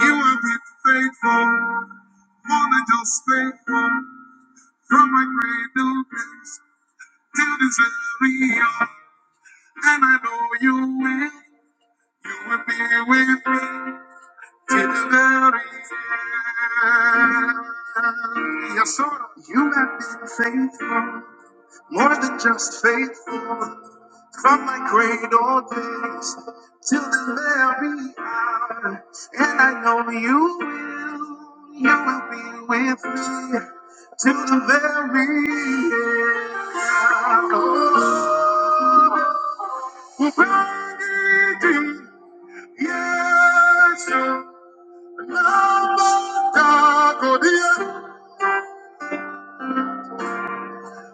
You have been faithful, more than just faithful, from my cradle days till this very hour. And I know you will, you will be with me till the very end. Yes, sir. You have been faithful, more than just faithful, From my cradle days to the very hour, and I know you will, you will be with me to the very end. Oh, Friday, yes, you love the God,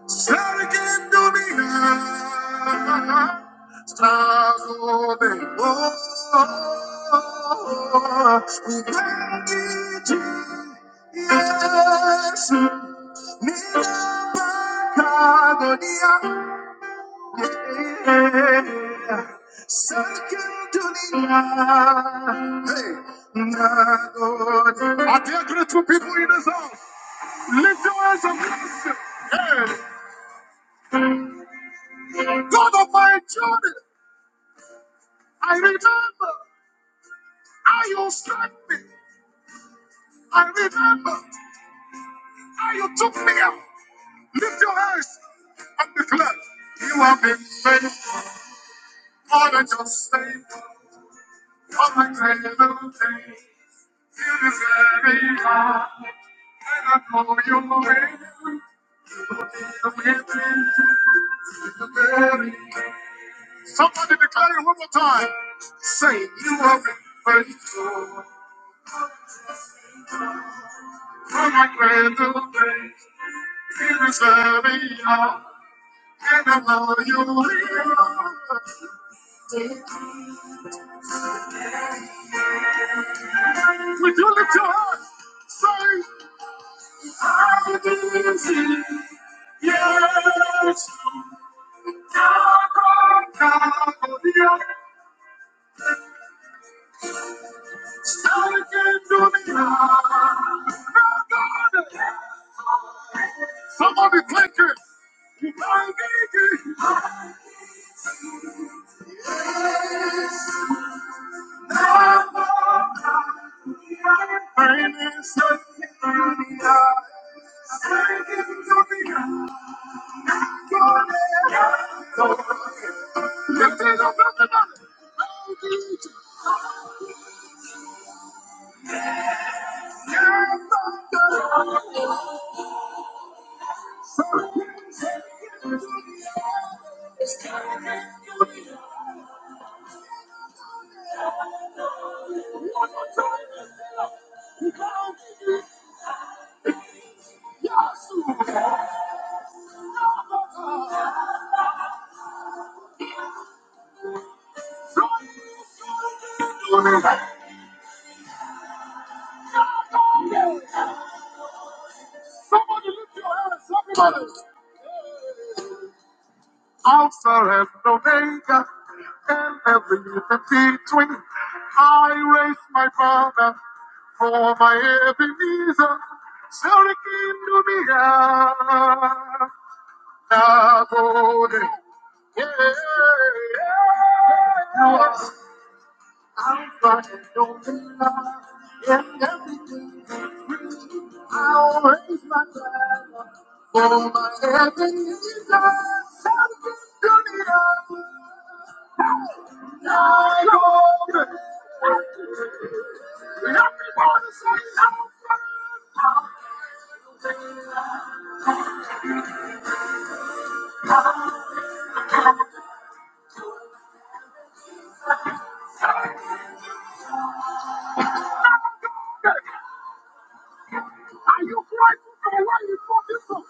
Start again, do me now. Stars open. Oh, we thank you, Jesus. Ninabagonia. Yeah. Hey, I dare great two people in this house. Lift your hands and bless him. God of my journey, I remember how you struck me. I remember how you took me up. Lift your hands and declare, You have been faithful. More than just faithful. More than great little thing. You deserve it all. And I know you will. You will be very- Somebody declare it one more time. Say, You have been faithful. More than great little thing. We do the job. Say, I'm dizzy. Yes. Taco, taco, yeah. Start again, do the job. Somebody click it. You might need it. Rain is setting in the eye. take it. to the eye. Go there. Go there. Alpha and Omega, and everything between. I raise my banner for my Ebenezer, Surikin Lumia, Nabode. Yeah. You are Alpha and Omega, and everything between. I raise my banner. Oh, my heaven is Are you grateful for where you brought you from?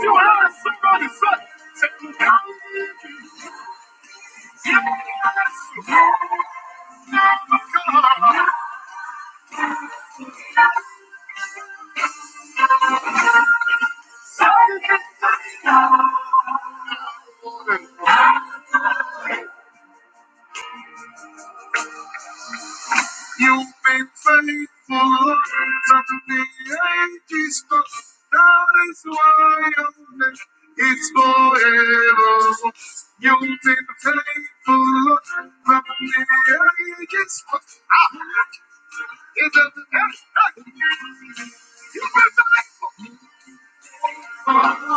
you have somebody say, say, yes, yes, yes, God. You've been faithful from the ages past. That is why your name is forever. You've been faithful from the ages past. Ah, it's a- You've been faithful. Thank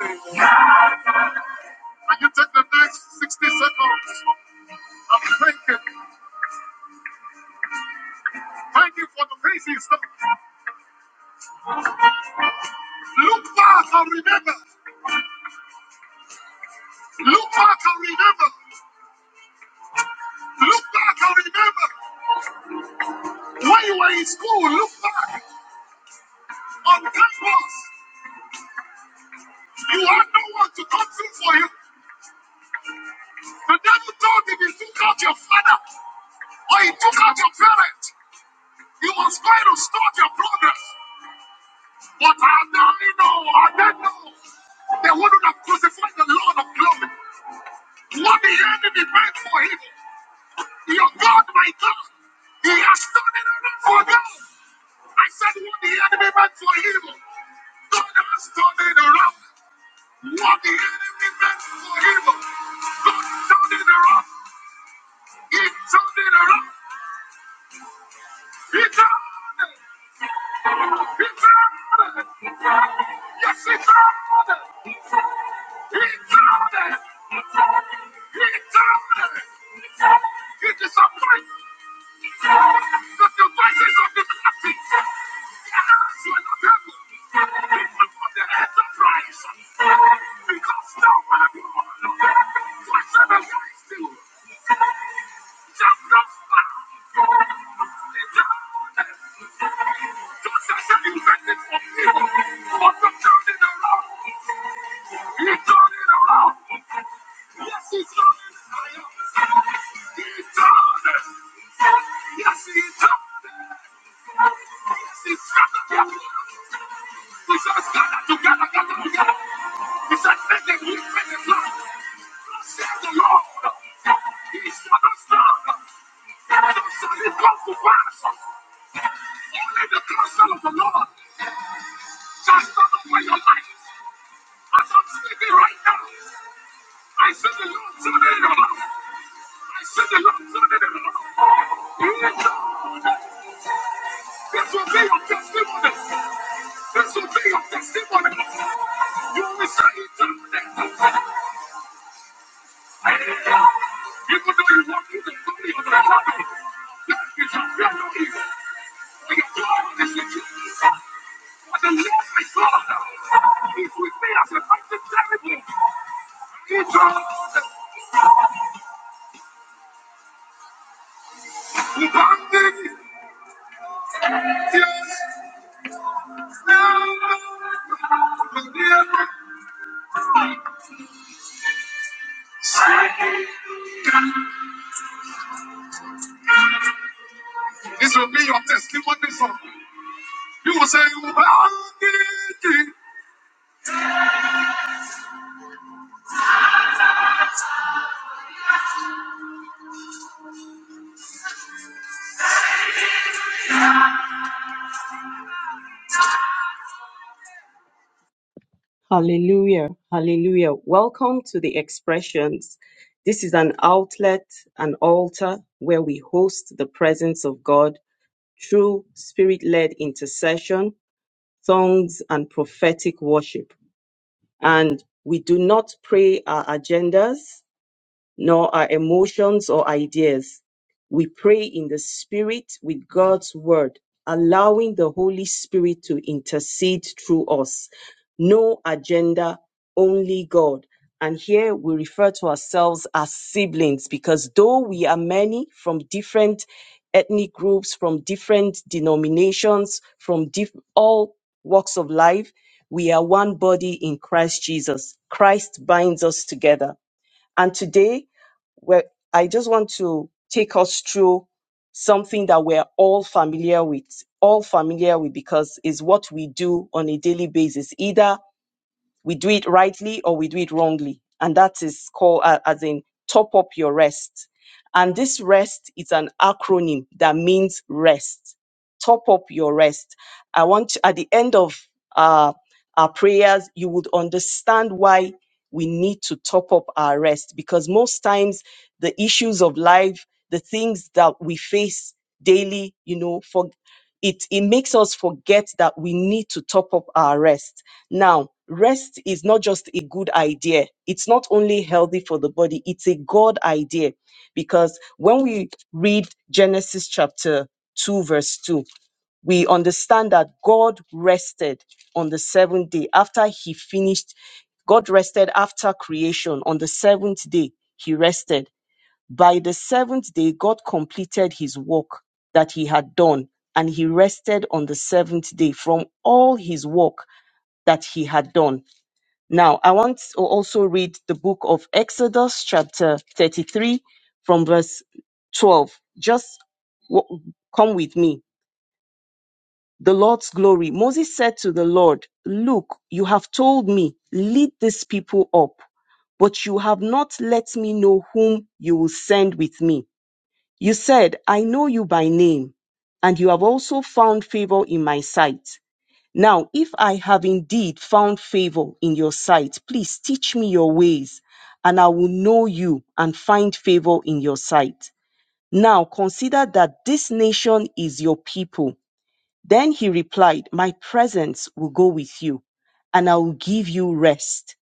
you. I can take the next 60 seconds. I'm thanking. Thank you for the crazy stuff. Look back and remember. Look back and remember. Look back and remember. When you were in school, look back on campus. You had no one to come through for you. The devil told him he took out your father or he took out your parent. You must try to stop your progress. But I now know, I now know. They wouldn't have crucified the Lord of glory. What the enemy meant for him. Your God, my God, He has turned it around for them. I said, what the enemy meant for evil, God has turned it around. What the enemy meant for evil, God turned it around. He turned it around. He turned it. He turned it. Yes, He turned it. He turned it. He turned it. It is a point that the voices of the captive, their hands were not able. Yes, he turned it. We shall stand up together, together. We shall make it, we make it last. Thus saith the Lord. He shall stand. Neither shall it come to pass. Only the counsel of the Lord shall stand up your life. As I'm speaking right now, I see the Lord turning I see the Lord turning it the Lord. This will be your testimony. That's what they are fixing You only say it's a Even though you walk through the valley of the shadow, that is a fellow evil. We are this situation. But the Lord my yes, This will be your testimony song. You will say, you "Ubangiji." Hallelujah. Hallelujah. Welcome to the expressions. This is an outlet, an altar where we host the presence of God through spirit led intercession, songs, and prophetic worship. And we do not pray our agendas nor our emotions or ideas. We pray in the Spirit with God's Word, allowing the Holy Spirit to intercede through us. No agenda, only God. And here we refer to ourselves as siblings because though we are many from different ethnic groups, from different denominations, from diff- all walks of life, we are one body in Christ Jesus. Christ binds us together. And today well, I just want to take us through something that we're all familiar with, all familiar with, because it's what we do on a daily basis, either we do it rightly or we do it wrongly. And that is called, uh, as in, top up your rest. And this rest is an acronym that means rest. Top up your rest. I want to, at the end of uh, our prayers, you would understand why we need to top up our rest because most times the issues of life, the things that we face daily, you know, for it, it makes us forget that we need to top up our rest. Now, rest is not just a good idea. It's not only healthy for the body, it's a God idea. Because when we read Genesis chapter 2, verse 2, we understand that God rested on the seventh day after he finished. God rested after creation on the seventh day. He rested. By the seventh day, God completed his work that he had done, and he rested on the seventh day from all his work that he had done. Now, I want to also read the book of Exodus, chapter 33, from verse 12. Just w- come with me. The Lord's glory. Moses said to the Lord, Look, you have told me, lead these people up, but you have not let me know whom you will send with me. You said, I know you by name, and you have also found favor in my sight. Now, if I have indeed found favor in your sight, please teach me your ways, and I will know you and find favor in your sight. Now consider that this nation is your people. Then he replied, My presence will go with you, and I will give you rest.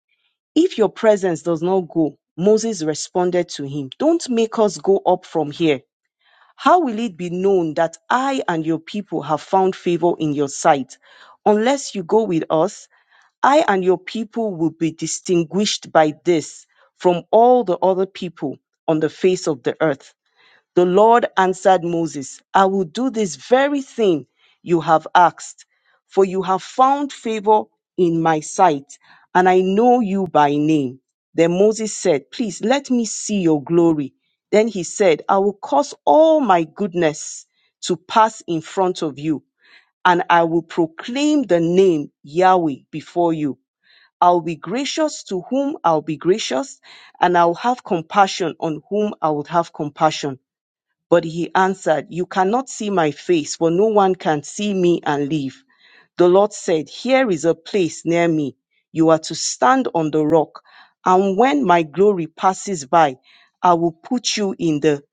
If your presence does not go, Moses responded to him, Don't make us go up from here. How will it be known that I and your people have found favor in your sight? Unless you go with us, I and your people will be distinguished by this from all the other people on the face of the earth. The Lord answered Moses, I will do this very thing you have asked, for you have found favor in my sight, and I know you by name. Then Moses said, Please let me see your glory. Then he said, I will cause all my goodness to pass in front of you, and I will proclaim the name Yahweh before you. I'll be gracious to whom I'll be gracious, and I'll have compassion on whom I will have compassion. But he answered, You cannot see my face, for no one can see me and live. The Lord said, Here is a place near me. You are to stand on the rock. And when my glory passes by, I will put you in the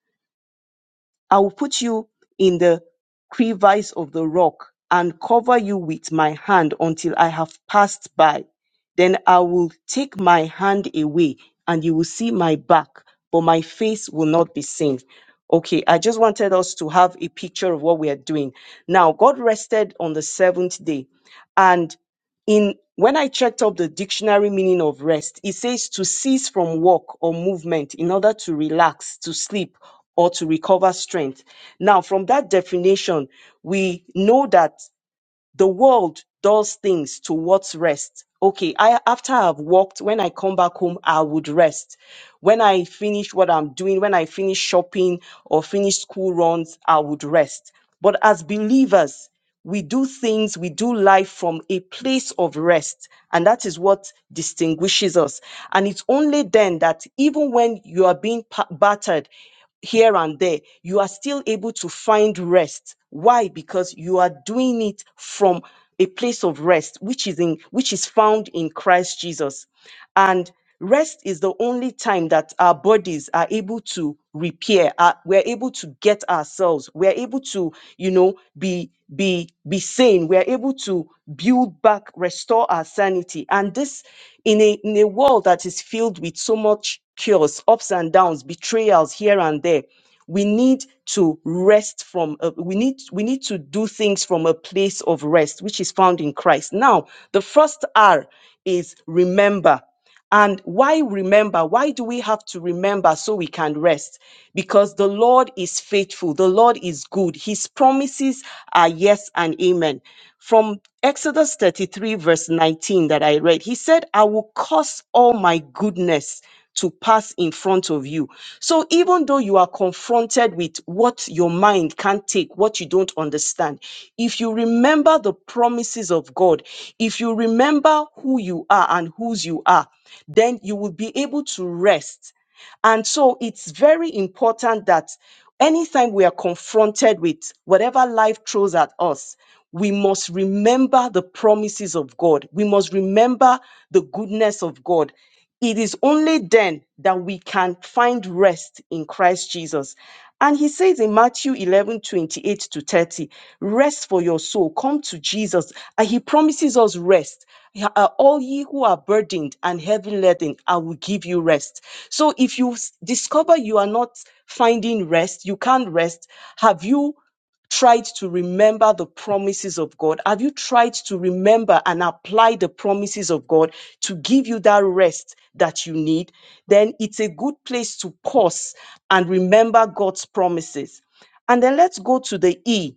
I will put you in the crevice of the rock and cover you with my hand until I have passed by. Then I will take my hand away and you will see my back, but my face will not be seen. Okay, I just wanted us to have a picture of what we are doing. Now, God rested on the seventh day. and in when I checked up the dictionary meaning of rest, it says to cease from work or movement in order to relax, to sleep, or to recover strength. Now, from that definition, we know that the world does things towards rest. Okay, I after I've worked, when I come back home, I would rest. When I finish what I'm doing, when I finish shopping or finish school runs, I would rest. But as believers, we do things, we do life from a place of rest. And that is what distinguishes us. And it's only then that even when you are being pa- battered, here and there, you are still able to find rest. Why? Because you are doing it from a place of rest, which is in which is found in Christ Jesus. And rest is the only time that our bodies are able to repair. uh, we're able to get ourselves. We're able to, you know, be be be sane. We're able to build back, restore our sanity. And this in a in a world that is filled with so much cures, ups and downs, betrayals here and there. We need to rest from a, we need we need to do things from a place of rest, which is found in Christ. Now, the first R is remember. And why remember? Why do we have to remember so we can rest? Because the Lord is faithful. The Lord is good. His promises are yes and amen. From Exodus 33, verse 19, that I read, He said, I will cause all my goodness to pass in front of you. So even though you are confronted with what your mind can't take, what you don't understand, if you remember the promises of God, if you remember who you are and whose you are, then you will be able to rest and so it's very important that anytime we are confronted with whatever life throws at us, we must remember the promises of God. We must remember the goodness of God. It is only then that we can find rest in Christ Jesus. And he says in Matthew 11:28 to 30, rest for your soul. Come to Jesus. And he promises us rest. Yeah, uh, All ye who are burdened and heavy laden, I will give you rest. So if you s- discover you are not finding rest, you can't rest, have you tried to remember the promises of God? Have you tried to remember and apply the promises of God to give you that rest that you need? Then it's a good place to pause and remember God's promises. And then let's go to the E.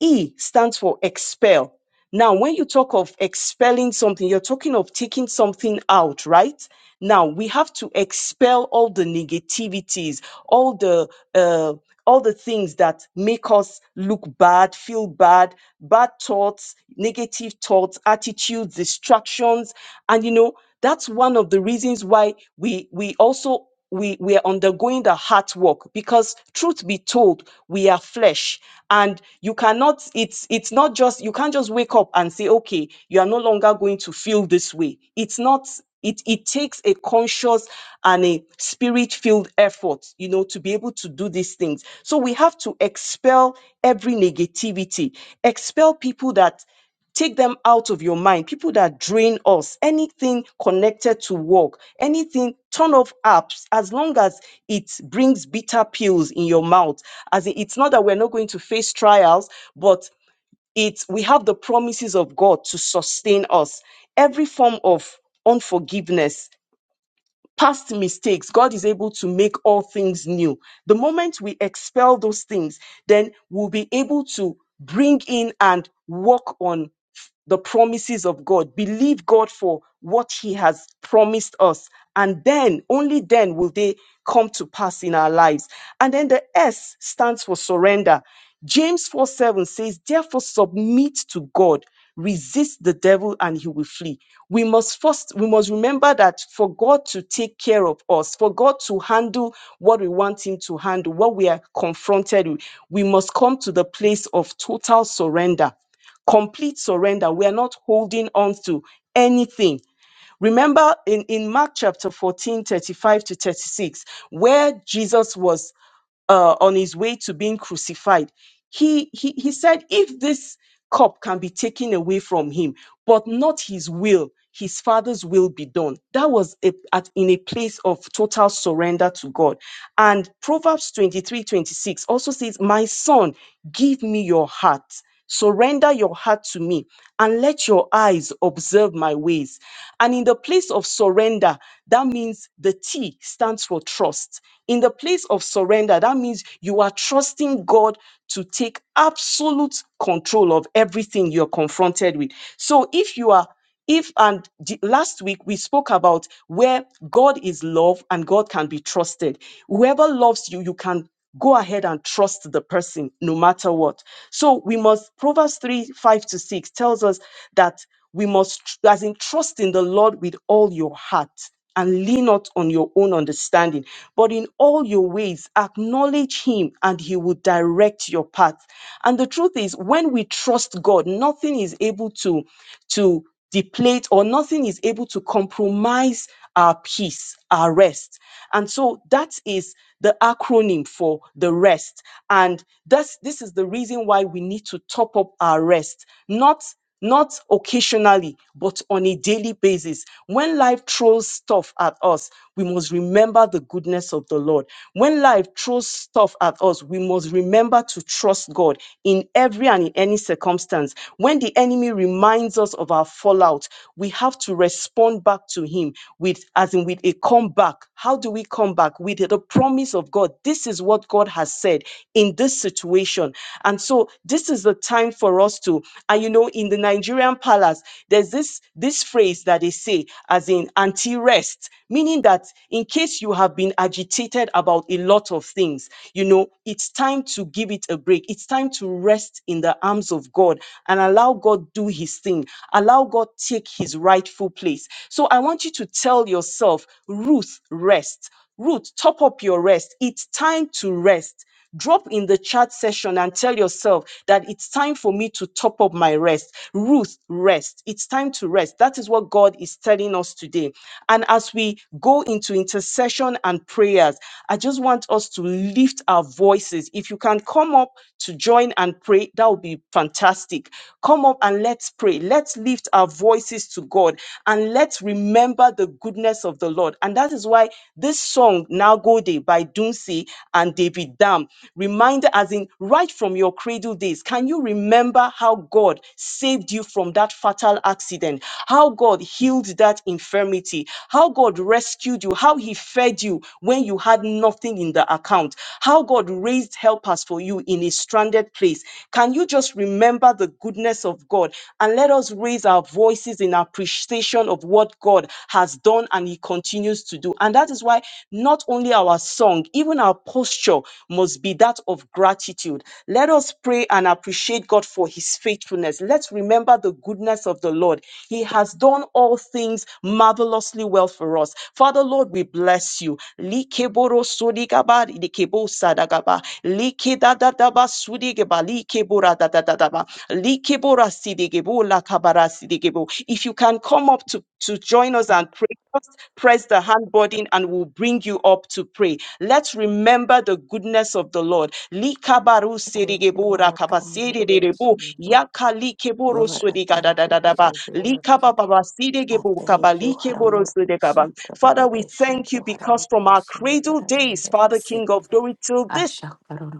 E stands for expel. Now, when you talk of expelling something, you're talking of taking something out, right? Now, we have to expel all the negativities, all the uh, all the things that make us look bad, feel bad, bad thoughts, negative thoughts, attitudes, distractions, and you know that's one of the reasons why we we also we we are undergoing the heart work because truth be told we are flesh and you cannot it's it's not just you can't just wake up and say okay you are no longer going to feel this way it's not it it takes a conscious and a spirit filled effort you know to be able to do these things so we have to expel every negativity expel people that take them out of your mind. People that drain us, anything connected to work, anything, turn off apps as long as it brings bitter pills in your mouth. As in, it's not that we're not going to face trials, but it's we have the promises of God to sustain us. Every form of unforgiveness past mistakes, God is able to make all things new. The moment we expel those things, then we'll be able to bring in and work on the promises of God, believe God for what He has promised us. And then, only then will they come to pass in our lives. And then the S stands for surrender. James 4 7 says, Therefore, submit to God. Resist the devil and he will flee. We must first, we must remember that for God to take care of us, for God to handle what we want him to handle, what we are confronted with, we must come to the place of total surrender complete surrender. We are not holding on to anything. Remember in, in Mark chapter 14 35 to 36, where Jesus was uh, on his way to being crucified, he, he, he said, If this cup can be taken away from him, but not his will, his father's will be done. That was a, at, in a place of total surrender to God. And Proverbs 23 26 also says, My son, give me your heart. Surrender your heart to me and let your eyes observe my ways. And in the place of surrender, that means the T stands for trust. In the place of surrender, that means you are trusting God to take absolute control of everything you're confronted with. So if you are if and the- last week we spoke about where God is love and God can be trusted. Whoever loves you, you can go ahead and trust the person no matter what. So we must, Proverbs 3 5 to 6 tells us that we must, tr- as in, trust in the Lord with all your heart and lean not on your own understanding, but in all your ways acknowledge Him and He will direct your path. And the truth is, when we trust God, nothing is able to, to deplete or nothing is able to compromise our peace, our rest. And so that is the acronym for the rest. And that's, this is the reason why we need to top up our rest, not not occasionally, but on a daily basis. When life throws stuff at us, we must remember the goodness of the Lord. When life throws stuff at us, we must remember to trust God in every and in any circumstance. When the enemy reminds reminds us of our fallout. We have to respond back to him with, as in with a comeback. How do we come back? With the promise of God. This is what God has said in this situation. And so this is the time for us to, and you know, in the Nigerian palace, there's this this phrase that they say, as in anti-rest, meaning that in case you have been agitated about a lot of things, you know, it's time to give it a break. It's time to rest in the arms of God. and and allow God do his thing. Allow God take his rightful place. So I want you to tell yourself, Ruth, rest. Ruth, top up your rest. It's time to rest. Drop in the chat session and tell yourself that it's time for me to top up my rest. Ruth, rest. It's time to rest. That is what God is telling us today. And as we go into intercession and prayers, I just want us to lift our voices. If you can come up to join and pray, that would be fantastic. Come up and let's pray. Let's lift our voices to God and let's remember the goodness of the Lord. And that is why this song, Nagode by Dunsi and David Dam, reminder as in right from your cradle days, can you remember how God saved you from that fatal accident? How God healed that infirmity? How God rescued you? How He fed you when you had nothing in the account? How God raised helpers for you? you in a stranded place. Can you just remember the goodness of God and let us raise our voices in appreciation of what God has done and He continues to do? And that is why not only our song, even our posture must be that of gratitude. Let us pray and appreciate God for His faithfulness. Let's remember the goodness of the Lord. He has done all things marvelously well for us. Father, Lord, we bless you. Likeboro sodigaba, likebo sadagaba, Liki da da da ba sudige ba liki da da da da ba liki bura sidige la kabara sidige If you can come up to to join us and pray, just press the hand button and we'll bring you up to pray. Let's remember the goodness of the Lord. Lika baru sidige bo ra kaba sidige bo yaka Father, we thank you because from our cradle days, Father King of glory, till this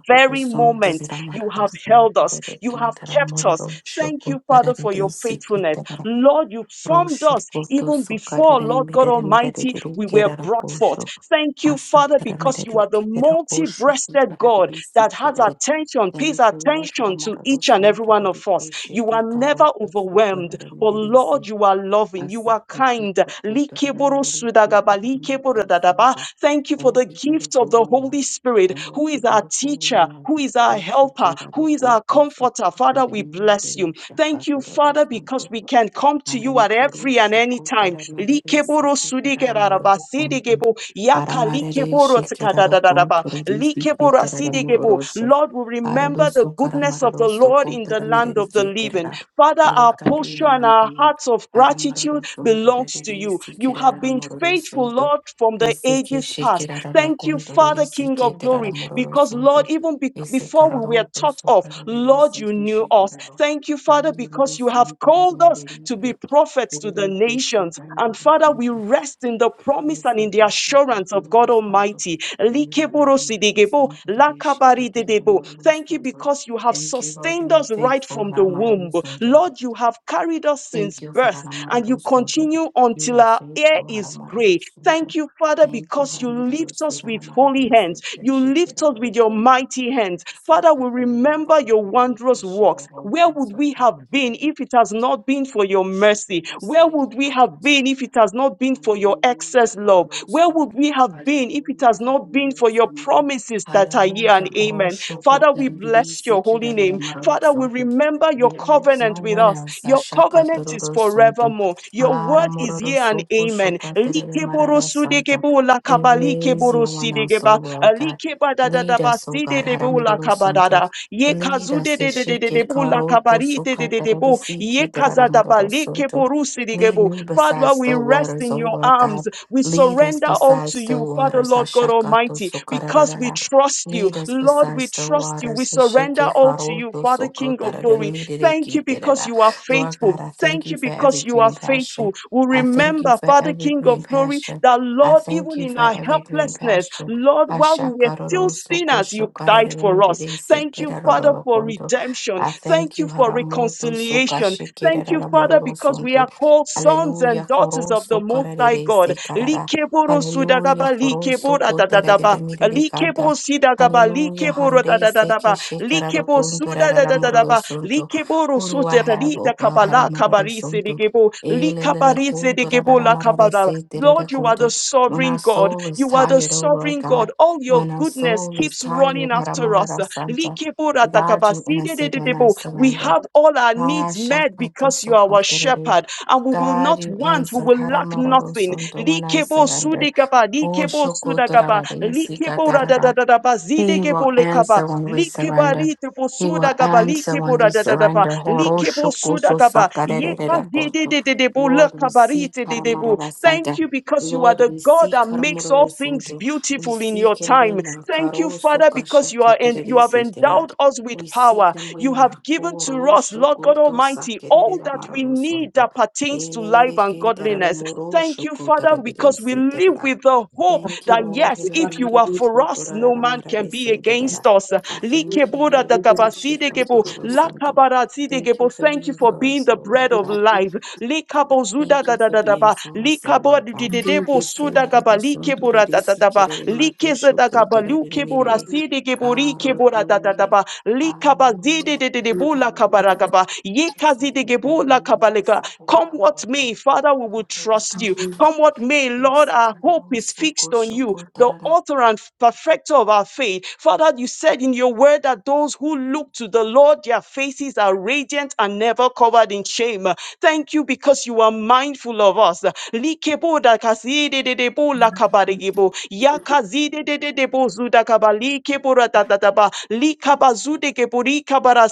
very moment you have held us, you have kept us. Thank you, Father, for your faithfulness. Lord, you formed us even before, Lord God Almighty, we were brought forth. Thank you, Father, because you are the multi breasted God that has attention, pays attention to each and every one of us. You are never overwhelmed, but Lord, you are loving, you are kind. Likeboro sudagaba, likeboro dadaba. Thank you for the gift of the Holy Spirit who is is our teacher, who is our helper, who is our comforter. Father, we bless you. Thank you, Father, because we can come to you at every and any time. Likeboro sudigeraraba sidigebo, yaka likeboro tsikadadadadaba, likeboro asidegebo. Lord, we remember the goodness of the Lord in the land of the living. Father, our posture and our hearts of gratitude belongs to you. You have been faithful, Lord, from the ages past. Thank you, Father, King of glory, because, Lord, even be- before we were thought of, Lord, you knew us. Thank you, Father, because you have called us to be prophets to the nations. And Father, we rest in the promise and in the assurance of God Almighty. Likeborosidegebo, lakabaridedebo. Thank you because you have sustained us right from the womb. Lord, you have carried us since birth and you continue until our hair is gray. Thank you, Father, because you lift us with holy hands. You lift us with your mighty hands. Father, we remember your wondrous works. Where would we have been if it has not been for your mercy? Where would we have been if it has not been for your excess love? Where would we have been if it has not been for your promises that are here and amen? Father, we bless your holy name. Father, we remember your covenant with us. Your covenant is forevermore. Your word is here and amen. Likeborosudekebolakabalikeborosidegeba. Alike badadadaba side de bula kabadada. Ye kazude de de de de de bula kabarite de de de bo. Ye kazadaba like borusi de gebo. Father, we rest in your arms. We surrender all to you, Father, Lord God Almighty, because we trust you. Lord, we trust you. We surrender all to you, Father, King of glory. Thank you because you are faithful. Thank you because you are faithful. We remember, Father King of glory, that Lord, even in our helplessness, Lord, while we were still sinners, you died for us. Thank you, Father, for redemption. Thank you for reconciliation. Thank you, Father, because we are called sons and daughters of the Most High God. Likeboro sudagaba, likebora dadadaba, likebo sidagaba, likeboro dadadadaba, likebo sudadadadadaba, likeboro sudadadida kabala kabari sedigebo, likabari sedigebo la kabara. Lord, you are the sovereign God. You are the sovereign God. All your goodness keeps running after us. Likebora takaba, sidedededebo. We have all our needs needs met because you are our shepherd, and we will not want, we will lack nothing. Likebo sudekaba, likebo sudakaba, likebo radadadadaba, zidekebo lekaba, likeba ritebo sudakaba, likebo radadadaba, likebo sudakaba, yeka zidedededebo lekaba ritededebo. Thank you because you are the God that makes all things beautiful in your time. Thank you, Father, because you are and you have endowed us with power. You have given to us us, Lord God Almighty, all that we need that pertains to life and godliness. Thank you, Father, because we live with the hope that Thank yes, if you are for us, no man can be against us. Likebura dagabasidegebo, lakabarazidegebo. Thank you for being the bread of life. Likabozuda dadadadaba, likabodididebo sudagaba, likebura dadadaba, likezedagaba, lukebura sidegebo, rikebura dadadaba, likabazidededebo gebula kabaragaba. Yekazidi gebula kabaleka. Come what may, Father, we will trust you. Come what may, Lord, our hope is fixed on you, the author and perfecter of our faith. Father, you said in your word that those who look to the Lord, their faces are radiant and never covered in shame. Thank you because you are mindful of us. Likebo da kazidededebo lakabarigebo. Yakazidededebo zudakaba. Likebo ratatata ba. Likaba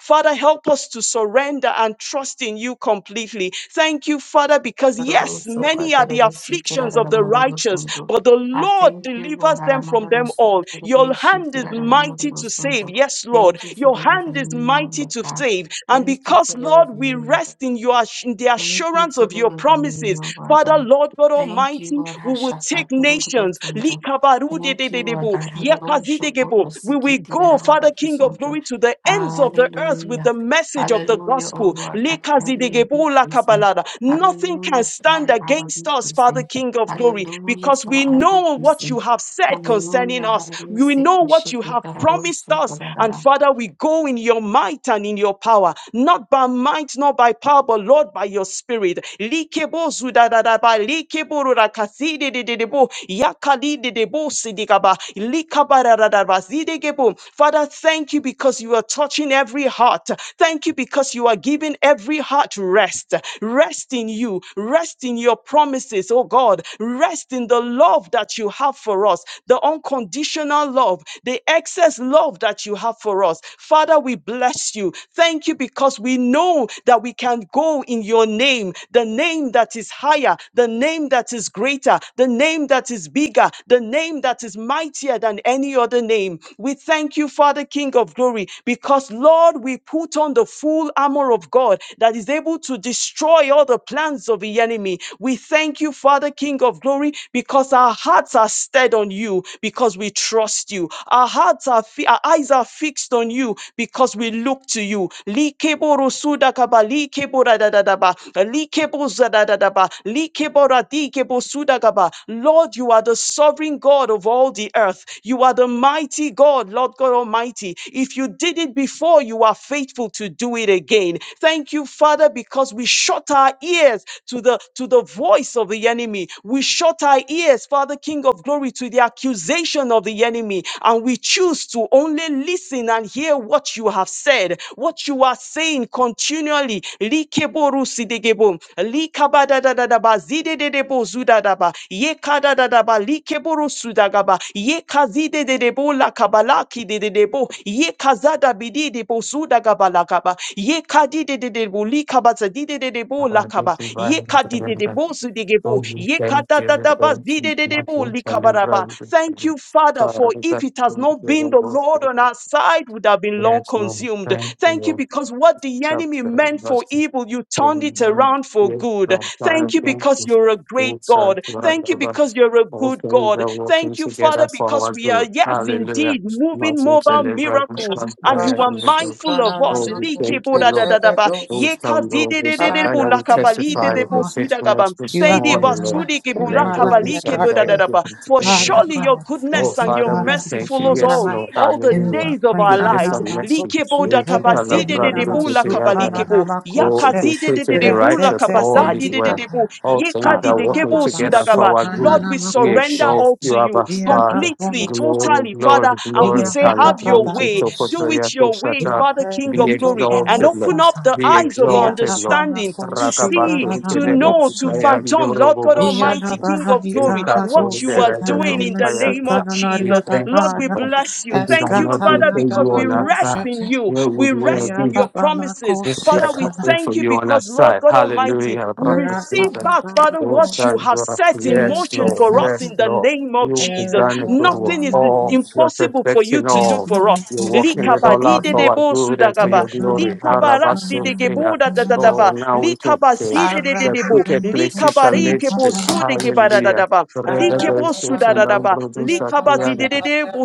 Father, help us to surrender and trust in you completely. Thank you, Father, because yes, many are the afflictions of the righteous, but the Lord delivers them from them all. Your hand is mighty to save. Yes, Lord, your hand is mighty to save. And because, Lord, we rest in your ass- in the assurance of your promises, Father, Lord God Almighty, we will take nations. Likabarudedededebo, yekazidegebo. We will go, Father King of glory to the ends of the earth with the message of the gospel. Lekazidigebola kabalada. Nothing can stand against us, Father King of glory, because we know what you have said concerning us. We know what you have promised us. And Father, we go in your might and in your power, not by might, not by power, but Lord, by your spirit. Likebozudadadaba, likebororakasididididebo, yakadididebo sidikaba, likabarararaba, zidegebo. Father, Lord, thank you because you are touching every heart. Thank you because you are giving every heart rest. Rest in you. Rest in your promises, oh God. Rest in the love that you have for us, the unconditional love, the excess love that you have for us. Father, we bless you. Thank you because we know that we can go in your name, the name that is higher, the name that is greater, the name that is bigger, the name that is mightier than any other name. We thank thank you, Father, King of glory, because Lord, we put on the full armor of God that is able to destroy all the plans of the enemy. We thank you, Father, King of glory, because our hearts are stead on you, because we trust you. Our hearts are, fi- our eyes are fixed on you, because we look to you. Likeboro sudakaba, likebora dadadaba, likebo zadadadaba, likebora dikebo sudakaba. Lord, you are the sovereign God of all the earth. You are the mighty mighty God, Lord God Almighty. If you did it before, you are faithful to do it again. Thank you, Father, because we shut our ears to the to the voice of the enemy. We shut our ears, Father King of Glory, to the accusation of the enemy, and we choose to only listen and hear what you have said, what you are saying continually. Likeborusidegebo, likabadadadadaba, zidededebo zudadaba, yekadadadaba, likeborosudagaba, yekazidededebo de debo la kabalaki de de debo ye kazada bidi debo suda gabalakaba ye kadi de de debo li kabazadi de de debo la Father, I kaba thank you for ye having us kadi together de debo sude So gebo we ye thank kada you da we da thank bazi you, de de not debo you, li shall live kabaraba. forever with Thank you. you, Father, for we if thank it has you not for been your the work. Lord on our side, would have been long Yes, consumed. thank you, Thank you because what the Chapter enemy meant and for verse evil, you turned going it down. around for Yes, good. Lord, Father, Thank you thank because you. you're a great Lord, Son, God. Lord, Thank you because you're a All good things God. are working Thank you, together Father, for because because our we are, good. yes, Hallelujah. indeed, Not moving you, shall mobile live forever miracles, and you Baba are you. mindful Sukana of Oh, us. we Namamu thank you, Lord. Likebodadadadaba, Tetedos. Those come, Lord, this like I Father, will thank you, testify oh of the God. yekazidedededebulakabalidedebosudagaba, faithfulness You this have been morning, my Lord. light. Lango this You've And been then my go light in do the dark I place. give seidebasudikebulakabalikebodadadaba. you to For the Father end. surely your God, Oh, goodness thank and you, your Father, we Father, mercy because thank you. you're follows my Yes, all, light Lord. all the in the Hallelujah. days dark of our place. Goodness lives. and Anamato mercy. Yes, we shikere can have run kenina into the masukana other. Likebodakabasidededebulakabalikebo, Oh, it namakose is so to the righteous, retete all is well. tendikata. yakazidedededebulakabasadidedebo, All things are working yekadidegebo Abababa together sudagaba. for our sukana Lord, good. we We surrender namakoshe. exalt all you, to you Abba Ia Father. completely, bakonos. Glory, totally, Father. glory, And we Ia glory. say, Have your way. babababandos. Do it your Yeah, way, Hallelujah. Father, King Be of glory. And exalted, open Lord. up the Be eyes of our exalted, Lord. understanding to see, Rakabaku to Telebe know, to Kutaya phantom, Lord God Yorobo Almighty, Shafi. King of glory, what Eukatsu you are Derebe doing in the Kutaya. name of We Jesus. thank Lord, you, we Lord. bless you. If it Thank had you, not been Father, for because you we on our rest side, in you. where would We we rest have in been? your promises. It's that Father, we thing thank from you you on our because, Lord side. God Almighty, Hallelujah. we receive back, Father, Oh, what you stand have up. set in Yes, motion Lord. for us in Yes, the Lord. name name of You Jesus. began a good work. Nothing is Oh, you are impossible for you perfecting to do all. for us. You're working it all out for our Likabadidedebo good and for sudagaba. your glory. Harabasukeya. Oh, now we can say Thank you, the Likabasidedededebo. crooked Father, places because are you made Likabarikebo straight. are here. Hallelujah. sudegebadadadaba. Likebo Regabasotulambrudusakiyande.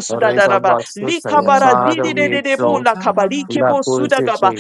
Regabasutaya. Father, we Likabarazidedededebo exalt you. La lakabalikebo sudagaba.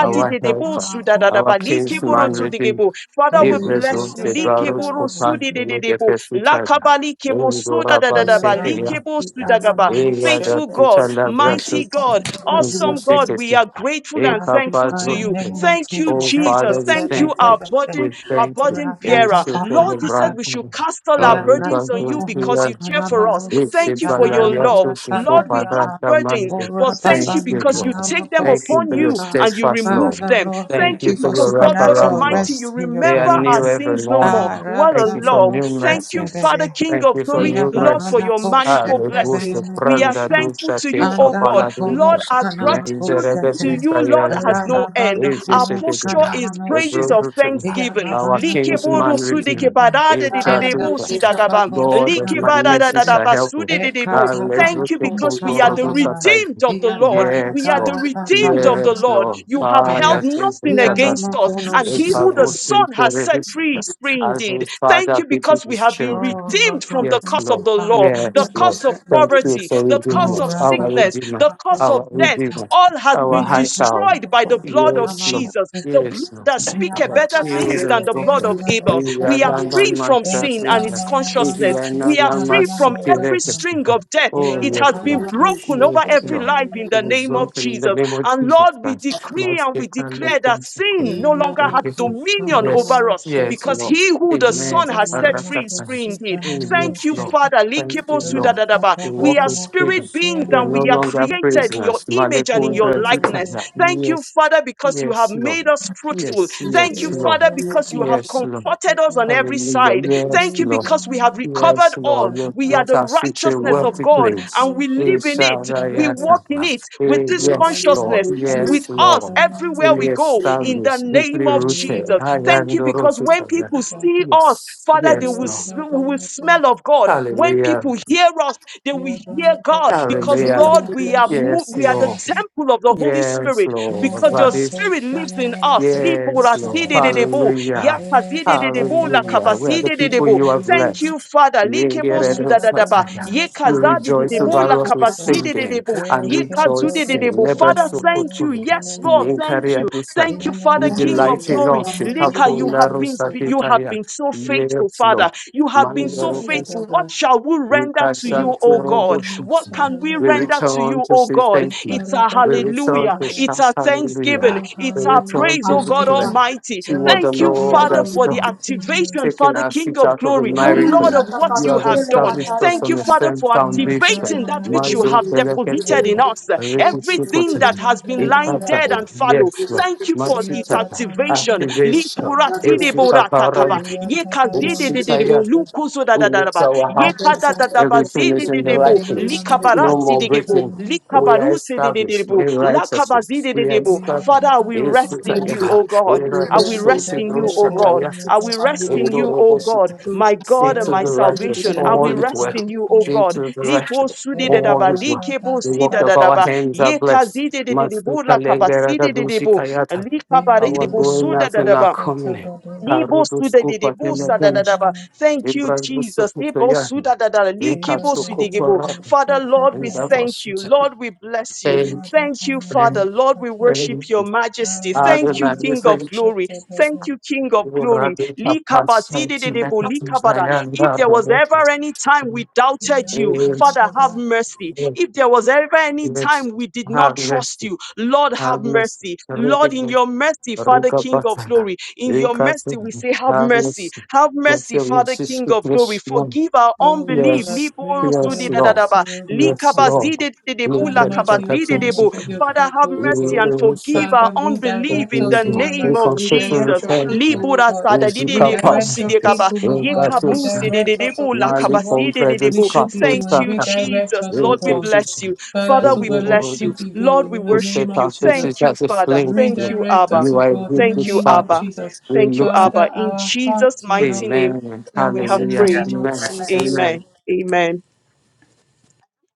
our helper, our kinsman redeemer. Father, we bless Ibezon you. se baros Likeboro kupan leke sudedededebo. pesuchana. Mali kebo soda Ingora da da da ba, balseke li ya. kebo suda ga ba. Eya da Faithful God, kuchala mighty brasut. God, Unse awesome God, seke we are seka. grateful and I Eka keep thankful by to the you. pazunte. name of Thank you, Jesus. Oh Jesus. Father, we Thank you, thank our you. burden, We our thank you. burden And bearer. so for Lord, the you said brand. we should cast all our Ia burdens Arriba brato on tuan you because conos you care for us. canamanos It's y a Thank you for your love. cananaria balayatu sifo Lord, we have tadadiana. parata burdens, mante. Ora but thank Thank you babani you, because you Lord. take them Thank you upon for your you canamacoshiyata. and you steadfast remove love. Father, them. Lord, Thank Thank thank you you you for for your because, Lord God wraparound supernatural love. Almighty, you rest in your They are remember presence. our new every sins no more. morning. What a Thank Arata you for love. new manos Thank you mercies. Father, setebede. King Thank of you for glory, Ia new Lord, for babana your mercies. manifold koshete blessings. Aleluya, benene We are pranda kosha. thankful ducha to you, tesa O Anda God. Lord, paladucha. bakonos our gratitude Menderebe to canamacoshete. ducha you, Lord, has yanda. no end. Rababana Easy Our konos posture sepedia. is praises canamanoshe. of Ebrutucha. Ia thanksgiving. Our babana kinsman kutos redeemed. Echa Anda tucha. baba Likeborusudekebaradededebosidagaba. bako God of shana my mercy makote. shall help me. E Likebadadadadabasudededebo. kata Thank you Hallelujah. bamako because we are kumboro shata the ducha bana tai. redeemed of the iya Lord. tara We Yes, are the Lord. tara tata redeemed iya of the Yes, nana Lord. Lord. You mako have Ah, held iya yes, thank you, nothing Ia Father. against nama us, kono and Thank he you, who sika. the Lord. Thank Son you, has Lord. set free is free As we, indeed. Thank Father, you because pity because we these have been children. Oh Lord redeemed from God, the Yes, thank curse of Lord. you the Father law, the Yes, because you've Lord. curse of set me Thank free. you poverty, for the Oh curse redeemer, of our Rabba sickness, redeemer, the curse bako our of death. shata. redeemer, All has our been high Ia tara tower. destroyed by the mako blood shana of Yes, Lord. mano Jesus, the sika. blood Yes, Lord. that Ia speaketh Our tara better mako shield things than and the ia blood buckler. of nana mako We Abel. are We are shata. not a free man from E to sin and bring its us. shana mama We consciousness. are mako We not are a man shana free to from mano every direct rata. us. string of death. Thank Oh, It yes, has been Lord. broken Yes, over every Lord. life in It the is name of broken in the Jesus. name of And Jesus Lord, we Christ. decree Must and be we kindly declare that concept. sin no Thank longer has you. you. dominion Yes, over us yes, because Lord. he who the Amen. Son Son has set free is Rakatai. free indeed. Hey, Thank Yes, you, Lord. Father. Thank Likibo you, Lord. sudadadaba. We We walk are in freedom. spirit beings We are and no we are longer created in your prisoners. image and in your Malekundra likeness. Zutaya. Thank you, Yes, Father, because you have yes, made Lord. us fruitful. Yes, Thank yes, you, Father, Lord. because you have Yes, Lord. comforted us on every Hallelujah. side. Yes, Thank you Lord. because we have recovered Yes, all. Lord. You We are brought the us into a righteousness of wealthy God place. and we Eh, live in it. Shaddai, We walk in it with Eh, this Yes, Lord. consciousness Yes, with us Lord. everywhere Fully we go in the established, deeply name Yeah, of rooted. Jesus. I Thank am you because when the people see see us, Yes, Father, they yes, will, Lord. s- we will smell of God. When people Hallelujah. hear us, they will hear God because, Hallelujah. Lord, we are, mo- Yes, we are the Lord. temple of the Holy Yes, Spirit Lord. because your Daddy. spirit lives in us. Yes, Lord. Liporasidededebo, Hallelujah. yakazidededebo, Hallelujah. We are the people lakabasidededebo. you have Thank you, blessed. Father. Likebo sudadadaba, Yengeredosataya. We rejoice yekazadidedebo, over us with singing lakabasidededebo, and rejoicing. yekazudededebo. Never Father, so thank you. Yes, Lord, thank you. in Thank Yenkareadosaya. you, the You Father, name of King of delight in Jesus, glory. us. Lika, you have been, Ananamakusana, you have Ikapundarosatitaya. been so faithful, Yes, Father. Lord. You have been so Iya faithful. What Dada, shall we We render to pass you, on to O our God? worshipers. What can we We render Itanamanusanamakosi. to return you, to O say God? thank you. It's a We return hallelujah. to It's shout a hallelujah. thanksgiving. Oh, We It's a hallelujah return praise, to to O your God name. declare. Almighty. See what the Thank you, Blessed be your Lord Father, holy has for and the done, mighty name. activation, taking Father, our King seat of out of the glory, Oh, Lord miracle. of Lord, what oh, You you God, have oh, have done. God. established us Thank you, on a Father, firm for We are foundation. activating that which you tabernacles Mazo have to pelekete, deposited in name. us. Everything rekusukote, that We are has been lying ikata. dead tabernacles. and fallow. Yes, Lord. Thank you for We are its Machita, activation. tabernacles to Activation. Shidi If Tababa. borata kaba. We are Ye kazede de de tabernacle. Lukuzo da da da da ba. Ye you kada da da ba Everything zede is de in the We de right are place. No Likabarasi more de gebo. breaking. We are Likabaruse de de de established in righteousness. Lakabazide de We de are established Father, tabernacles we in to rest in Tababa. you, Sutaya. O We God. Oh are the I will Lord, rest Soti in you, O God. Brushatayas. I will rest In in the you, O God, Roboshita. my Say God and to my the righteous, salvation. I will all is rest well. in you, O Say God. to the Lipo righteous, sudi de all daba, is well. likebo The si work da of da our daba, hands are ye blessed. kazi de de de de Masuta Lengera de de Gabusi Kayata. likabari Our de bo going out da and our daba. coming. in. Karudu Skupa Temetenji. Nibosudadidibusudadadaba. Thank you, Ibrahim Jesus. Nibosudadadada. Likibosudigibo. Rikatsukotorada, Father, Lord, we and that thank was you. Lord, we bless you. thank Thank you, Father. thank Lord, we thank worship your majesty. Thank you, Adonai, we King of thank glory. Thank you, King of you, glory. Radhika Pasanti Likabazidididebo. Likabada. If Mekatizayanda there was Rabot. ever any time we doubted you, It's Father, have mercy. If there was ever any it's time we did not trust harvest, you, Lord, have harvest, mercy. Lord, in regular, your mercy, Father, Rika King of glory Batana, glory. In your mercy, we Rikatsu, say, Have mercy. harvest, Have let mercy, your Father, message King be of glory. blessed Forgive our unbelief. I Yes, Libo pray for your yes, sudi da da Lord. mercy, O God, Yes, Father. Lord. We Have break the mercy upon captivity. us of your Father, have people, O We mercy God. and release the forgive our Father, unbelief redirect in the us in your people. name We mercy. of confess and Redirect Jesus. your repent. people, O Libura God. We sada di seek our Redirect si your purpose. people, O We God. got to Yekabu si sign. de Redirect us, O God, to Mali what compredes we should be captured Thank doing. you, captain. Redirect Jesus. We us, O Lord, we God. infectious. bless you. Father, Father, to we where we bless you. should be Lord, going we in the We name set worship of you. our Jesus. faces Thank you, as a Father. flame. Thank Lord. you, Redirect Abba. us, You O are a God, good, in the Thank good you, name of father. Abba. Jesus. We Thank you, look to Abba. Father, In our Jesus' hearts will mighty not be name, Amen. we callous have in the Hallelujah. prayed. name of Amen. Jesus. Amen. Amen. Amen.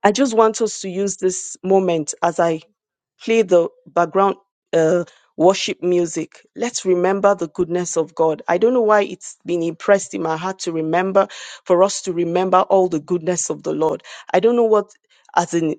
I just want us to use this moment as I play the background uh, worship music. Let's remember the goodness of God. I don't know why it's been impressed in my heart to remember, for us to remember all the goodness of the Lord. I don't know what. as in.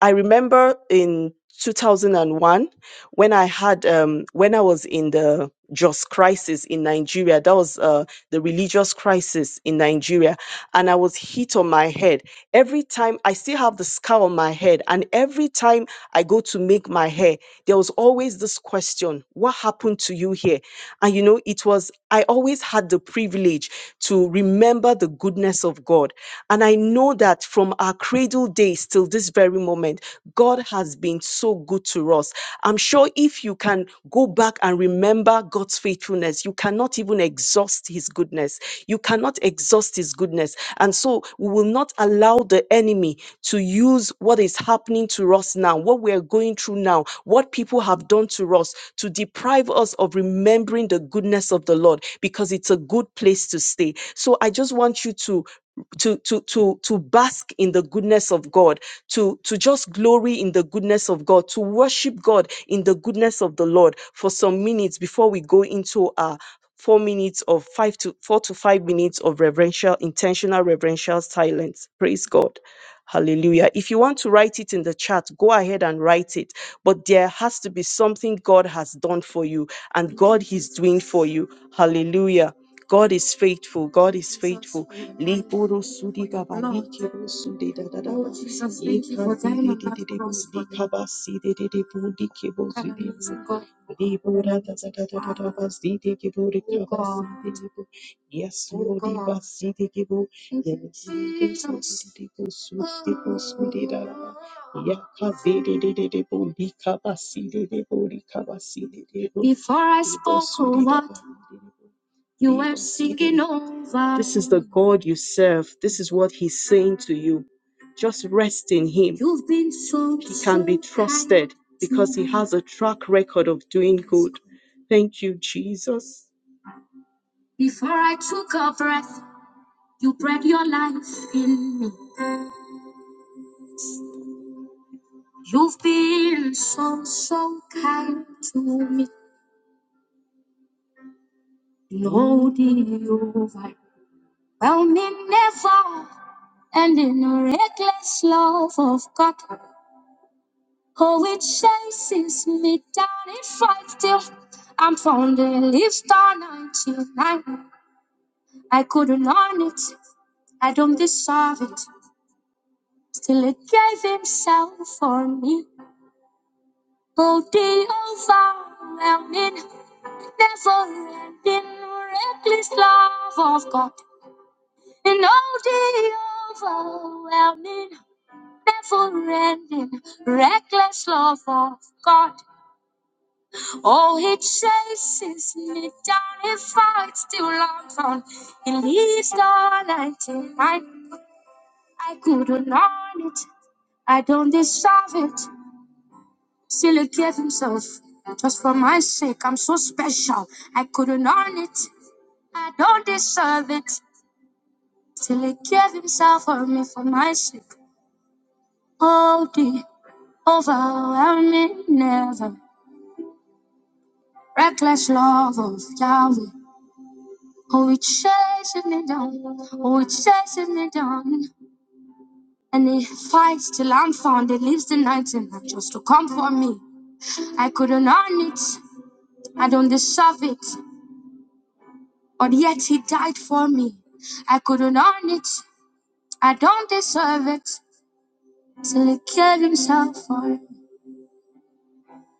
I remember in 2001 when I had um, when I was in the just crisis in Nigeria. That was uh, the religious crisis in Nigeria, and I was hit on my head. Every time I still have the scar on my head, and every time I go to make my hair, there was always this question: What happened to you here? And you know, it was I always had the privilege to remember the goodness of God. And I know that from our cradle days till this very moment, God has been so good to us. I'm sure if you can go back and remember God's faithfulness, you cannot even exhaust his goodness. You cannot exhaust his goodness. And so we will not allow the enemy to use what is happening to us now, what we are going through now, what people have done to us to deprive us of remembering the goodness of the Lord because it's a good place to stay. So I just want you to to to to to bask in the goodness of God, to to just glory in the goodness of God, to worship God in the goodness of the Lord for some minutes before we go into our four minutes of five to four to five minutes of reverential, intentional reverential silence. Praise God. Hallelujah. If you want to write it in the chat, go ahead and write it. But there has to be something God has done for you and God is doing for you. Hallelujah. God is faithful. God is faithful. Liburu sudi gaba likiru sudi da da da ba. di di di di di bu di kaba si di di di bu di kibu sudi Yes, Lord, Before I spoke all that, you were singing over. This is the God you serve. This is what He's saying to you. Just rest in Him. You've been so He can be so trusted kind to because He me. has a track record of doing good. Thank you, Jesus. Before I took a breath, you bred your life in me. You've been so, so kind to me. Lord, you've overwhelmed me never and in a reckless love of God. Oh, it chases me down, it fights till I'm found in Star 99. I couldn't earn it, I don't deserve it. Still, it gave himself for me. Oh, day of our rounding, never ending, reckless love of God. And all day overwhelming, never ending, reckless love of God. Oh, He chases me down, He fights till I'm found. He leaves the 99. I couldn't earn it, I don't deserve it. Silly gave himself just for my sake. I'm so special. I couldn't earn it. I don't deserve it. Silly gave himself for me for my sake. Oh, the overwhelming, never reckless love of Yahweh. Oh, it chases me down. Oh, it chases me down. And he fights till I'm found. He leaves the night and night just to come for me. I couldn't earn it. I don't deserve it. Or yet he died for me. I couldn't earn it. I don't deserve it. Till he killed himself for me.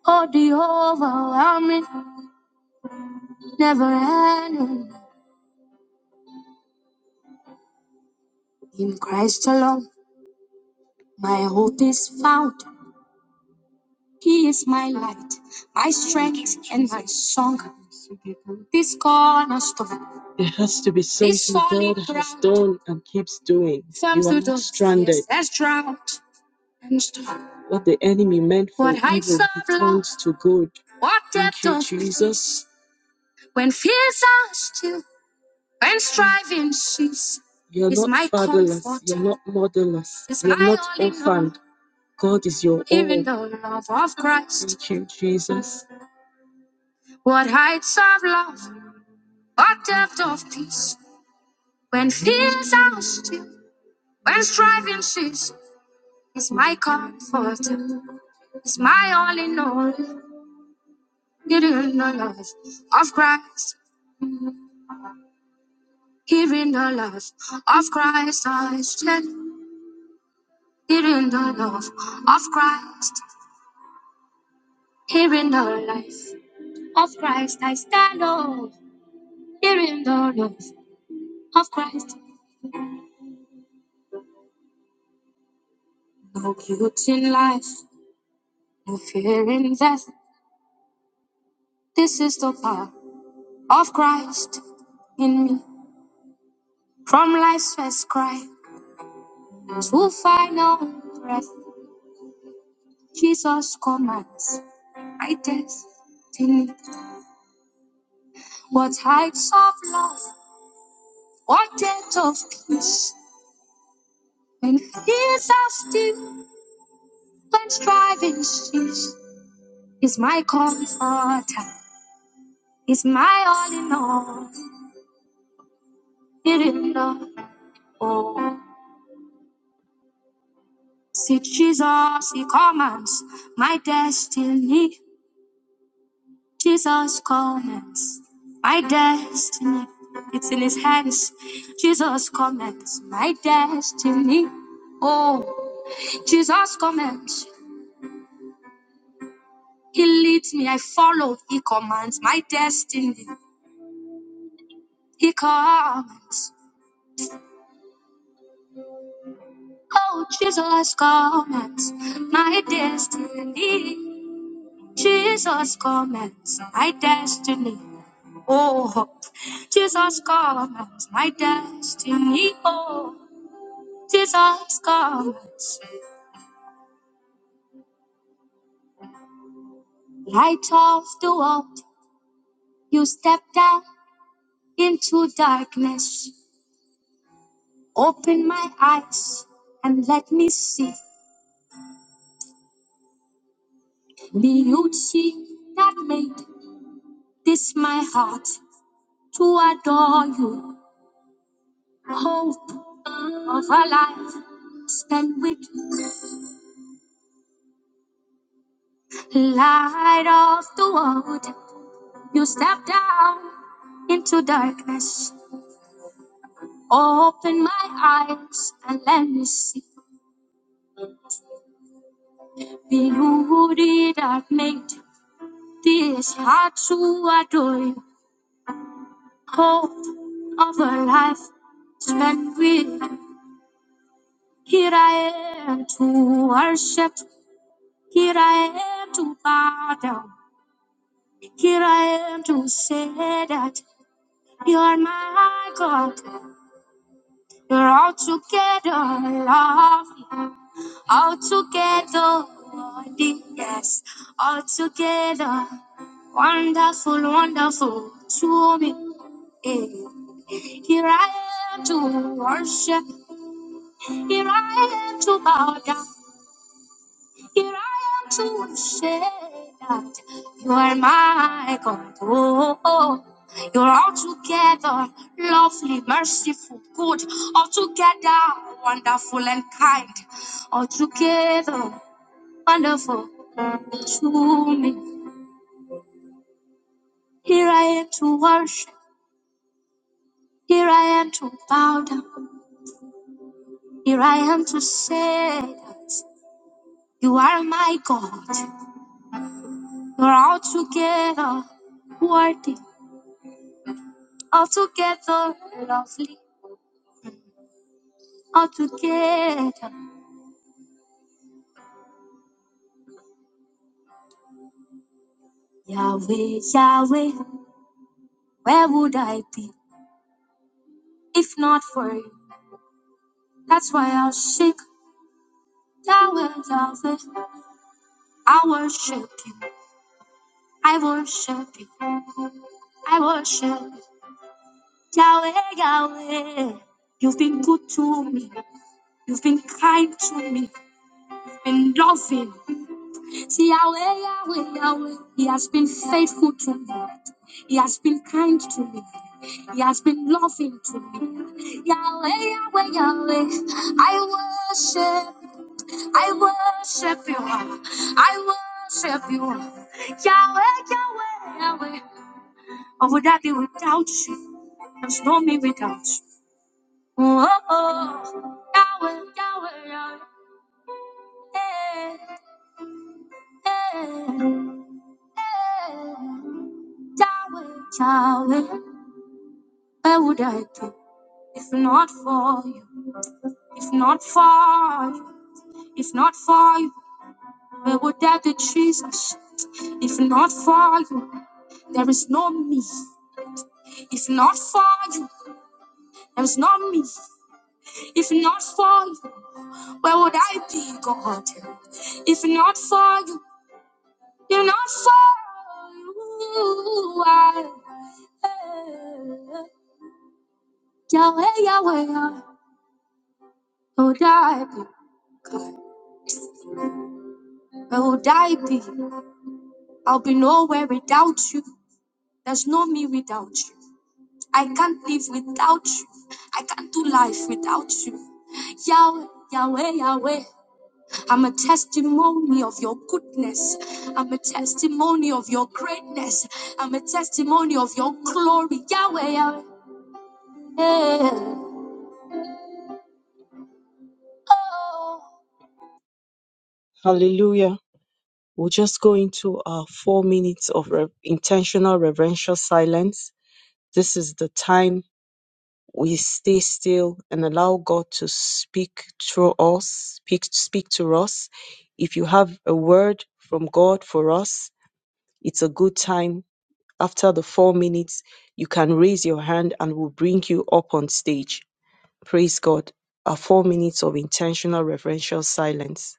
Oh, the overwhelming, never ending. In Christ alone, my hope is found. He is my light, my strength, and my song. This cornerstone. There has to be something solid God has done and keeps doing. you are not sort of stranded. Has What the enemy meant for What evil, heights he turns to good. What Thank depth you, of Jesus. When fears are still, when striving cease. You're is not my fatherless. comfort. You're not motherless. Is You're not all orphaned. God is your Even all. the love of Christ. Thank you, Jesus. What heights of love, what depth of peace. When fears are still, when striving cease. Is my comfort. Is my all in all. Getting the love of Christ, hearing the love of Christ, I stand. Hearing the love of Christ, hearing the life of Christ, I stand. Oh, hearing the love of Christ. No guilt in life, no fear in death. This is the power of Christ in me. From life's first cry to final breath, Jesus commands my destiny. What heights of love, what depth of peace, when fears are still, when striving cease, is my comforter, is my all in all, it in the all. Oh, See Jesus, He commands my destiny. Jesus commands my destiny. It's in His hands. Jesus commands my destiny. Oh, Jesus commands. He leads me. I follow. He commands my destiny. He commands. Oh, Jesus commands my destiny. Jesus commands my destiny. Oh, Jesus commands my destiny. Oh, Jesus commands. Light of the world, you stepped out into darkness. Open my eyes and let me see. Beauty that made this my heart to adore you. Hope of a life spent with you. Light of the world, you step down into darkness. Open my eyes and let me see beauty that made this heart to adore you. Hope of a life spent with. you. Here I am to worship Here I am to bow down. Here I am to say that you are my God. You're all together lovely, all together worthy, yes, all together wonderful, wonderful to me. eh. Here I am to worship. Here I am to bow down. Here I am to say that you are my God. Oh, oh. You're altogether lovely, merciful, good, altogether wonderful and kind, altogether wonderful to me. Here I am to worship, here I am to bow down, here I am to say that you are my God. You're altogether worthy, altogether lovely. all together. Yahweh, Yahweh, where would I be if not for you? That's why I'll shake Yahweh, Yahweh. I worship you, I worship you, I worship you. Yahweh, Yahweh, you've been good to me, you've been kind to me, you've been loving. See, Yahweh, Yahweh, Yahweh, He has been faithful to me. He has been kind to me. He has been loving to me. Yahweh, Yahweh, Yahweh, I worship, I worship you. I worship you. Yahweh, Yahweh, Yahweh. Or would I be without you? There's no me without you. Oh, oh. Yahweh, Yahweh, Yahweh. Eh, eh, eh. Yahweh, Yahweh. Where would I be if not for you? If not for you, if not for you, where would I be, Jesus? If not for you, there is no me. If not for you, there is no me. If not for you, where would I be, God? If not for you, if not for you, I, Yahweh, Yahweh, where would I be, God? Where would I be? I'll be nowhere without you. There's no me without you. I can't live without you. I can't do life without you. Yahweh, Yahweh, Yahweh. I'm a testimony of your goodness. I'm a testimony of your greatness. I'm a testimony of your glory. Yahweh, Yahweh. Oh. Hallelujah. We'll just go into our four minutes of re- intentional reverential silence. This is the time we stay still and allow God to speak through us, speak, speak to us. If you have a word from God for us, it's a good time. After the four minutes, you can raise your hand and we'll bring you up on stage. Praise God. Our four minutes of intentional reverential silence.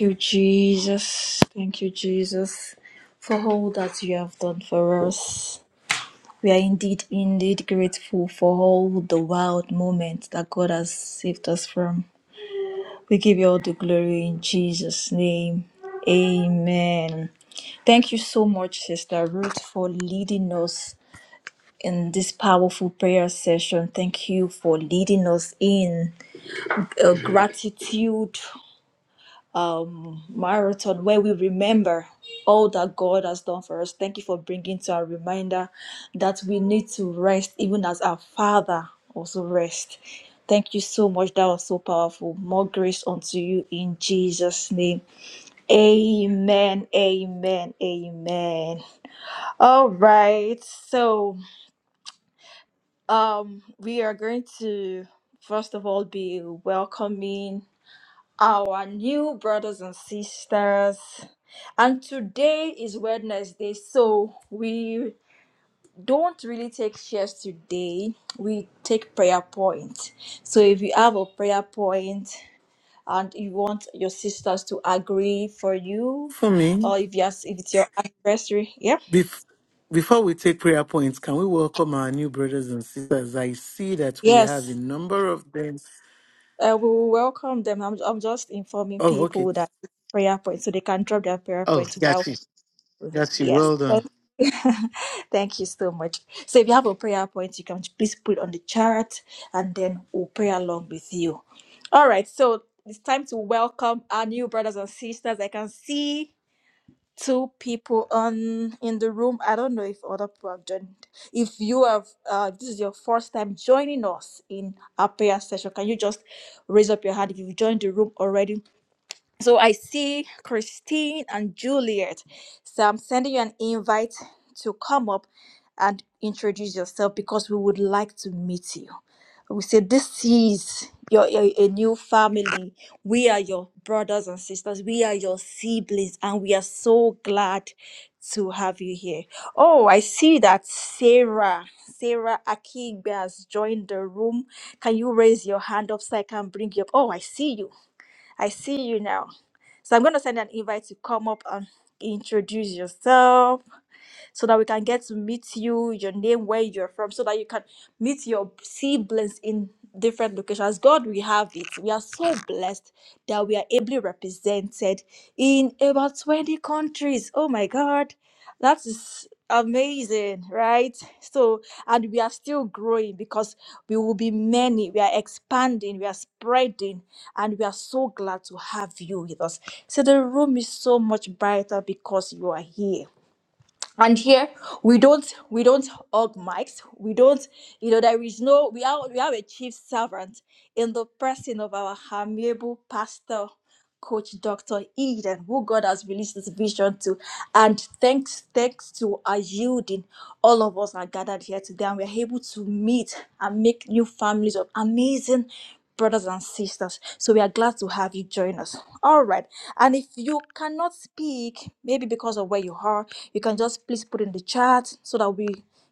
you, Jesus. Thank you, Jesus, for all that you have done for us. We are indeed, indeed grateful for all the wild moments that God has saved us from. We give you all the glory in Jesus' name. Amen. Thank you so much, Sister Ruth, for leading us in this powerful prayer session. Thank you for leading us in a gratitude marathon where we remember all that God has done for us. Thank you for bringing to our reminder that we need to rest, even as our Father also rest. Thank you so much. That was so powerful. More grace unto you in Jesus' name. Amen, amen, amen. All right, so um, we are going to first of all be welcoming our new brothers and sisters, and today is Wednesday, so we don't really take shares today, we take prayer points. So if you have a prayer point, and you want your sisters to agree for you For me, or if yes if it's your anniversary yep bef- before we take prayer points, can we welcome our new brothers and sisters? I see that we have a yes number of them. uh, we will welcome them I'm, I'm just informing Oh, okay. people that it's prayer point so they can drop their prayer Oh, point got well you. Got you. yes Well done. thank you. thank you so much so if you have a prayer point you can please put it on the chart and then we'll pray along with you all right so it's time to welcome our new brothers and sisters i can see two people on in the room. I don't know if other people have joined. If you have, uh, this is your first time joining us in our prayer session. Can you just raise up your hand if you've joined the room already? So I see Christine and Juliet. So I'm sending you an invite to come up and introduce yourself because we would like to meet you. We say, This is your, your a new family. We are your brothers and sisters. We are your siblings, and we are so glad to have you here. Oh, I see that Sarah, Sarah Akigbe has joined the room. Can you raise your hand up so I can bring you up? Oh, I see you. I see you now. So I'm going to send an invite to come up and introduce yourself so that we can get to meet you, your name, where you're from, so that you can meet your siblings in different locations. God, we have it. We are so blessed that we are ably represented in about 20 countries. Oh my God, that is amazing, right? So, and we are still growing because we will be many. We are expanding, we are spreading, and we are so glad to have you with us. So, the room is so much brighter because you are here and here we don't we don't hug mics we don't you know there is no we are we have a chief servant in the person of our amiable pastor coach dr eden who god has released this vision to and thanks thanks to our yielding all of us are gathered here today and we're able to meet and make new families of amazing brothers and sisters. So we are glad to have you join us. All right. And if you cannot speak, maybe because of where you are, you can just please put in the chat so that we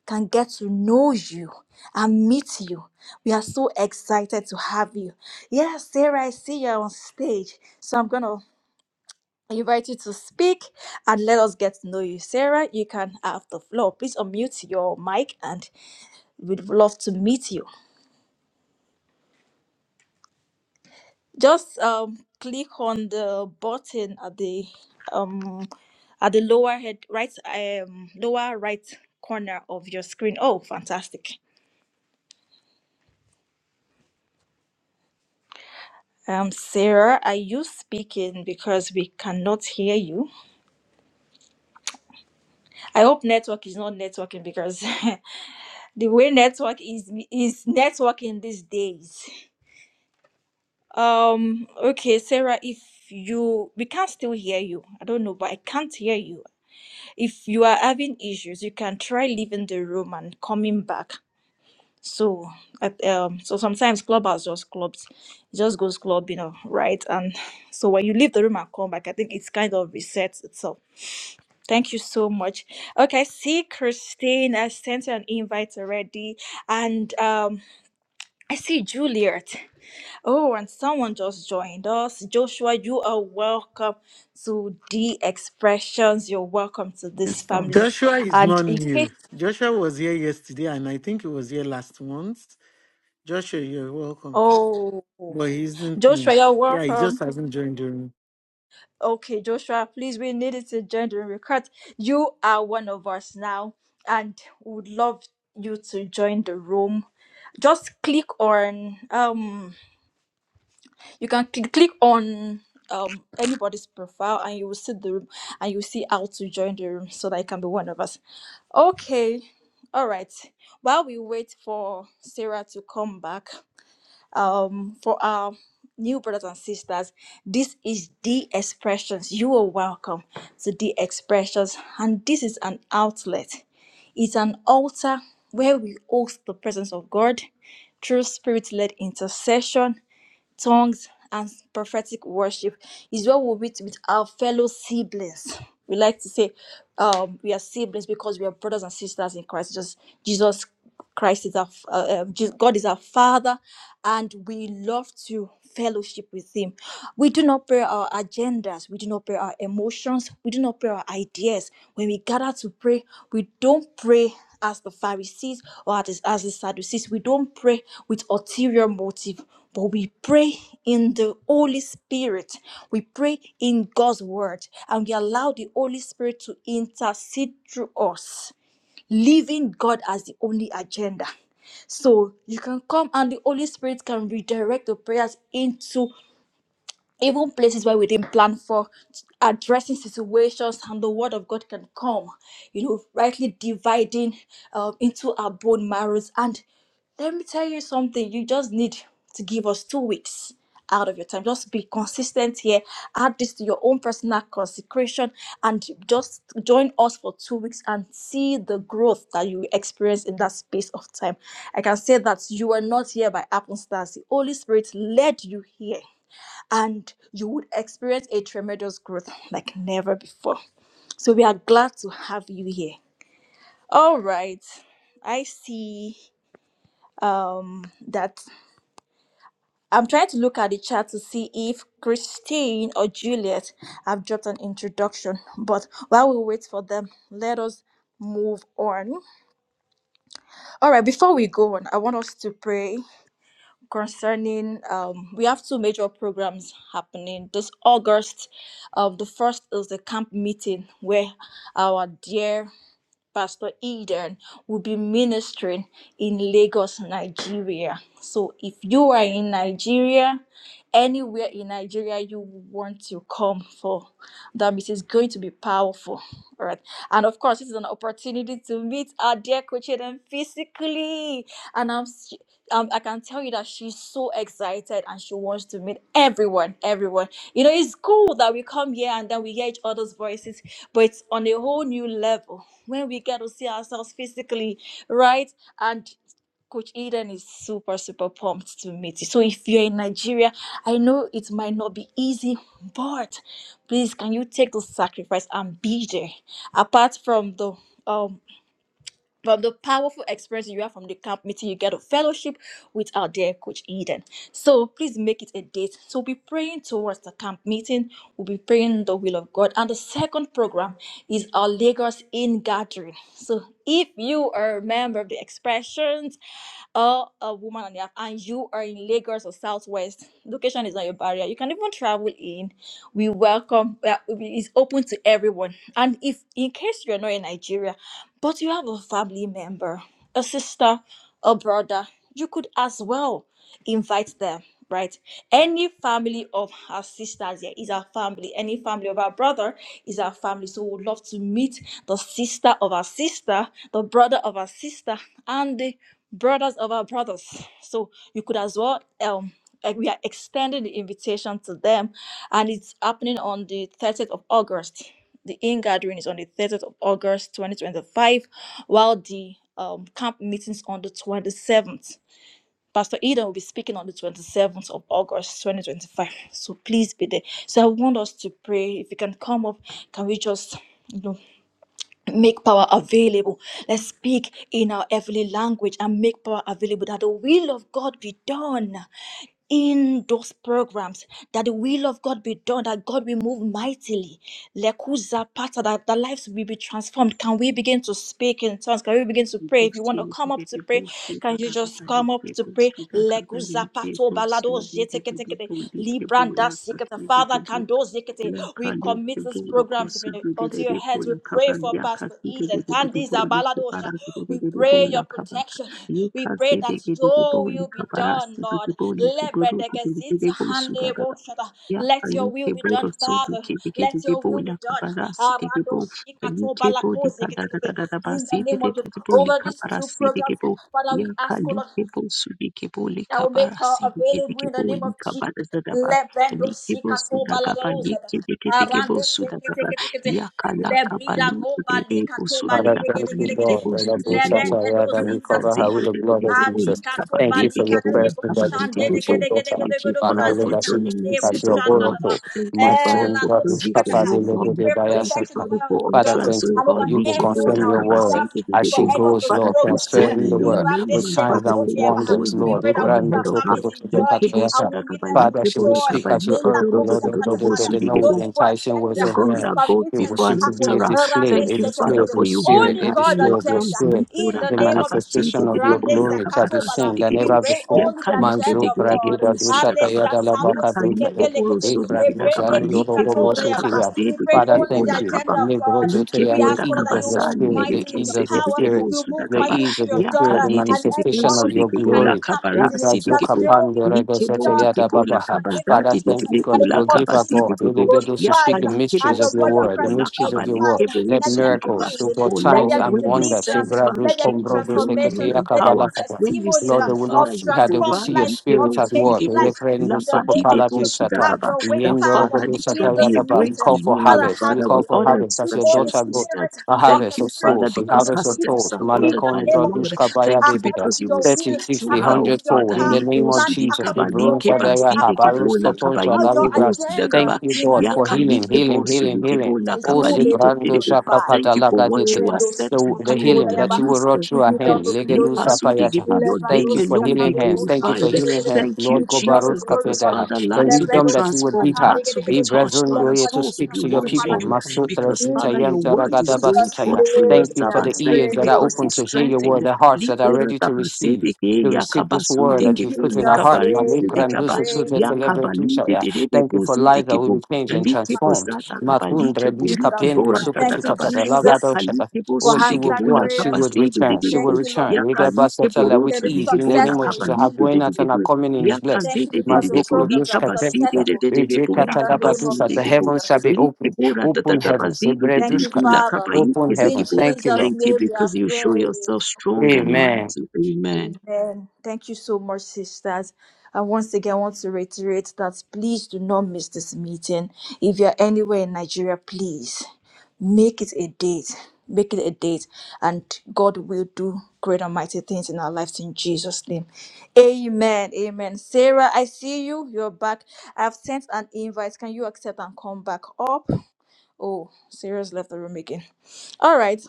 can get to know you and meet you. We are so excited to have you. Yes, Sarah, I see you on stage. So I'm going to invite you to speak and let us get to know you. Sarah, you can have the floor. Please unmute your mic and we'd love to meet you. just um click on the button at the um at the lower head right um lower right corner of your screen oh fantastic um sarah are you speaking because we cannot hear you i hope network is not networking because the way network is is networking these days um okay sarah if you we can not still hear you i don't know but i can't hear you if you are having issues you can try leaving the room and coming back so at- um so sometimes clubhouse just clubs it just goes club you know right and so when you leave the room and come back i think it's kind of resets itself thank you so much okay I see christine i sent you an invite already and um i see juliet oh and someone just joined us joshua you are welcome to the expressions you're welcome to this Yes, ma'am. family Joshua is and not in case new. Joshua was here yesterday, and I think he was here last month. Joshua, you're welcome. Oh, But he isn't new. Joshua, you're Yeah, he just welcome. hasn't joined the Okay, Joshua, please, we needed to join the record. You are one of us now, and would love you to join the room. Just click on um, you can cl- click on um anybody's profile, and you will see the room, and you see how to join the room so that you can be one of us. Okay, all right. While we wait for Sarah to come back, um, for our new brothers and sisters. This is the expressions. You are welcome to the expressions, and this is an outlet. It's an altar where we host the presence of God through spirit-led intercession tongues and prophetic worship is what we meet with our fellow siblings. We like to say um, we are siblings because we are brothers and sisters in Christ. Just Jesus Christ is our f- uh, uh, Je- God is our Father, and we love to fellowship with Him. We do not pray our agendas. We do not pray our emotions. We do not pray our ideas. When we gather to pray, we don't pray as the Pharisees or as, as the Sadducees. We don't pray with ulterior motive. But we pray in the Holy Spirit. We pray in God's word. And we allow the Holy Spirit to intercede through us, leaving God as the only agenda. So you can come and the Holy Spirit can redirect the prayers into even places where we didn't plan for addressing situations and the word of god can come you know rightly dividing um, into our bone marrows and let me tell you something you just need to give us two weeks out of your time just be consistent here add this to your own personal consecration and just join us for two weeks and see the growth that you experience in that space of time i can say that you are not here by happenstance the holy spirit led you here and you would experience a tremendous growth like never before. So we are glad to have you here. All right. I see um that I'm trying to look at the chat to see if Christine or Juliet have dropped an introduction, but while we wait for them, let us move on. All right, before we go on, I want us to pray concerning um, we have two major programs happening this august um, the first is the camp meeting where our dear Pastor Eden will be ministering in Lagos, Nigeria. So if you are in Nigeria, anywhere in Nigeria you want to come for that meeting is going to be powerful. All right. And of course, this is an opportunity to meet our dear coach Eden physically. And I'm s- um, I can tell you that she's so excited and she wants to meet everyone, everyone. You know, it's cool that we come here and then we hear each other's voices but it's on a whole new level when we get to see ourselves physically, right? And Coach Eden is super, super pumped to meet you. So if you're in Nigeria, I know it might not be easy, but please can you take the sacrifice and be there? Apart from the um from the powerful experience you have from the camp meeting, you get a fellowship with our dear coach Eden. So please make it a date. So we'll be praying towards the camp meeting. We'll be praying the will of God. And the second program is our Lagos in gathering. So if you are a member of the expressions or a woman on the app and you are in Lagos or Southwest, location is not your barrier. You can even travel in. We welcome, uh, it's open to everyone. And if in case you're not in Nigeria, but you have a family member, a sister, a brother. You could as well invite them right any family of our sisters here is our family any family of our brother is our family so we would love to meet the sister of our sister the brother of our sister and the brothers of our brothers so you could as well um like we are extending the invitation to them and it's happening on the 30th of august the in gathering is on the 30th of august 2025 while the um, camp meetings on the 27th Pastor Eden will be speaking on the 27th of August 2025. So please be there. So I want us to pray. If you can come up, can we just you know, make power available. Let's speak in our heavenly language and make power available that the will of God be done in those programs that the will of God be done, that God will move mightily. Lekuza pata, that the lives will be transformed. Can we begin to speak in tongues? Can we begin to pray? If you want to come up to pray, can you just come up to pray? Lekuza pato balado jeteketekete, libranda sikete. Father, can those zekete? we Yakale commit these kebolo programs unto kosundere into your hands. We bebula pray kaban for Pastor yakasite Eden. bebede Candiza bolu Baladosha. separa We bebede pray your bola kaban protection. We pray yakasi that bebede your bolu will be done, kabarasi bebede Lord. bolu keburu Lebredegezita bebede bolu handeboshata. Ya Let your Ali will be done, keboro sudu Father. kebeke di Let your Kebo Rosudu Kibiki Debo will be done. Lakabarasi Arando Debo Ali shikato Kebo balakoze ketekete. In the Likadadadadabasi name of Jesus. Debo Over these two Likabarasi programs, Debo Father, Ya we ask, O Kali Lord Kebo Sudi Kebo that will make her Likabarasi available in the Debo name of Jesus. ba Lebendo Ali Kebo sikato suda Sudagaba baladoza da. Yeke Arande suda sekete Sudagaba kete kete. Ya Kala Lebrida Kabalu ko balika Debo to Father, Sudagaba balide thank gede you, gede kebo gede. Lord. Debo The Lord will Sudebo Lebende do suffer, that Ya we zinta cover tata. her Kazi with ha. the blood of Debo Jesus. Alika to Thank you Likabari for balika your da Debo yebo presence that is Lakabari shande done de with Debo your gede gede daughter. Thank gede you, gede go Father, Father, Lord, for that bazita she will hande joining speak us, yebo as your oh shanda God. da da. oracle. Thank you, Eh Father, Matsun, la for do brother, sikata Papa, provision, ha. the oh God. We Lord, the pray Daya, Thank you, protection Father, Satan. over our for Father, daughters utterance, thank oh you and over for God. you will Likebo everyone da that confirm will your be word kabasito traveling de as for she debo. any of goes, those Father, Lord. please programs. go Confirm in the your word Irande name, with and signs Father, and sekato with King of leba. glory, wonders, you We Lord. have pray that gone we'll Abraham, leave the ahead our of us. Zoko, families go in to the joy Likebo Patriarch. and we'll meet sudakaba, them in Father, she likebo will da joy. speak kaba, as your In likebo La oracle, do do do Costa Lord, do of the Catahada, better, do not do no with the bo evil enticing agenda words the of God men. is that goes It permitted will to before see to and happen be a after us. around display, this Thank a you, second. display Father, of second. for your you spirit, hold Only a her God's in display your of your agenda. arms. spirit. In Lipura the The name of takabasi Jesus, manifestation of your around degedepo this na glory shall be kabarasi Zakatobala, seen than we degedepo. ever pray Ya before. only the kalike Manzo agenda of God. degedepo Pradida Unless Dushataya sitakaba. that sound Ya of Dalabaka kalike Dusaya. poro Sekepelekete, sodi we bring Ekraduzan the tidakaba. Like po Yorogobo Kikatoda Sotia. Yabaha. takabasi We pray Father, only degedepo the thank na you. kaba. agenda of God. Like Nebrozotoya We And po the ask, God, ease that of you your takabasa move spirit, the mightily lileke in ease your of your power, spirit, sedegedepo you move the sudakaba. mightily ease through of your your Ya spirit, daughter the kalite and every degedepo manifestation of other your speaker sudegedepo in la the glory. camp meeting, kabarasi that Ekrazuka degedepo. your will Pandere be Like po done Goseteya degedepo la in Dababaha. the name of Father, kabazati Jesus, thank you, that degedepo God. the You la will name of give us, kabasi Jesus God. will be You de will get us to Ya speak glorified the pali kebo mysteries and the of your sidi body of word, the kebo Christ la be mysteries of your kabali word. edified. kebo Let Let there sidi be miracles, so healing, God, Oh let signs there Lord, be and when you wonders. send, deliverance, Father Sebrados, let there be King of combrodos, glory, you transformation, eketeya, let there be kabala, empower. kaba. When you testimony testimonies Lord, uh, they send, will not of Father, see you her, they will transformed provide. see your Li lives, of kebo spirit at sidi changed work. kebo lives in la Elekrendos, the name padi of sokopala, debo Jesus. sida desata. Have kaba. your way, That Father, Father, this Yendorogodosata, shall in be this a yadaba. We great meeting. call for reunion, Father, harvest. have We Father, your call with for way. other harvest as Sweet your Holy expression daughter goes. sisters. Spirit, A Thank harvest you, of orchestrate Father, souls, a each of because her harvest those of steps souls. meetings are in ordered the by the name Malekondra of Lord. dushka Jesus, baya Thank you bezida. according because to you will your 30, will, speak sixty, to one her, according oh to hundred your fold. Father. In power, the Li kebo name of plan, sidi Jesus, we according kaba, to li your bless that keba way, they are sidi happy. I according lose kebo to la control, kaba, so uh, that your we kebo bless. sida agenda thank you, in the God, for name of healing, Yakalike Jesus healing, bosu healing, healing. dugebo that Oh, you may be lakabalite Zibrando didebo. Shaka glorified. Thank you for Patalaga what you are Ditida. Rendo set to The, sika the do in healing katora the ya that you baka. will midst rot of We through our give you all people. hand. the Legedu glory, Lord. Lipasu degebo, Sapayataha. Your Thank Levando name you for sika alone tande healing be ya hands. Thank you bosande for glorified. gede healing gede. hands. Thank We you, Lord give you all the Gobarus Jesus, glory, because Lord. Kapetaha. Father, The lives will be wisdom Levando that you will sika transformed, give her. tande hearts gede will be gede. touched, Father, Ibrazundoye Levando to souls will speak sika be to your tande won to people. you. palasta. Masutra Because In Father, your Zitayanta word is going Jesus' Ragadabasutaya. forth through your name Thank you we for the servants. are Thank ears you that are because praying. open it's to hear your strengthened. word, the hearts that are room. ready to receive, Liperatapasebeke, to receive this yakabasu word In Can that you've degebo, put in our Jesus' heart. likabarinse name Malik we are degaba, Randusa Tuza praying. Celebre yakabalinde Tushaya. Thank you dedebebo, for lives that zudegebo. will be changed Like and transformed. Zapakatoda. posata kapa, Matundra like polike Ingazo Bishkapendo bora Father. sata Thank you, Sukututa kapa. Ya Jesus. Lagado shaka. kalike for Oh, bosu she de will answered go gebola and she kapa will prayers. sedu de return. She de will bo. Thank you, Lord, Ya return. Riga because kalike Basatala With it borosu is de ease. In the gebola name of successful kapa in Jesus, her Jesus. like going de de out de name. and her bo. coming in Ya is We thank blessed. kaze you de de because de the de bo. Mazoko Like programs are Dushka kapa sedu Pepsa. de successful de de de de bo. Rijeka in La the kapa name of sedu Talabadusa. de The de bo. heavens shall Jesus. be open. Like bora tata Open kapa heavens. sedu de de Thank you, Ebredushka. bo. La Father. kapa ike Open ze In heavens. gebo. Thank you, Jesus' Lord. Thank you name we are because you show praying. yourself strong and Amen. mighty. Amen. Amen. Thank you so much, sisters. And once again, I want to reiterate that please do not miss this meeting. If you're anywhere in Nigeria, please make it a date. Make it a date, and God will do great and mighty things in our lives in Jesus' name. Amen. Amen. Sarah, I see you. You're back. I've sent an invite. Can you accept and come back up? Oh, Sarah's left the room again. All right.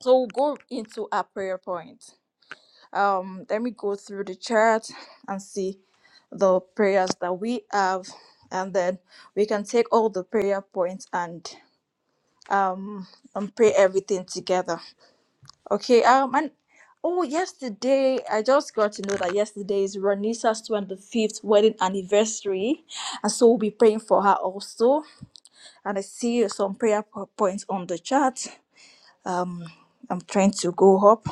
So we'll go into our prayer point. Um, let me go through the chart and see the prayers that we have, and then we can take all the prayer points and um and pray everything together. Okay. Um, and oh, yesterday I just got to know that yesterday is Ronisa's twenty fifth wedding anniversary, and so we'll be praying for her also. And I see some prayer po- points on the chart. I'm trying to go up.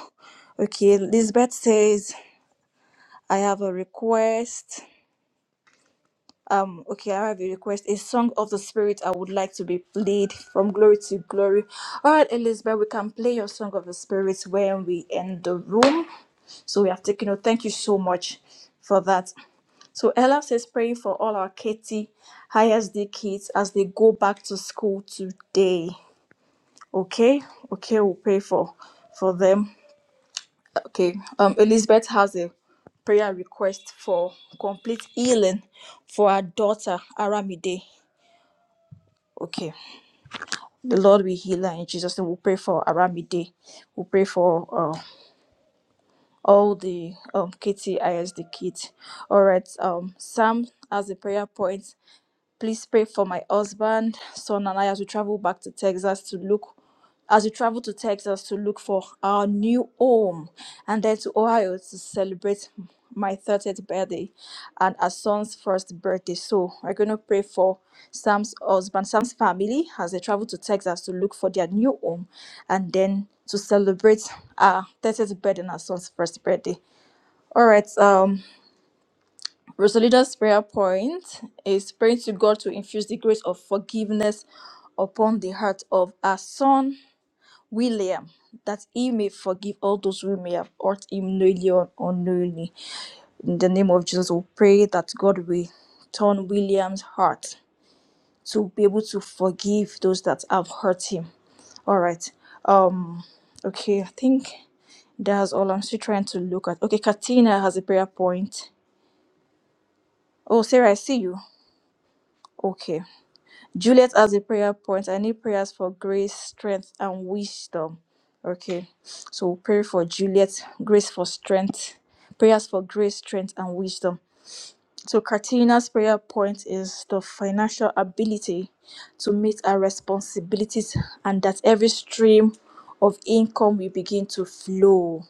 Okay, Lisbeth says, I have a request. um okay i have a request a song of the spirit i would like to be played from glory to glory all right elizabeth we can play your song of the spirit when we end the room so we have taken note thank you so much for that so ella says praying for all our katie isd kids as they go back to school today okay okay we'll pray for for them okay um elizabeth has a prayer request for complete healing for her daughter aramide Okay. The Lord will heal her in Jesus' name. We'll pray for Aramide. We'll pray for uh, all the um, KTIS, the kids. All right. Um, Sam has a prayer point. Please pray for my husband, son, and I as we travel back to Texas to look, as we travel to Texas to look for our new home, and then to Ohio to celebrate my 30th birthday and our son's first birthday. So we're going to pray for Sam's husband, Sam's family as they travel to Texas to look for their new home, and then to celebrate our 30th birthday and our son's first birthday. All right. Um, Rosalita's prayer point is praying to God to infuse the grace of forgiveness upon the heart of our son William, that he may forgive all those who may have hurt him knowingly or unknowingly. In the name of Jesus, we pray that God will turn William's heart to be able to forgive those that have hurt him. All right. Um. Okay. I think that's all. I'm still trying to look at. Okay. Katina has a prayer point. Oh, Sarah, I see you. Okay. Juliet has a prayer point. I need prayers for grace, strength, and wisdom. Okay, so we'll pray for Juliet, grace for strength, prayers for grace, strength, and wisdom. So, Katrina's prayer point is the financial ability to meet our responsibilities and that every stream of income will begin to flow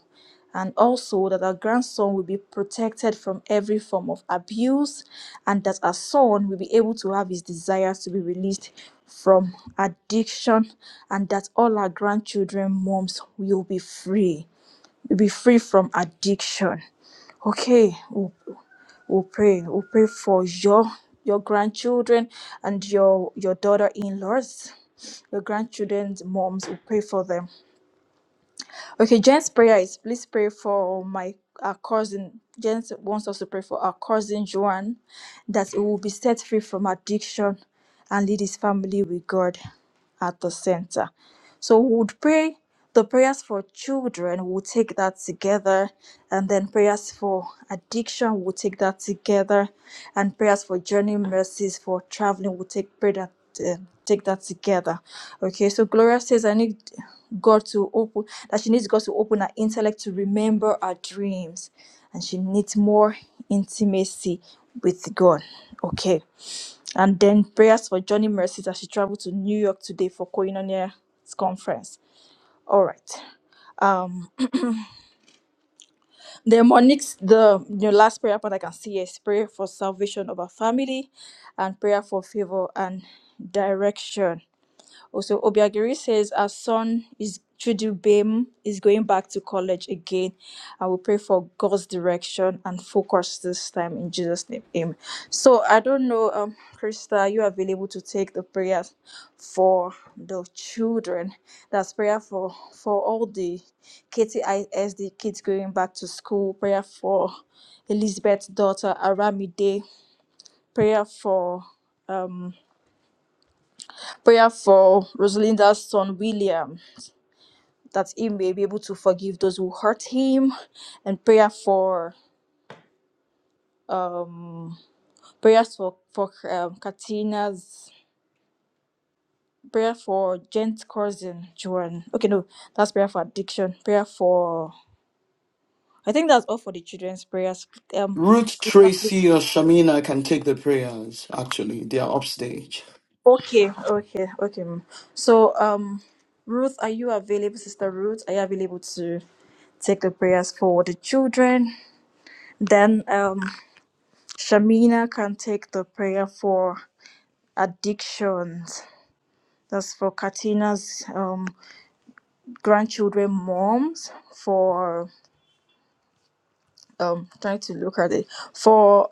and also that our grandson will be protected from every form of abuse and that our son will be able to have his desires to be released from addiction and that all our grandchildren moms will be free will be free from addiction okay we'll, we'll pray we'll pray for your your grandchildren and your your daughter-in-laws your grandchildren's moms we pray for them Okay, Jen's prayer is please pray for my our cousin. Jen wants us to pray for our cousin Joan that he will be set free from addiction and lead his family with God at the center. So we would pray the prayers for children, we'll take that together. And then prayers for addiction, we'll take that together. And prayers for journey mercies, for traveling, we'll take, pray that, uh, take that together. Okay, so Gloria says, I need God to open, that she needs God to open her intellect to remember her dreams. And she needs more intimacy with God. Okay. And then prayers for Johnny Mercies as she traveled to New York today for Koinonia's conference. All right. The Monique's the your last prayer point I can see is prayer for salvation of our family and prayer for favor and direction. Also, Obiagiri says our son is Chudubem is going back to college again, and we pray for God's direction and focus this time in Jesus' name. Amen. So I don't know, um, Krista, are you available to take the prayers for the children? That's prayer for for all the KTISD kids going back to school. Prayer for Elizabeth's daughter Aramide. Prayer for um prayer for Rosalinda's son William that he may be able to forgive those who hurt him and prayer for prayers for for um, Katina's prayer for Jen's cousin Joan. Okay, no, that's prayer for addiction. Prayer for I think that's all for the children's prayers. Um, Ruth Christian, please. Tracy or Shamina can take the prayers, actually. They are upstage. okay, okay, okay. ma'am. So um, Ruth, are you available, Sister Ruth? Are you available to take the prayers for the children? Then um, Shamina can take the prayer for addictions. That's for Katina's um, grandchildren, moms, for um, trying to look at it. For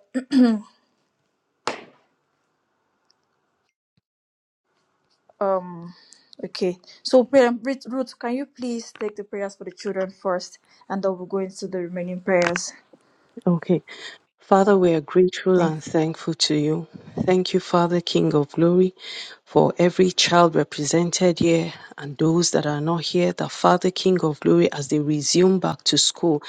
um, okay, so um, Ruth, Ruth, can you please take the prayers for the children first, and then we'll go into the remaining prayers. Okay. Father, we are grateful Thank. you. and thankful to you. Thank you, Father, King of glory, for every child represented here and those that are not here, the Father, King of glory, as they resume back to school.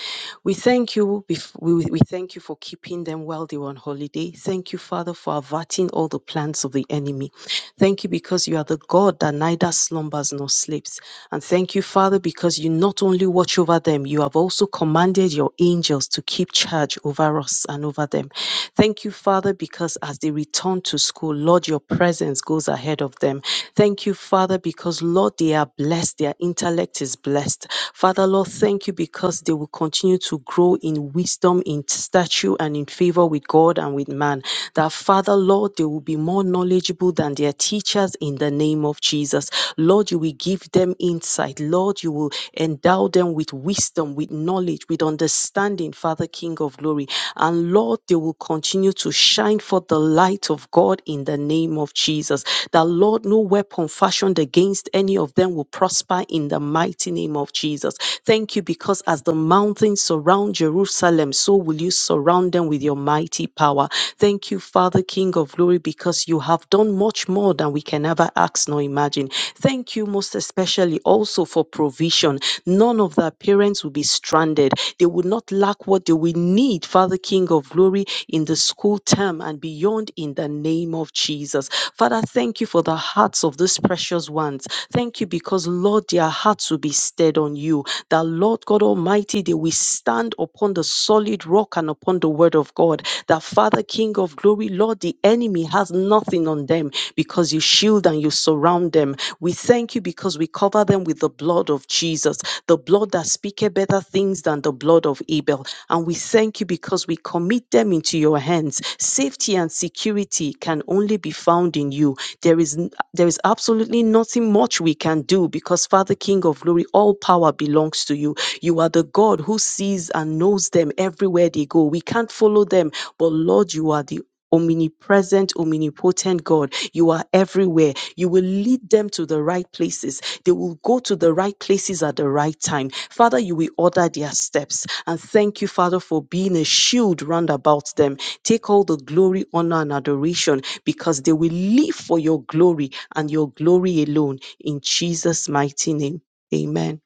We thank you. bef- We, we thank you for keeping them while they were on holiday. Thank you, Father, for averting all the plans of the enemy. Thank you because you are the God that neither slumbers nor sleeps. And thank you, Father, because you not only watch over them, you have also commanded your angels to keep charge over us and over them. Thank you, Father, because as they return to school, Lord, your presence goes ahead of them. Thank you, Father, because, Lord, they are blessed. Their intellect is blessed. Father, Lord, thank you because they will continue to grow in wisdom, in stature, and in favor with God and with man. That, Father, Lord, they will be more knowledgeable than their teachers in the name of Jesus. Lord, you will give give them insight. Lord, you will endow them with wisdom, with knowledge, with understanding, Father, King of glory. And Lord, they will continue to shine forth the light of God in the name of Jesus. That, Lord, no weapon fashioned against any of them will prosper in the mighty name of Jesus. Thank you because as the mountains surround Jerusalem, so will you surround them with your mighty power. Thank you, Father, King of glory, because you have done much more than we can ever ask nor imagine. Thank you most especially also for provision. None of the parents will be stranded. They will not lack what they will need, Father King of glory, in the school term and beyond in the name of Jesus. Father, thank you for the hearts of these precious ones. Thank you because, Lord, their hearts will be stead on you. That, Lord God Almighty, they will stand upon the solid rock and upon the word of God. That that Father, King of glory, Lord, the enemy has nothing on them because you shield and you surround them. We thank you because we cover them with the blood of Jesus, the blood that speaketh better things than the blood of Abel. And we thank you because we commit them into your hands. Safety and security can only be found in you. There is n- there is absolutely nothing much we can do because Father King of glory, all power belongs to you. You are the God who sees sees and knows them everywhere they go. We can't follow them, but Lord, you are the omnipresent, omnipotent God. You are everywhere. You will lead them to the right places. They will go to the right places at the right time. Father, you will order their steps. And thank you, Father, for being a shield round about them. Take all the glory, honor, and adoration because they will live for your glory and your glory alone. In Jesus' mighty name, amen.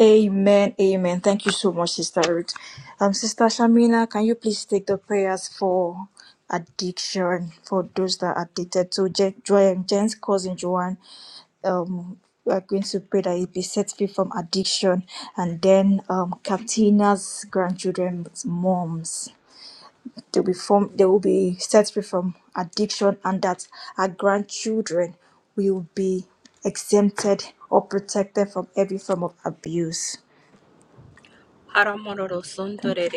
Amen. Amen. Thank you so much, Sister Ruth. Um, Sister Shamina, can you please take the prayers for addiction for those that are addicted to Je- Jo- Jen's cousin Joanne? we are going to pray that he be set free from addiction and then um Captina's grandchildren's moms they'll be form they will be set free from addiction and that our grandchildren will be exempted or protected from every form of abuse. Thank you.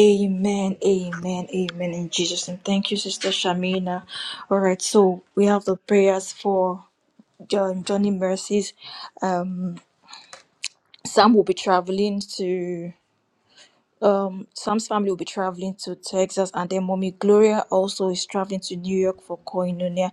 Amen, amen, amen in Jesus' name. Thank you, Sister Shamina. All right, so we have the prayers for John Johnny Mercy's. Um Sam will be traveling to Um, Sam's family will be traveling to Texas, and then Mommy Gloria also is traveling to New York for Koinonia.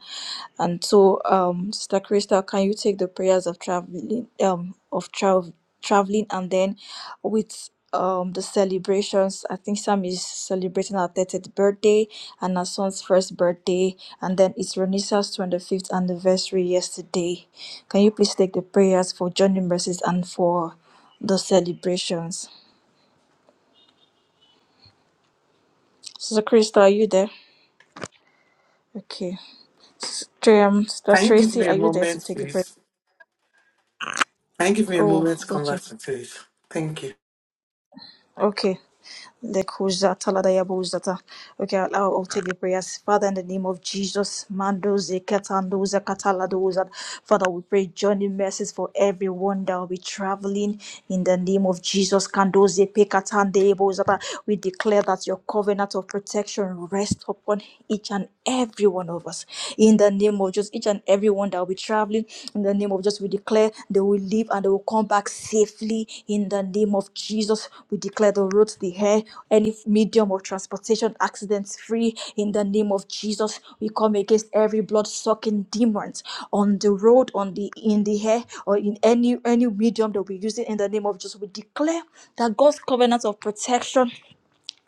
And so, um, Sister Crystal, can you take the prayers of traveling, um, of travel, traveling, and then with um the celebrations? I think Sam is celebrating her 30th birthday and her son's first birthday, and then it's Ronisa's 25th anniversary yesterday. Can you please take the prayers for Johnny Mercies and for the celebrations? Sister Krista, are you there? Okay. Sister, um, Sister you give Tracy, me are a you there to moment, take the prayer? please? Can you give me a Oh, moment to come okay. back to please? Thank you. Okay. Lekuzata ladaya bozata. Okay, I'll, I'll I'll take the prayers. Father, in the name of Jesus, Mando Zekatando Zakataladoza. Father, we pray journey mercies for everyone that will be traveling in the name of Jesus. Kando Zepekatande Bozata. We declare that your covenant of protection rests upon each and every one of us. In the name of Jesus, each and every one that will be be traveling. In the name of Jesus, we declare they will leave and they will come back safely. In the name of Jesus, we declare the roads, the air, any medium of transportation, accidents free. In the name of Jesus, we come against every blood sucking demons on the road, on the in the air, or in any any medium that we use it. In the name of Jesus, we declare that God's covenant of protection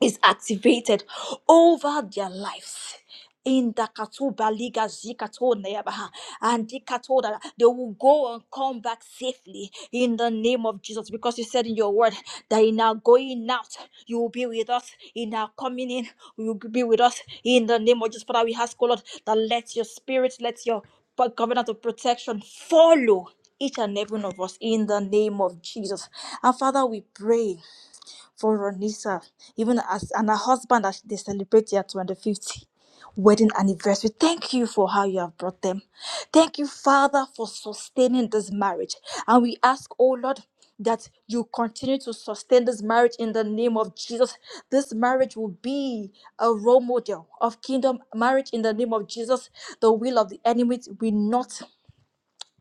is activated over their lives. In the Katuba Liga Zikato Neabaha and Dikatoda, they will go and come back safely in the name of Jesus. Because you said in your word that in our going out, you will be with us. In our coming in, you will be with us. In the name of Jesus, Father, we ask, O Lord, that let your spirit, let your covenant of protection follow each and every one of us in the name of Jesus. And Father, we pray for Ronisa, even as and her husband as they celebrate their 25th wedding anniversary. Thank you for how you have brought them. Thank you, Father, for sustaining this marriage. And we ask, oh Lord, that you continue to sustain this marriage in the name of Jesus. This marriage will be a role model of kingdom marriage in the name of Jesus. The will of the enemy will not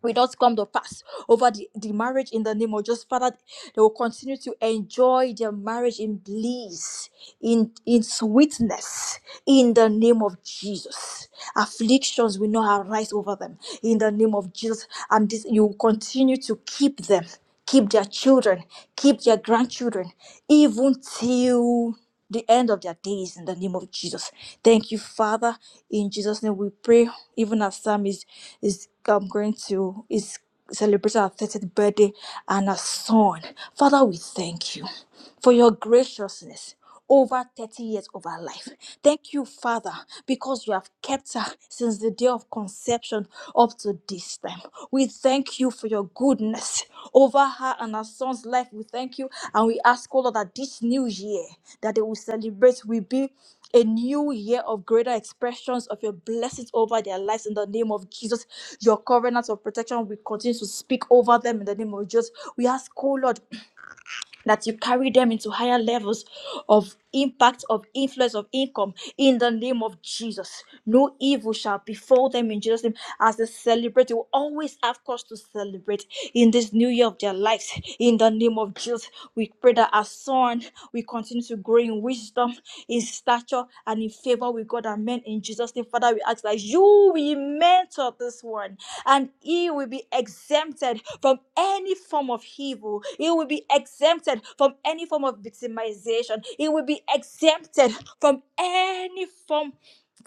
will not come to pass over the, the marriage in the name of just Father. They will continue to enjoy their marriage in bliss, in, in sweetness, in the name of Jesus. Afflictions will not arise over them in the name of Jesus. And this you will continue to keep them, keep their children, keep their grandchildren, even till the end of their days in the name of Jesus. Thank you, Father. In Jesus' name we pray. Even as Sam is is um, going to is celebrating her 30th birthday and her son. Father, we thank you for your graciousness over 30 years of her life. Thank you, Father, because you have kept her since the day of conception conception up to this time. We thank you for your goodness over her and her son's life. We thank you and we ask, oh Lord, that this new year that they will celebrate will be a new year of greater expressions of your blessings over their lives in the name of Jesus. Your covenant of protection will continue to speak over them in the name of Jesus. We ask, oh Lord that you carry them into higher levels of impact, of influence, of income in the name of Jesus. No evil shall befall them in Jesus' name as they celebrate. They will always have cause to celebrate in this new year of their lives in the name of Jesus. We pray that as son, we continue to grow in wisdom wisdom, in stature, and in favor with God and men. In Jesus' name, Father, we ask that you will mentor this one and he will be exempted from any form of evil. He will be exempted from any form of victimization. He will be exempted from any form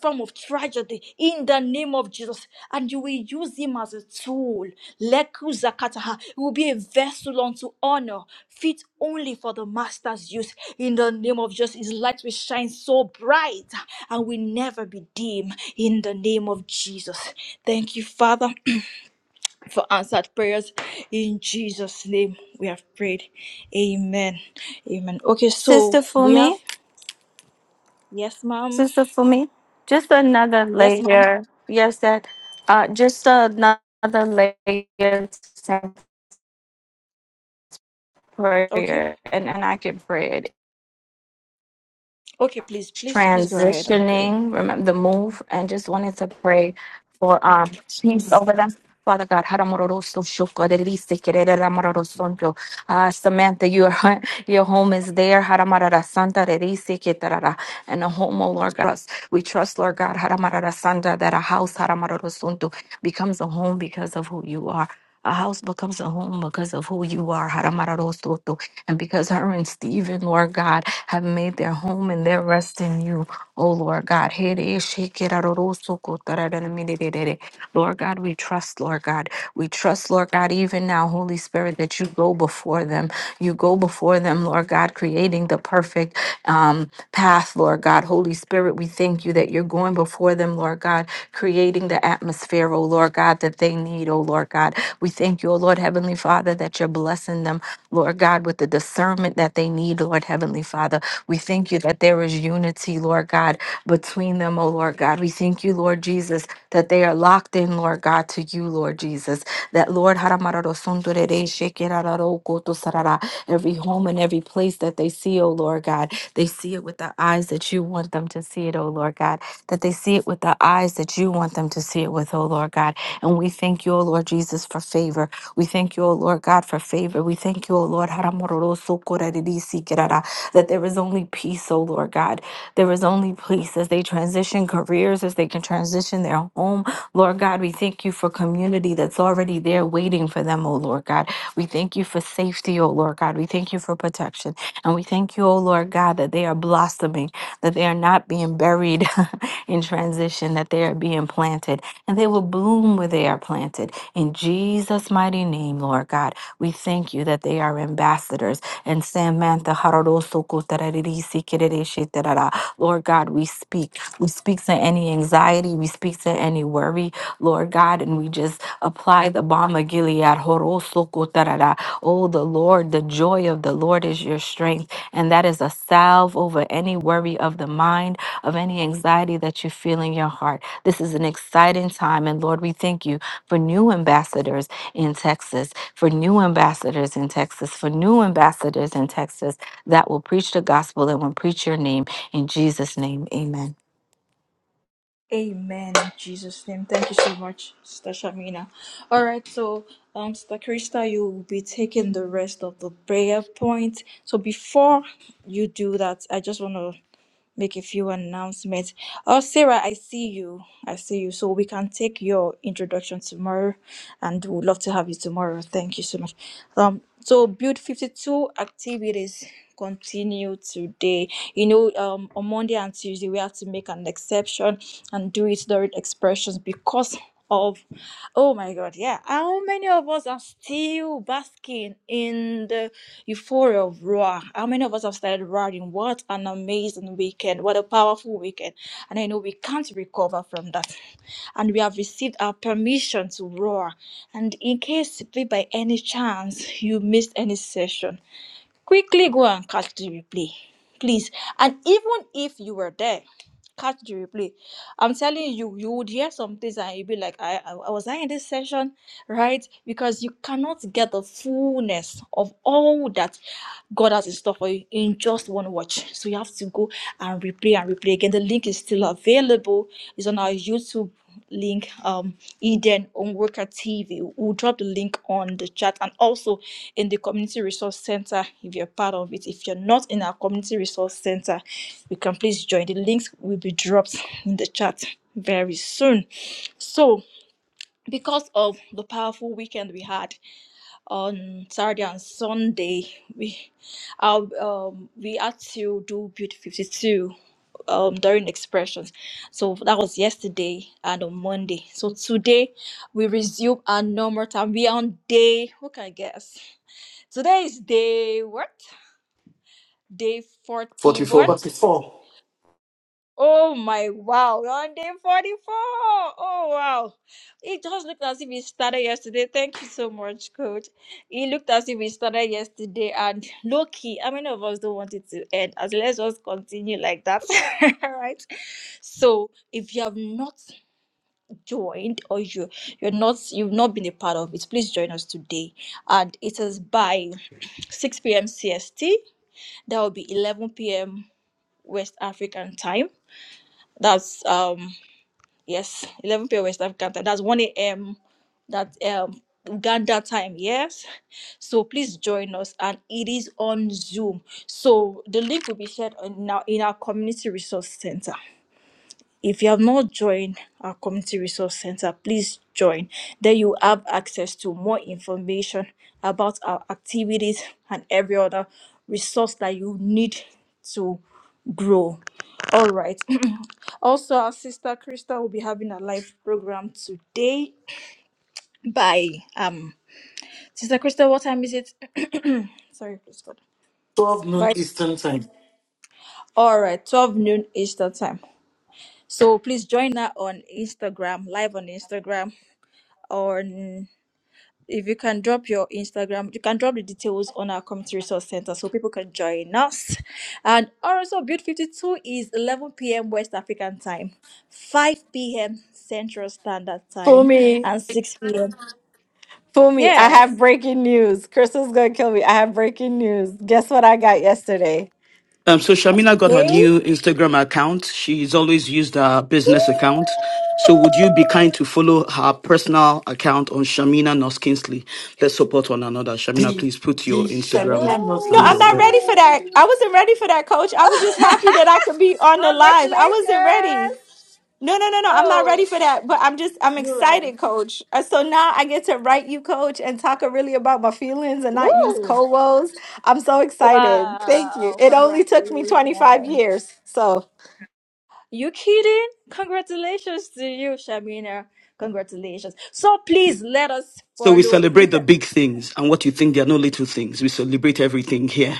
form of tragedy in the name of Jesus, and you will use him as a tool. Leku zakataha He will be a vessel unto honor, fit only for the master's use. In the name of Jesus, his light will shine so bright and will never be dim. In the name of Jesus. Thank you, Father, for answered prayers. In Jesus' name, we have prayed. Amen. Amen. Okay, so Sister we have Fumi, yes, ma'am. Sister Fumi, just another Yes, ma'am. layer. Yes, that. Uh, just another layer to send Okay. prayer, and and I can pray it. Okay, please, please, please go ahead. I'm sorry. Amen. In Jesus' name. Thank you so much, Sister Shamina. All right, so um, Sister Krista, you will be taking the rest of the prayer point. So before you do that, I just want to make a few announcements. Oh, Sarah, I see you. I see you. So we can take your introduction tomorrow, and we'd love to have you tomorrow. Thank you so much. Um, so build fifty-two activities continue today. You know, um, on Monday and Tuesday we have to make an exception and do it during expressions because of oh my god yeah how many of us are still basking in the euphoria of raw how many of us have started riding what an amazing weekend what a powerful weekend and i know we can't recover from that and we have received our permission to roar and in case if by any chance you missed any session Quickly go and catch the replay, please. And even if you were there, catch the replay. I'm telling you, you would hear some things and you'd be like, I, I, I was I in this session, right? Because you cannot get the fullness of all that God has in store for you in just one watch. So you have to go and replay and replay again. The link is still available. It's on our YouTube link um eden on worker tv we'll drop the link on the chat and also in the community resource center if you're part of it if you're not in our community resource center you can please join the links will be dropped in the chat very soon so because of the powerful weekend we had on Saturday and Sunday, we uh, um we had to do Beauty 52 um during expressions. So that was yesterday and on Monday. So today we resume our normal time. We are on day who can guess? Today is day what? Day 40 what? 44. Forty-four, Oh my wow, you're on day 44. Oh wow. It just looked as if it started yesterday. Thank you so much, coach. It looked as if it started yesterday and low key. How many of us don't want it to end? As let's just continue like that. right? So if you have not joined or you you're not you've not been a part of it, please join us today. And it is by 6 p.m. CST. That will be 11 p.m. West African time. That's um Yes, 11 p.m. West African time. That's 1 a.m. That um Uganda time. Yes. So please join us, and it is on Zoom. So the link will be shared on now in our community resource center. If you have not joined our community resource center, please join. Then you have access to more information about our activities and every other resource that you need to grow. All right. Also, our sister Krista will be having a live program today by um Sister Krista, what time is it? Sorry, please God. twelve noon By Eastern time. all right, 12 noon Eastern time. So please join her on Instagram, live on Instagram, or on- if you can drop your Instagram, you can drop the details on our community resource center so people can join us. And also, Build 52 is 11 p.m. West African time, 5 p.m. Central Standard Time, and 6 p.m. Yes, Eh, Um, so Shamina got her Thank you. new Instagram account. She's always used her business account. So would you be kind to follow her personal account on Shamina Nos Kinsley? Let's support one another. Shamina, The please put your the Instagram Shamina No, I'm handle not Noskisi. there. ready for that. I wasn't ready for that, coach. I was just happy that I could be on the live. I wasn't ready. Congratulations. No, no, no, no. I'm not Oh, ready for that. But I'm just, I'm you ready? excited, coach. Uh, So now I get to write you, coach, and talk really about my feelings and not use Woo. cold woes I'm so excited. Thank you. Wow. It only took me Congratulations. 25 years. So You kidding? Congratulations to you, Shamina. Congratulations. So please let us So we follow. celebrate the big things and what you think they are no little things. We celebrate everything here.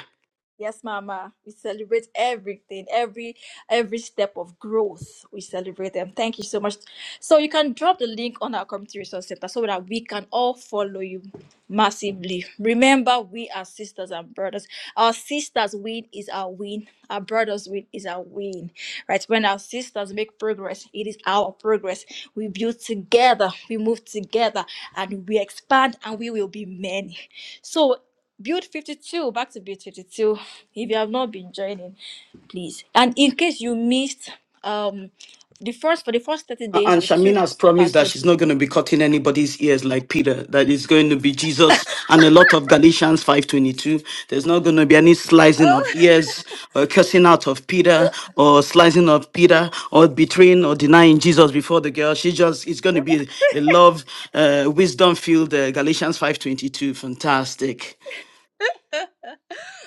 Yes, Mama. We celebrate everything, every every step of growth. We celebrate them. Thank you so much. So you can drop the link on our community resource center so that we can all follow you massively. Remember, we are sisters and brothers. Our sisters' win is our win. Our brothers' win is our win. Right? When our sisters make progress, it is our progress. We build together, we move together, and we expand, and we will be many. So build 52 back to build 52 if you have not been joining please and in case you missed um the first for the first 30 A- days And we took Shamina has promised pastor that J- she's not going to be cutting anybody's ears like Peter. That it's going to be Jesus and a lot of Galatians 5:22. There's not going to be any slicing of oh ears or cursing out of Peter or slicing of Peter or betraying or denying Jesus before the girl. She just it's going to be a love, uh, wisdom filled uh, Galatians 5:22. Fantastic.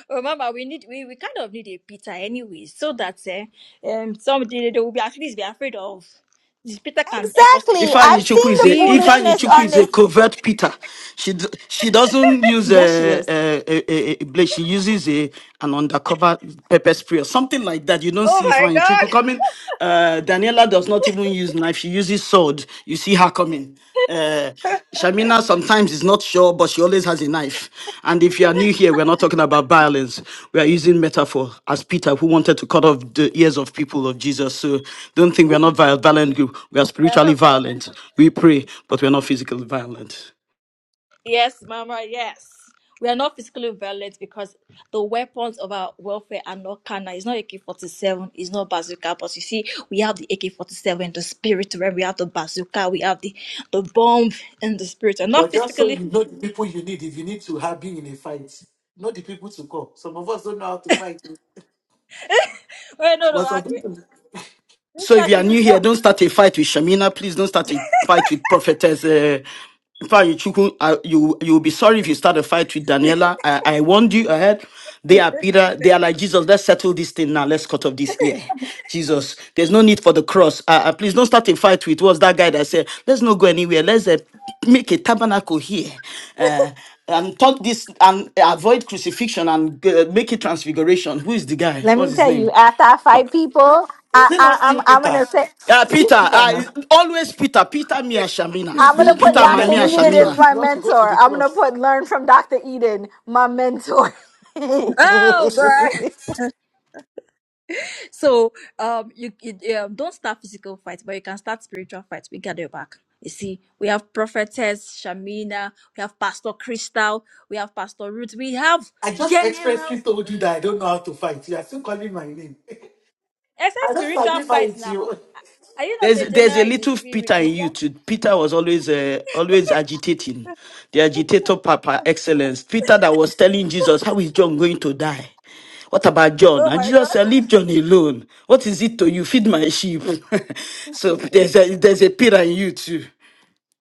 remember we need we, we kind of need a peter anyway so that eh, um someday they will be at least be afraid of this peter can help us to Exactly. shout out. Ifeanyi I've Chukwu seen is the a we we just Ifeanyi need foolishness Chukwu on just is a one. this. covert Peter. She d- she doesn't use a a, a, a a blade. She uses a an undercover pepper spray or something like that. You don't Oh see my Ifeanyi god Chukwu coming. Uh, Daniela does not even use knife. She uses sword. You see her coming. Uh, Shamina sometimes is not sure, but she always has a knife. And if you are new here, we're not talking about violence. We are using metaphor as Peter, who wanted to cut off the ears of people of Jesus. So don't think we are not viol- violent group. We are spiritually violent. We pray, but we are not physically violent. Yes, Mama, yes. We are not physically violent because the weapons of our warfare are not carnal. It's not AK 47, it's not bazooka. But you see, we have the AK 47, the spirit realm, we have the bazooka, we have the, the bomb in the spirit. And not But just so physically. you know the people you need, if you need to have been in a fight, know the people to call. Some of us don't know how to fight. Wait, no, no, But I, some people, So if Mr. you are You should new here, not. don't start a fight with Shamina. Please don't start a fight with Prophetess. Uh, in fact, you, Chukwu, uh, you you will be sorry if you start a fight with Daniela. I, I warned you ahead. They are Peter. They are like Jesus. Let's settle this thing now. Let's cut off this ear. Jesus, there's no need for the cross. Uh, uh, please don't start a fight with what's that guy that said. Let's not go anywhere. Let's uh, make a tabernacle here. Uh, and talk this and avoid crucifixion and uh, make it transfiguration. Who is the guy? What's his name? is it not still Peter? Yeah, It's still Peter. Peter Uh, now. it's always Peter. Peter, me and Shamina. He's still the Peter, one my that me and told Shamina. Jesus not to go to the cross. Oh, God. So um, you, you um, don't start physical fights, but you can start spiritual fights. We got your back. You see, we have prophetess Shamina, we have Pastor Crystal, we have Pastor Ruth, we have I just expressly generals. told you Mm, that I don't know how to fight. You are still calling my name. Except I don't spiritual fucking fights fight now. you. Are you not a There's there's a general in the little spirit? Peter in you Yeah? too. Peter was always uh, always agitating, the agitator papa excellence. Peter that was telling Jesus, "How is John going to die? What about John?" Oh And my God, Jesus said, "Leave John alone. What is it to you? Feed my sheep." so there's a there's a Peter in you too.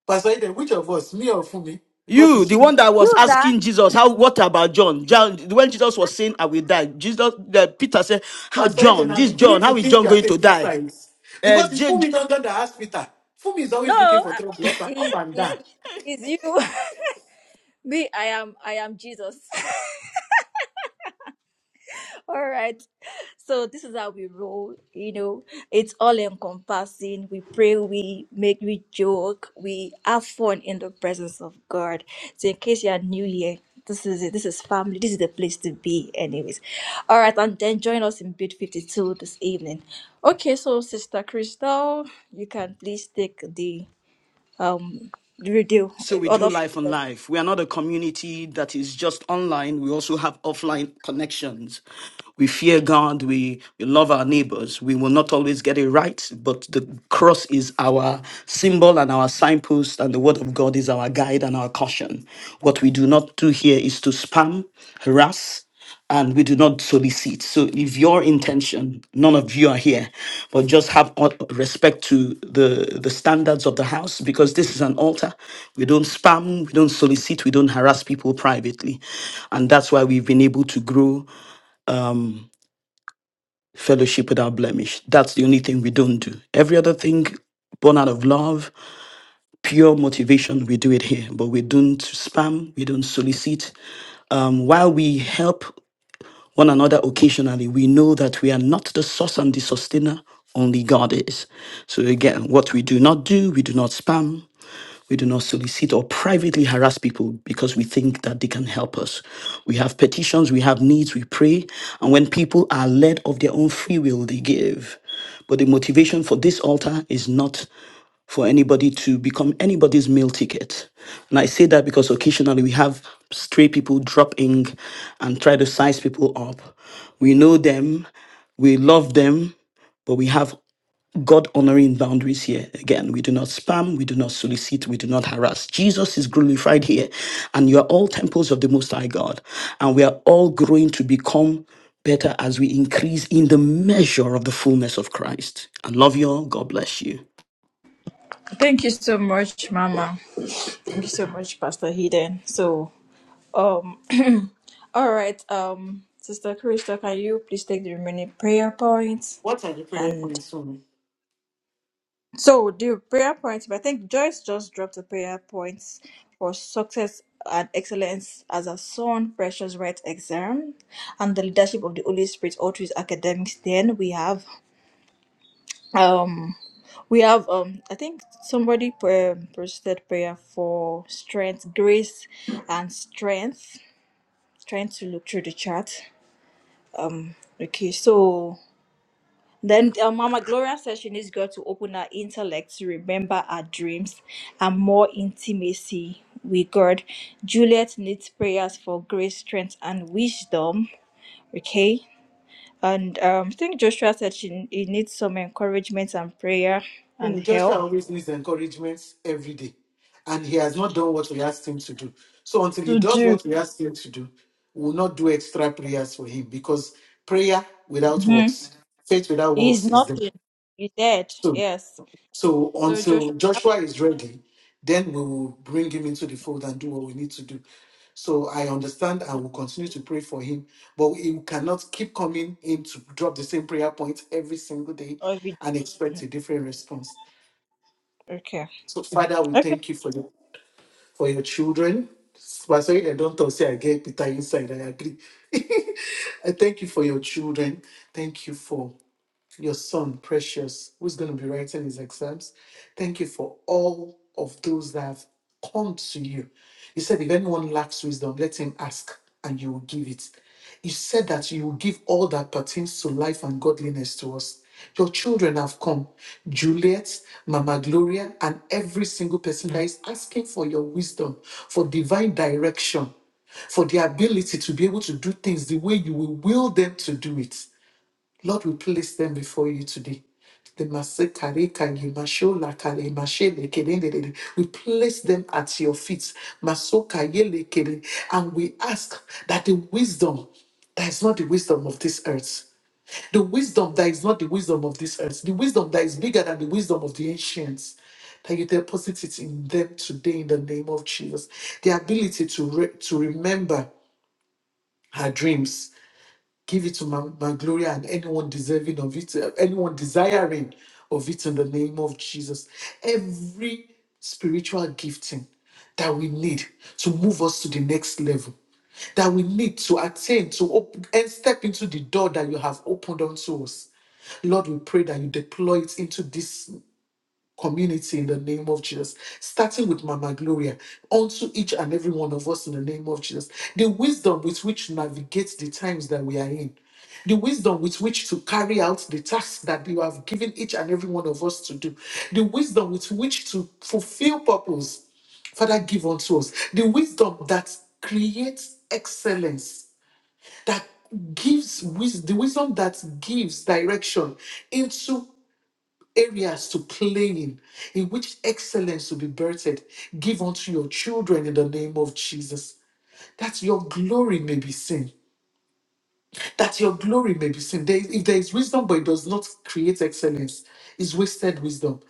Pastor Eden, which of us, me or Fumi? Because You, it's the one Fumi. that was you not? asking Jesus, how what about John? John, when Jesus was saying, "I will die," Jesus, uh, Peter said, "How Pastor Eden, John? I'm This John? beginning to How is think John you are going to taking die?" sides. Uh, Because it's J- J- Fumi under the hospital. Fumi is always looking No, for uh, trouble up and, up it's, and it- down. it's you. Me, I am. I am Jesus. All right. So this is how we roll, you know. It's all encompassing. We pray, we make, we joke, we have fun in the presence of God. So in case you are new here, this is it. This is family. This is the place to be, anyways. All right, and then join us in Bit 52 this evening. Okay, so Sister Crystal, you can please take the um the radio So we do other life on life. We are not a community that is just online. We also have offline connections. We fear God. We, we love our neighbors. We will not always get it right, but the cross is our symbol and our signpost, and the word of God is our guide and our caution. What we do not do here is to spam, harass, and we do not solicit. So if your intention, none of you are here, but just have o- respect to the the standards of the house because this is an altar. We don't spam, we don't solicit, we don't harass people privately. And that's why we've been able to grow fellowship without blemish. That's the only thing we don't do. Every other thing born out of love, pure motivation, we do it here. But we don't spam, we don't solicit. Um, while we help one another occasionally, we know that we are not the source and the sustainer, only God is. So again, what we do not do, we do not spam, we do not solicit or privately harass people because we think that they can help us. We have petitions, we have needs, we pray. And when people are led of their own free will, they give. But the motivation for this altar is not for anybody to become anybody's meal ticket. And I say that because occasionally we have stray people drop in and try to size people up. We know them, we love them, but we have God honoring boundaries here. Again, we do not spam, we do not solicit, we do not harass. Jesus is glorified here, and you are all temples of the Most High God, and we are all growing to become better as we increase in the measure of the fullness of Christ. I love you all. God bless you. Thank you so much, Mama. Thank you so much, Pastor Hayden. So, um, All right, um, Sister Krista, can you please take the remaining prayer points? What are the prayer And points, Fumi? so the prayer points, but I think Joyce just dropped the prayer points for success and excellence as a son, precious right exam, and the leadership of the Holy Spirit all through his academics. Then we have um we have um I think somebody pra- posted prayer for strength, grace and strength. Trying to look through the chat. Um okay, so Then uh, Mama Gloria says she needs God to open her intellect to remember her dreams and more intimacy with God. Juliet needs prayers for grace, strength, and wisdom. Okay. And um, I think Joshua said she he needs some encouragement and prayer and help. Joshua always needs encouragement every day, and he has not done what we asked him to do. So until he To does do. what we asked him to do, we'll not do extra prayers for him because prayer without hmm works, faith without He's works is the nothing. He's dead. so. Yes. So So Joshua, until that's Joshua is ready, then we will bring him into the fold and do what we need to do. So I understand and will continue to pray for him, but he cannot keep coming in to drop the same prayer point every single day all we- and expect a different response. okay. So, Father, we thank you for your, for your children. But sorry, I don't talk, say I get Peter inside. I agree. I thank you for your children. Thank you for your son, Precious, who's going to be writing his exams. Thank you for all of those that have come to you. You said, if anyone lacks wisdom, let him ask and you will give it. You said that you will give all that pertains to life and godliness to us. Your children have come. Juliet, Mama Gloria, and every single person that is asking for your wisdom, for divine direction, for the ability to be able to do things the way you will will them to do it. Lord, we place them before you today. The Masekare Kage, Kare, Mashele Kere We place them at your feet. Masoka Yele Kere. And we ask that the wisdom that is not the wisdom of this earth, the wisdom that is not the wisdom of this earth, the wisdom that is bigger than the wisdom of the ancients, that you deposit it in them today in the name of Jesus. The ability to, re- to remember her dreams Give it to my Mount Gloria and anyone deserving of it, uh, anyone desiring of it in the name of Jesus. Every spiritual gifting that we need to move us to the next level, that we need to attain, to open and step into the door that you have opened unto us. Lord, we pray that you deploy it into this community in the name of Jesus, starting with Mama Gloria, unto each and every one of us in the name of Jesus. The wisdom with which to navigate the times that we are in, the wisdom with which to carry out the tasks that you have given each and every one of us to do, the wisdom with which to fulfill purpose. Father, give unto us the wisdom that creates excellence, that gives wisdom, the wisdom that gives direction into areas to play in, in which excellence will be birthed. Give unto your children in the name of Jesus. That your glory may be seen. That your glory may be seen. There is- if there is wisdom, but it does not create excellence, it's wasted wisdom.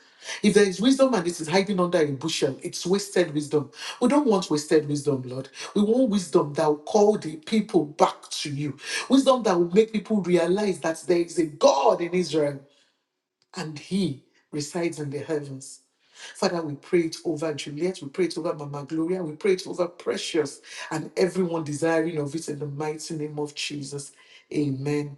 If there is wisdom and it is hiding under a bushel, it's wasted wisdom. We don't want wasted wisdom, Lord. We want wisdom that will call the people back to you. Wisdom that will make people realize that there is a God in Israel and He resides in the heavens. Father, we pray it over Juliet, we pray it over Mama Gloria, we pray it over Precious and everyone desiring of it in the mighty name of Jesus. Amen.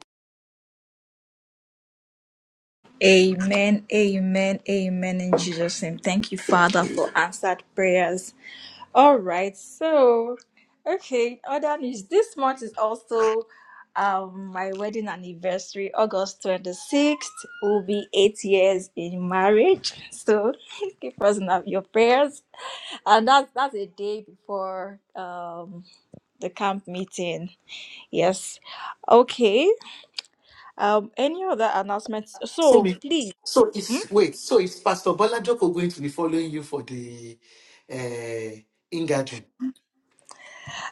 Amen, amen, amen in Jesus' name. Thank you, Father, for answered prayers. All right, so okay, other news. This month is also um my wedding anniversary, August 26th. Will be eight years in marriage. So keep us in your prayers. And that's that's a day before um the camp meeting. Yes. Okay. Um any other announcements? So, So me- please. so is wait, so is Pastor Bola Joko going to be following you for the uh in gathering?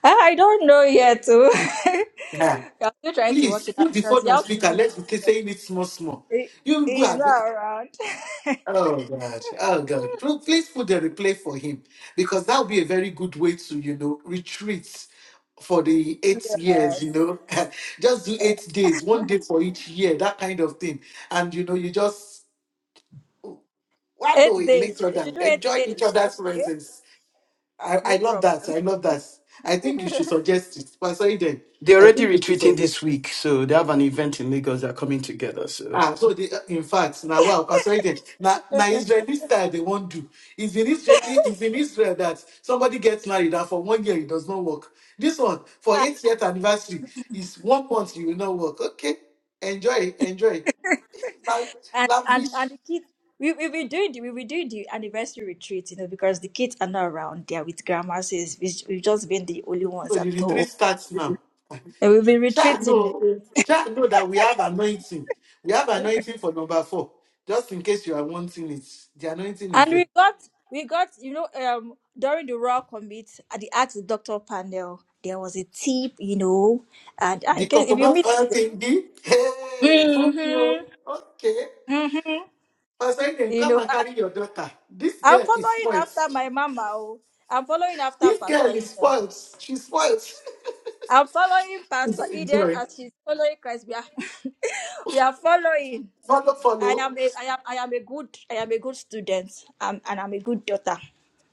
Ah, I don't know yet. oh. Ah, I'm still trying to work please it out put the because phone you on have to speaker. be. Let's be saying it small, small. He- You He's go. not around. Oh gosh, oh God. Pl- Please put the replay for him because that would be a very good way to, you know, retreat for the eight years, Yes. you know. just do eight days, one day for each year, that kind of thing. And you know, you just wallow Eight in days. each We other, should do eight enjoy each days. other's Okay. presence. I, I No love problem. that. I love that. I think you should suggest it. But sorry They're I already think we should retreating suggest. this week, so they have an event in Lagos. They're coming together. So Ah, so they, in fact, now wow, Pastor Eden, now, now Israeli style they won't do. It's in Israel, it's in Israel that somebody gets married and for one year it does not work. This one for 80th anniversary is one month you will not work. Okay, enjoy, enjoy. Now, And and lavish. and the kids. We we be do the we will do the anniversary retreat, you know, because the kids are not around. They are with grandma. So it's- we- we've just been the only ones So the at home. retreat starts now. And we've been Shall retreating. know, shall know that we have anointing. We have anointing for number four. Just in case you are wanting it, the anointing is And there. we got, we got, you know, um, during the Royal Commit at the Ask the Doctor panel, there was a tip, you know, and uh, Di in kau case if you meet, kenapa tinggi? Hey, mm-hmm, Fumio. Okay. mm-hmm, Pastor Eden, you come know, and I, carry your daughter. This I'm girl is following spoiled. after my mama. oh. I'm following after This girl Pastor is Eden. spoiled. She's spoiled. I'm following Pastor Eden Enjoy. as she's following Christ. We are, we are following. Follow, I follow. am a, I am, I am a good, I am a good student, um, and I'm a good daughter.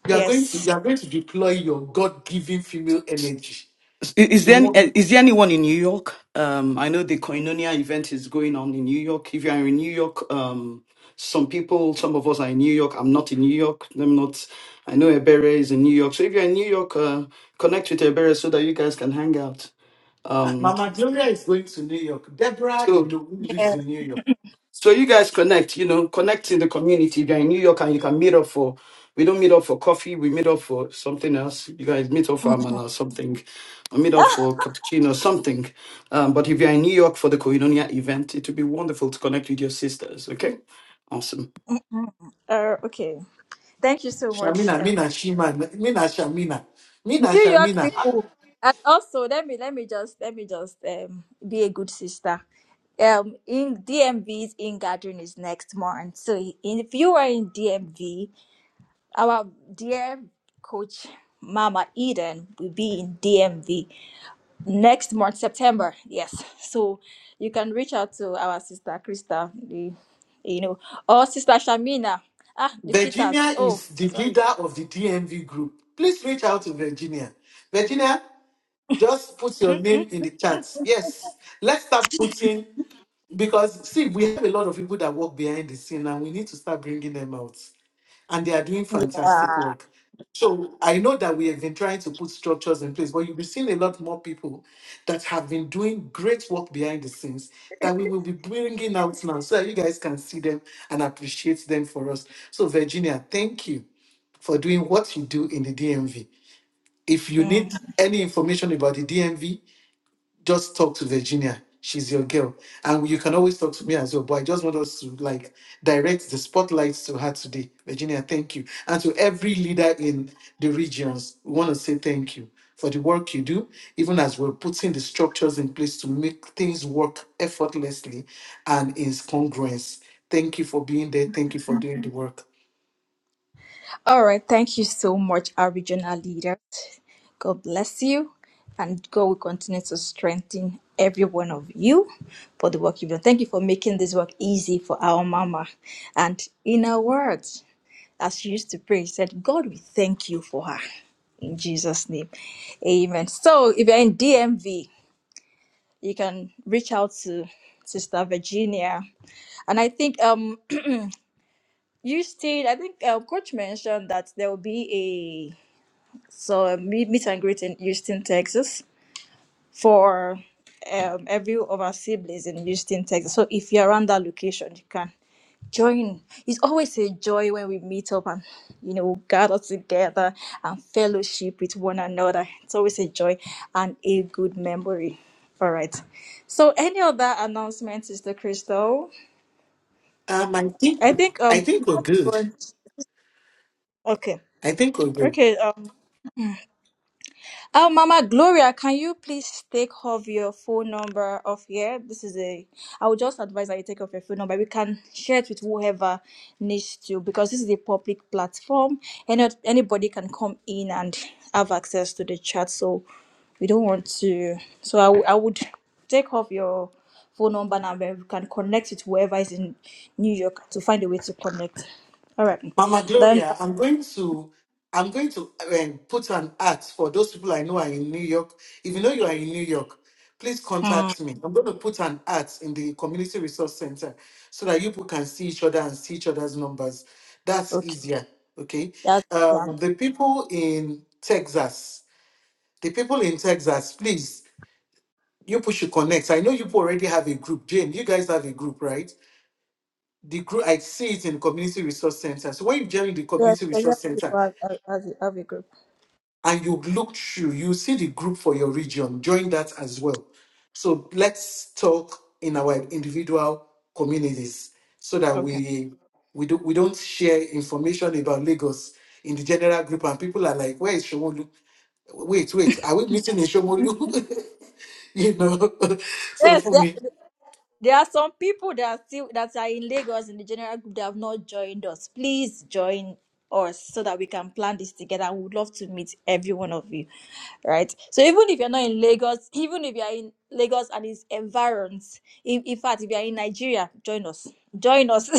You are going to Yes. you are going to deploy your God-given female energy. Is is The there one- eh, is there anyone in New York? Um, I know the Koinonia event is going on in New York. If you are in New York, um, some people, some of us are in New York. I'm not in New York. I'm not. I know Ebere is in New York. So if you're in New York, uh, connect with Ebere so that you guys can hang out. uh, Um, Mama Gloria is going to New York. Deborah so Idowu lives Yes. in New York. So you guys connect, you know, connect in the community. If you're in New York and you can meet up for, we don't meet up for coffee, we meet up for something else. You guys meet up for Amala or something, or meet up for cappuccino, or something. Um, but if you're in New York for the Koinonia event, it would be wonderful to connect with your sisters, okay? Awesome. Uh, okay. Thank you so much. Shamina, Mina, Shima, Mina, Shamina, Mina, New York Shamina. people. And also, let me let me just let me just um be a good sister. Um, in DMV's in gathering is next month. So i- if you are in DMV, our dear coach Mama Eden will be in DMV next month, September. Yes. So you can reach out to our sister Krista, the you know, or sister Shamina. Ah, the Peters. Virginia Oh, is the sorry. leader of the DMV group. Please reach out to Virginia. Virginia, just put your Mm, name in the chat. Yes, let's start putting because see, we have a lot of people that work behind the scene, and we need to start bringing them out and they are doing fantastic work. So I know that we have been trying to put structures in place, but you'll be seeing a lot more people that have been doing great work behind the scenes that we will be bringing out now so that you guys can see them and appreciate them for us. So, Virginia, thank you for doing what you do in the DMV. If you mm. need any information about the DMV, just talk to Virginia. She's your girl. And you can always talk to me as well. But I just want us to like direct the spotlight to her today. Virginia, thank you. And to every leader in the regions, we want to say thank you for the work you do, even as we're putting the structures in place to make things work effortlessly and in congruence. Thank you for being there. Thank you for doing the work. All right. Thank you so much, our regional leaders. God bless you. And God will continue to strengthen every one of you for the work you've done. Thank you for making this work easy for our mama. And in her words, as she used to pray, she said, God, we thank you for her. In Jesus' name. Amen. So if you're in DMV, you can reach out to Sister Virginia. And I think um you stayed, I think uh, Coach mentioned that there will be So uh, meet, meet and greet in Houston, Texas for um, every of our siblings in Houston, Texas. So if you're around that location, you can join. It's always a joy when we meet up and you know gather together and fellowship with one another. It's always a joy and a good memory. All right. So any other announcements, Sister Crystal? Um, I think I think I um think we're good. okay. I think we're good. Okay. um, Oh, Mama Gloria, can you please take off your phone number off here? This is a. I would just advise that you take off your phone number. We can share it with whoever needs to because this is a public platform and not anybody can come in and have access to the chat. So we don't want to. So I, w- I would take off your phone number now, where we can connect with whoever is in New York to find a way to connect. All right. Mama Then, Gloria, I'm going to I'm going to um, put an ad for those people I know are in New York. If you know you are in New York, please mm, contact me. I'm going to put an ad in the community resource center so that you people can see each other and see each other's numbers. That's okay. easier. Okay. That's Um, the people in Texas, the people in Texas, please, you people should connect. I know you people already have a group. Jane, you guys have a group, right? The group I see it in community resource center. So when you join the Yes, community the young resource people center, as, as, as a as a group. and you look through, you see the group for your region. Join that as well. So let's talk in our individual communities so that Okay. we we do we don't share information about Lagos in the general group and people are like, where is Shomolu? Wait, wait, are we meeting in Shomolu? you know. so Yes, for there, me. there are some people that are still that are in Lagos in the general group that have not joined us. Please join us so that we can plan this together. We would love to meet every one of you. Right. So even if you're not in Lagos, even if you're in Lagos and its environs, in, in fact, if you're in Nigeria, join us. Join us.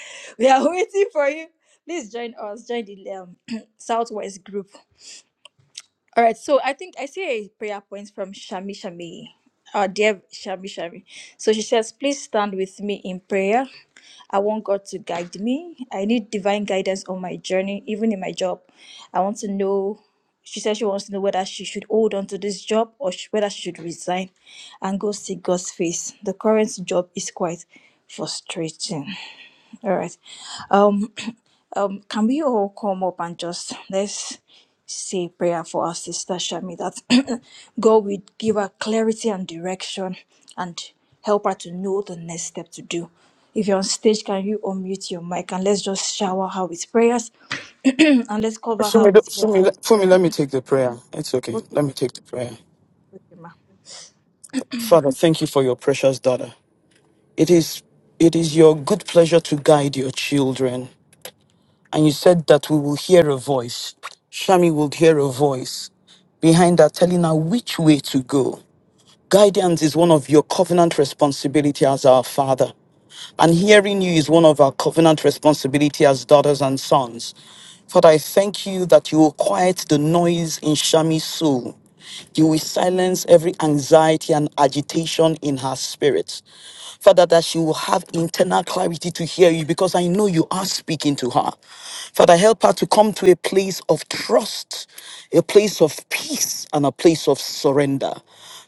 we are waiting for you. Please join us. Join the um, Southwest group. All right, so I think I see a prayer point from Shami Shami, our dear Shami Shami. So she says, Please stand with me in prayer. I want God to guide me. I need divine guidance on my journey, even in my job. I want to know. She says she wants to know whether she should hold on to this job or sh- whether she should resign and go see God's face. The current job is quite frustrating. All right. Um, can we all come up and just let's say prayer for our sister Shami that God will give her clarity and direction and help her to know the next step to do. If you're on stage, can you unmute your mic and let's just shower her with prayers and let's cover her Fumi, let- with prayers. Fumi, let- Fumi, let me take the prayer. It's okay. Okay, Let me take the prayer. okay, ma. Father, thank you for your precious daughter. It is, it is your good pleasure to guide your children. and you said that we will hear a voice. Shami will hear a voice behind her, telling her which way to go. Guidance is one of your covenant responsibility as our father. And hearing you is one of our covenant responsibility as daughters and sons. Father, I thank you that you will quiet the noise in Shami's soul. You will silence every anxiety and agitation in her spirit. Father, that she will have internal clarity to hear you because I know you are speaking to her. Father, help her to come to a place of trust, a place of peace, and a place of surrender.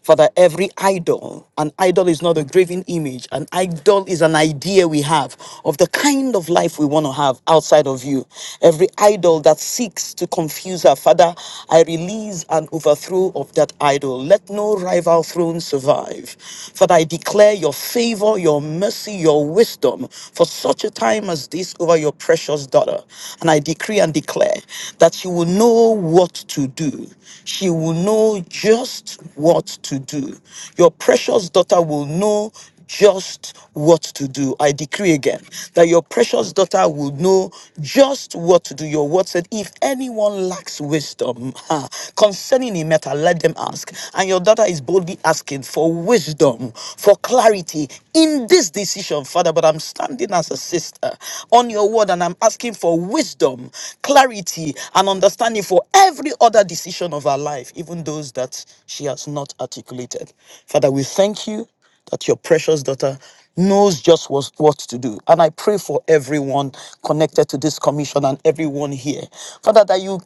Father, every idol, an idol is not a graven image, an idol is an idea we have of the kind of life we want to have outside of you. Every idol that seeks to confuse our Father, I release an overthrow of that idol. Let no rival throne survive. Father, I declare your favor, your mercy, your wisdom for such a time as this over your precious daughter. And I decree and declare that she will know what to do. She will know just what to do. Your precious daughter will know just what to do. I decree again that your precious daughter will know just what to do. Your word said, if anyone lacks wisdom ha, concerning a matter, let them ask. And your daughter is boldly asking for wisdom, for clarity in this decision, Father. But I'm standing as a sister sister on your word, and I'm asking for wisdom, clarity, and understanding for every other decision of her life, even those that she has not articulated. Father, we thank you that your precious daughter knows just what, what to do. And I pray for everyone connected to this commission and everyone here. Father, that you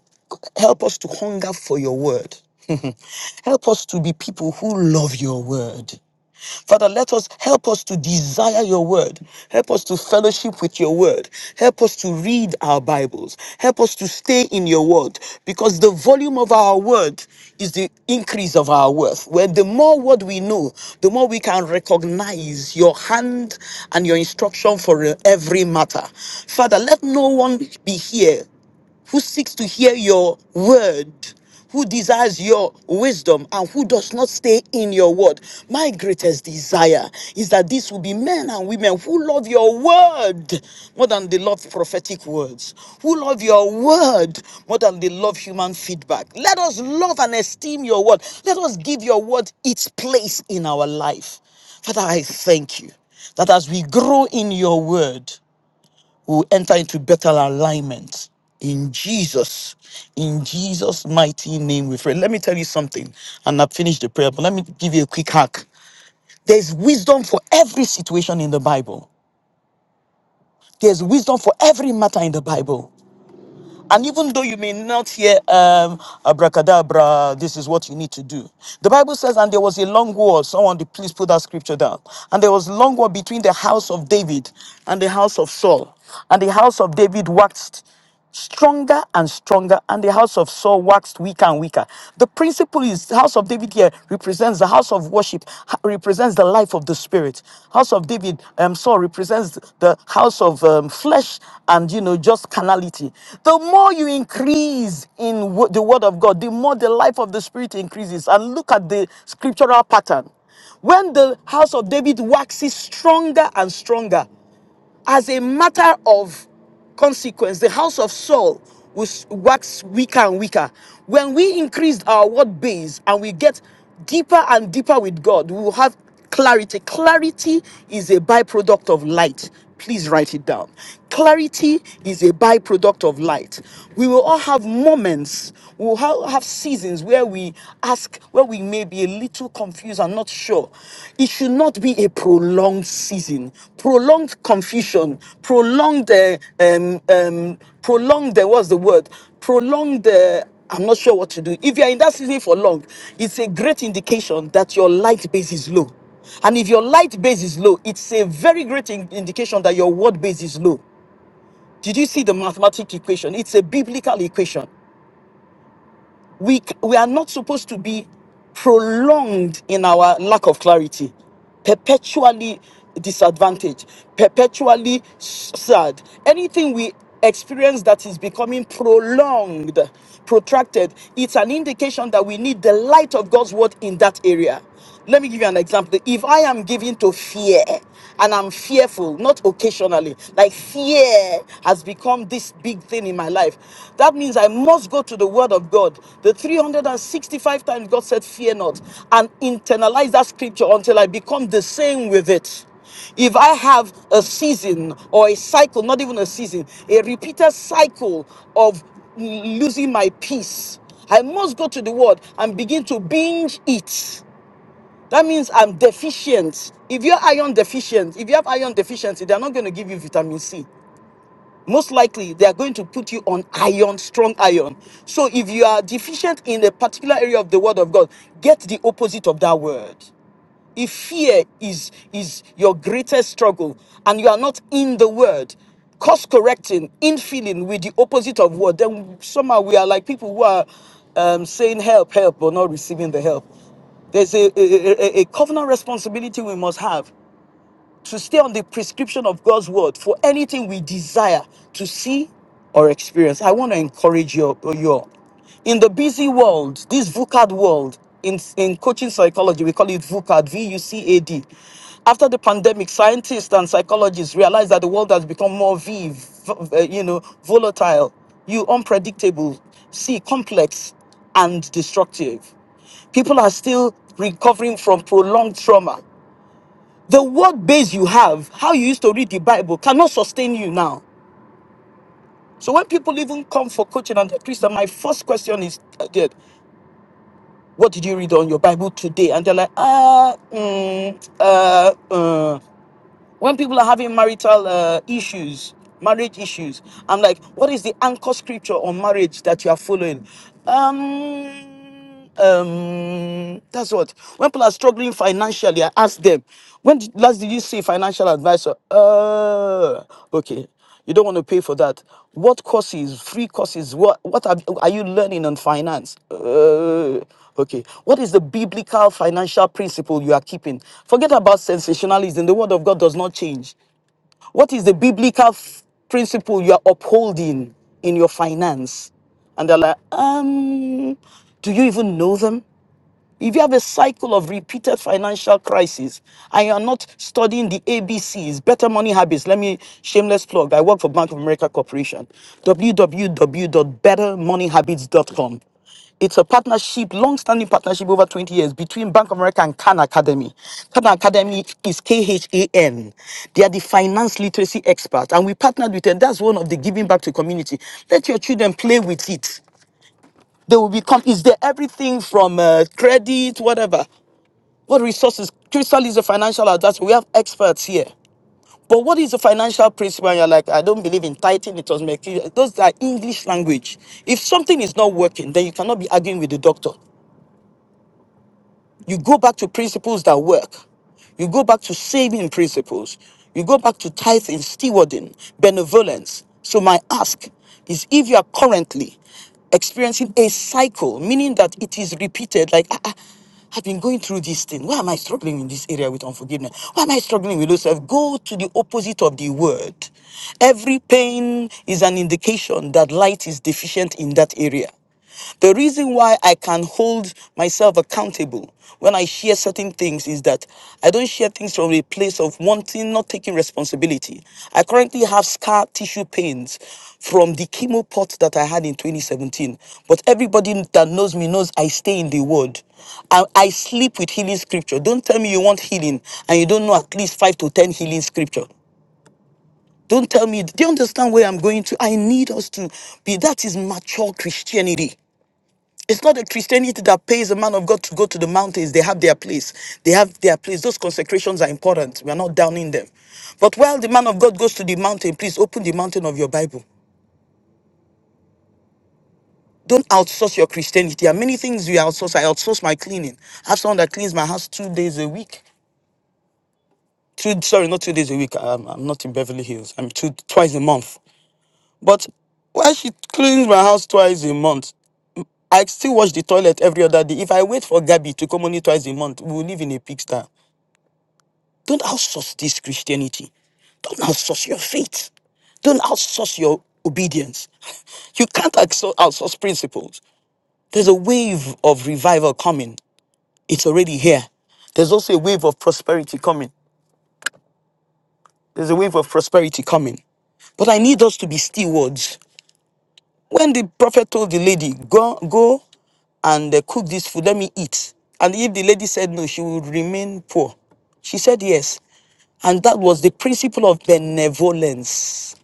help us to hunger for your word. Help us to be people who love your word. Father, let us help us to desire your word. Help us to fellowship with your word. Help us to read our Bibles. Help us to stay in your word because the volume of our word is the increase of our worth. Where the more word we know, the more we can recognize your hand and your instruction for every matter. Father, let no one be here who seeks to hear your word, who desires your wisdom, and who does not stay in your word. My greatest desire is that this will be men and women who love your word more than they love prophetic words, who love your word more than they love human feedback. Let us love and esteem your word. Let us give your word its place in our life. Father, I thank you that as we grow in your word, we will enter into better alignment in Jesus, in Jesus' mighty name. We pray. Let me tell you something, and I've finished the prayer, but let me give you a quick hack. There's wisdom for every situation in the Bible. There's wisdom for every matter in the Bible. And even though you may not hear um, abracadabra, this is what you need to do. The Bible says, and there was a long war. Someone, please put that scripture down. And there was a long war between the house of David and the house of Saul. And the house of David waxed stronger and stronger, and the house of Saul waxed weaker and weaker. The principle is, house of David here represents the house of worship, ha- represents the life of the spirit. House of David, um, Saul represents the house of um, flesh and you know just carnality. The more you increase in wo- the word of God, the more the life of the spirit increases. And look at the scriptural pattern. When the house of David waxes stronger and stronger, as a matter of consequence, the house of Saul was wax weaker and weaker. When we increased our word base and we get deeper and deeper with God, we will have clarity. Clarity is a byproduct of light. Please write it down. Clarity is a byproduct of light. We will all have moments, we will ha- have seasons where we are task where we may be a little confused and not sure. It should not be a prolonged season, prolonged confusion, prolonged, uh, um, um, prolonged, uh, what's the word? Prolonged, uh, I'm not sure what to do. If you're in that season for long, it's a great indication that your light base is low. And if your light base is low, it's a very great in- indication that your word base is low. Did you see the mathematical equation? It's a biblical equation we c- we are not supposed to be prolonged in our lack of clarity perpetually disadvantaged perpetually s- sad anything we experience that is becoming prolonged protracted it's an indication that we need the light of god's word in that area let me give you an example. If I am given to fear and I'm fearful, not occasionally, like fear has become this big thing in my life, that means I must go to the Word of God. The 365 times God said, Fear not, and internalize that scripture until I become the same with it. If I have a season or a cycle, not even a season, a repeated cycle of losing my peace, I must go to the word and begin to binge it. That means I'm deficient. If you're iron deficient, if you have iron deficiency, they're not going to give you vitamin C. Most likely, they are going to put you on iron, strong iron. So if you are deficient in a particular area of the word of God, get the opposite of that word. If fear is is your greatest struggle and you are not in the word, course correcting, in feeling with the opposite of word, then somehow we are like people who are um, saying help, help, but not receiving the help. There's a, a, a a- a covenant responsibility we must have to stay on the prescription of God's word for anything we desire to see or experience. I want to encourage you, you all. In the busy world, this VUCAD world, in, in coaching psychology, we call it VUCAD, V U C A D. After the pandemic, scientists and psychologists realized that the world has become more V, v- uh, you know, volatile, you unpredictable, C, complex, and destructive people are still recovering from prolonged trauma the word base you have, how you used to read the Bible, cannot sustain you now. So when people even come for coaching and they're Christian, my first question is, uh, Dad, what did you read on your Bible today? And they're like, ah, mm, uh, uh when people are having marital uh, issues, marriage issues, I'm like, what is the anchor scripture on marriage that you are following? Um, um, that's what. When people are struggling financially, I ask them, when did- last did you see a financial advisor? Uh, okay. You don't want to pay for that. What courses, free courses, what, what are, are you learning on finance? Uh, okay. What is the biblical financial principle you are keeping? Forget about sensationalism. The word of God does not change. What is the biblical f- principle you are upholding in your finance? And they're like, um, do you even know them? If you have a cycle of repeated financial crisis and you're not studying the A B C's, better money habits, let me shameless plug. I work for Bank of America Corporation, www.bettermoneyhabits.com. It's a partnership, long-standing partnership over 20 years between Bank of America and Khan Academy. Khan Academy is K-H-A-N. They are the finance literacy experts, and we partnered with them. That's one of the giving back to community. Let your children play with it. They will become, is there everything from uh, credit, whatever? What resources? Crystal is a financial advisor. We have experts here. But what is the financial principle? And you're like, I don't believe in tithing. It was my Those are English language. If something is not working, then you cannot be arguing with the doctor. You go back to principles that work. You go back to saving principles. You go back to tithing, stewarding, benevolence. So, my ask is if you are currently experiencing a cycle, meaning that it is repeated, like, ah, ah, I've been going through this thing. Why am I struggling in this area with unforgiveness? Why am I struggling with those? Go to the opposite of the word. Every pain is an indication that light is deficient in that area. The reason why I can hold myself accountable when I share certain things is that I don't share things from a place of wanting, not taking responsibility. I currently have scar tissue pains from the chemo pot that I had in 2017. But everybody that knows me knows I stay in the word. I, I sleep with healing scripture. Don't tell me you want healing and you don't know at least five to 10 healing scripture. Don't tell me, do you understand where I'm going to? I need us to be, that is mature Christianity. It's not the Christianity that pays a man of God to go to the mountains. They have their place. They have their place. Those consecrations are important. We are not downing them. But while the man of God goes to the mountain, please open the mountain of your Bible. Don't outsource your Christianity. There are many things you outsource. I outsource my cleaning. I have someone that cleans my house two days a week. Two, sorry, not two days a week. I'm, I'm not in Beverly Hills. I'm two, twice a month. But while she cleans my house twice a month, I still wash the toilet every other day. If I wait for Gabby to come only twice a month, we will live in a pigsty. Don't outsource this Christianity. Don't outsource your faith. Don't outsource your obedience. You can't outsour- outsource principles. There's a wave of revival coming. It's already here. There's also a wave of prosperity coming. There's a wave of prosperity coming. But I need us to be stewards. When the prophet told the lady, go, go and uh, cook this food, let me eat. And if the lady said no, she would remain poor. She said yes. And that was the principle of benevolence.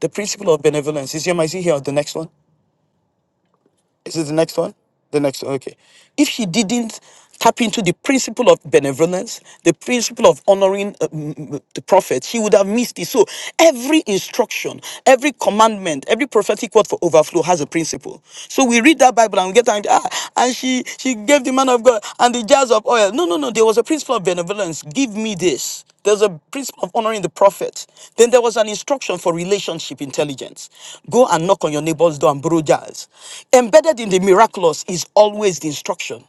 The principle of benevolence. Is your mic here or the next one? Is this the next one? The next one, okay. If she didn't tap into the principle of benevolence, the principle of honoring uh, m- m- the prophet, she would have missed it. So every instruction, every commandment, every prophetic word for overflow has a principle. So we read that Bible and we get angry and she she gave the man of God and the jars of oil. No, no, no. There was a principle of benevolence. Give me this. There's a principle of honoring the prophet. Then there was an instruction for relationship intelligence. Go and knock on your neighbor's door and borrow jars. Embedded in the miraculous is always the instruction.